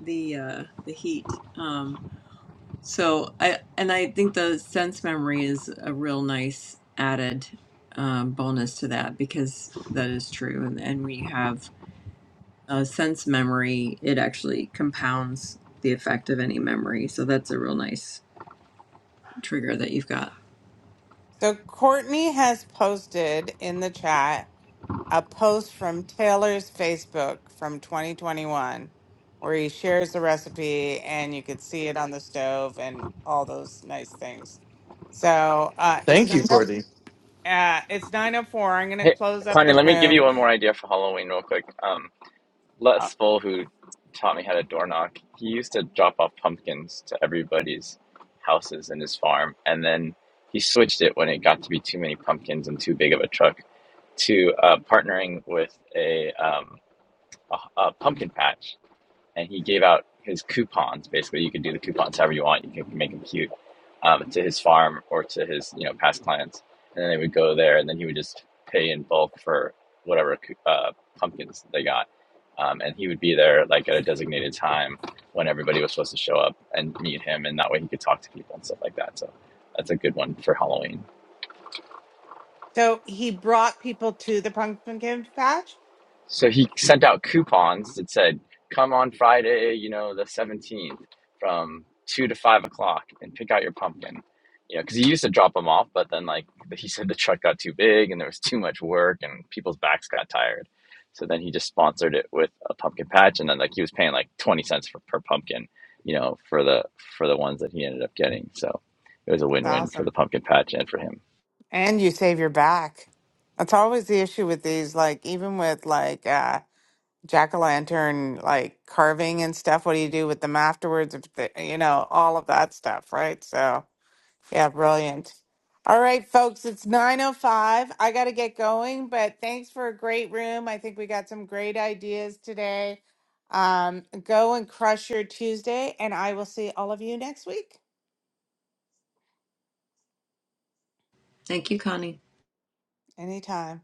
[SPEAKER 11] the uh the heat. Um So I and I think the sense memory is a real nice added um, bonus to that because that is true, and and we have a sense memory. It actually compounds the effect of any memory, so that's a real nice trigger that you've got.
[SPEAKER 1] So Courtney has posted in the chat a post from Taylor's Facebook from 2021 where he shares the recipe and you could see it on the stove and all those nice things. So uh, it's
[SPEAKER 18] Thank
[SPEAKER 1] nine
[SPEAKER 18] you,
[SPEAKER 1] o-
[SPEAKER 18] Courtney.
[SPEAKER 1] uh, it's 904. I'm going to
[SPEAKER 17] Hey,
[SPEAKER 1] close up
[SPEAKER 17] Connie.
[SPEAKER 1] the
[SPEAKER 17] Let me give you
[SPEAKER 1] room.
[SPEAKER 17] one more idea for Halloween, real quick. Um, Les
[SPEAKER 1] Uh,
[SPEAKER 17] Full, who taught me how to door knock, he used to drop off pumpkins to everybody's houses in his farm, and then he switched it when it got to be too many pumpkins and too big of a truck to uh, partnering with a um a, a pumpkin patch and he gave out his coupons. Basically, you could do the coupons however you want. You can make them cute um, to his farm or to his you know past clients, and then they would go there, and then he would just pay in bulk for whatever uh, pumpkins they got, um, and he would be there like at a designated time when everybody was supposed to show up and meet him, and that way he could talk to people and stuff like that. So that's a good one for Halloween.
[SPEAKER 1] So he brought people to the pumpkin patch.
[SPEAKER 17] So he sent out coupons that said, "Come on Friday, you know, the seventeenth, from two to five o'clock, and pick out your pumpkin." You know, because he used to drop them off, but then like he said, the truck got too big, and there was too much work, and people's backs got tired. So then he just sponsored it with a pumpkin patch, and then like he was paying like twenty cents for, per pumpkin, you know, for the for the ones that he ended up getting. So it was a
[SPEAKER 1] That's
[SPEAKER 17] win win for the
[SPEAKER 1] awesome.
[SPEAKER 17] pumpkin patch and for him.
[SPEAKER 1] And you save your back. That's always the issue with these, like even with like uh jack o' lantern like carving and stuff. What do you do with them afterwards? If they, you know, all of that stuff, right? So, yeah, brilliant. All right, folks, it's 9:05. I got to get going, but thanks for a great room. I think we got some great ideas today. Um, go and crush your Tuesday, and I will see all of you next week.
[SPEAKER 11] Thank you, Connie.
[SPEAKER 1] Anytime.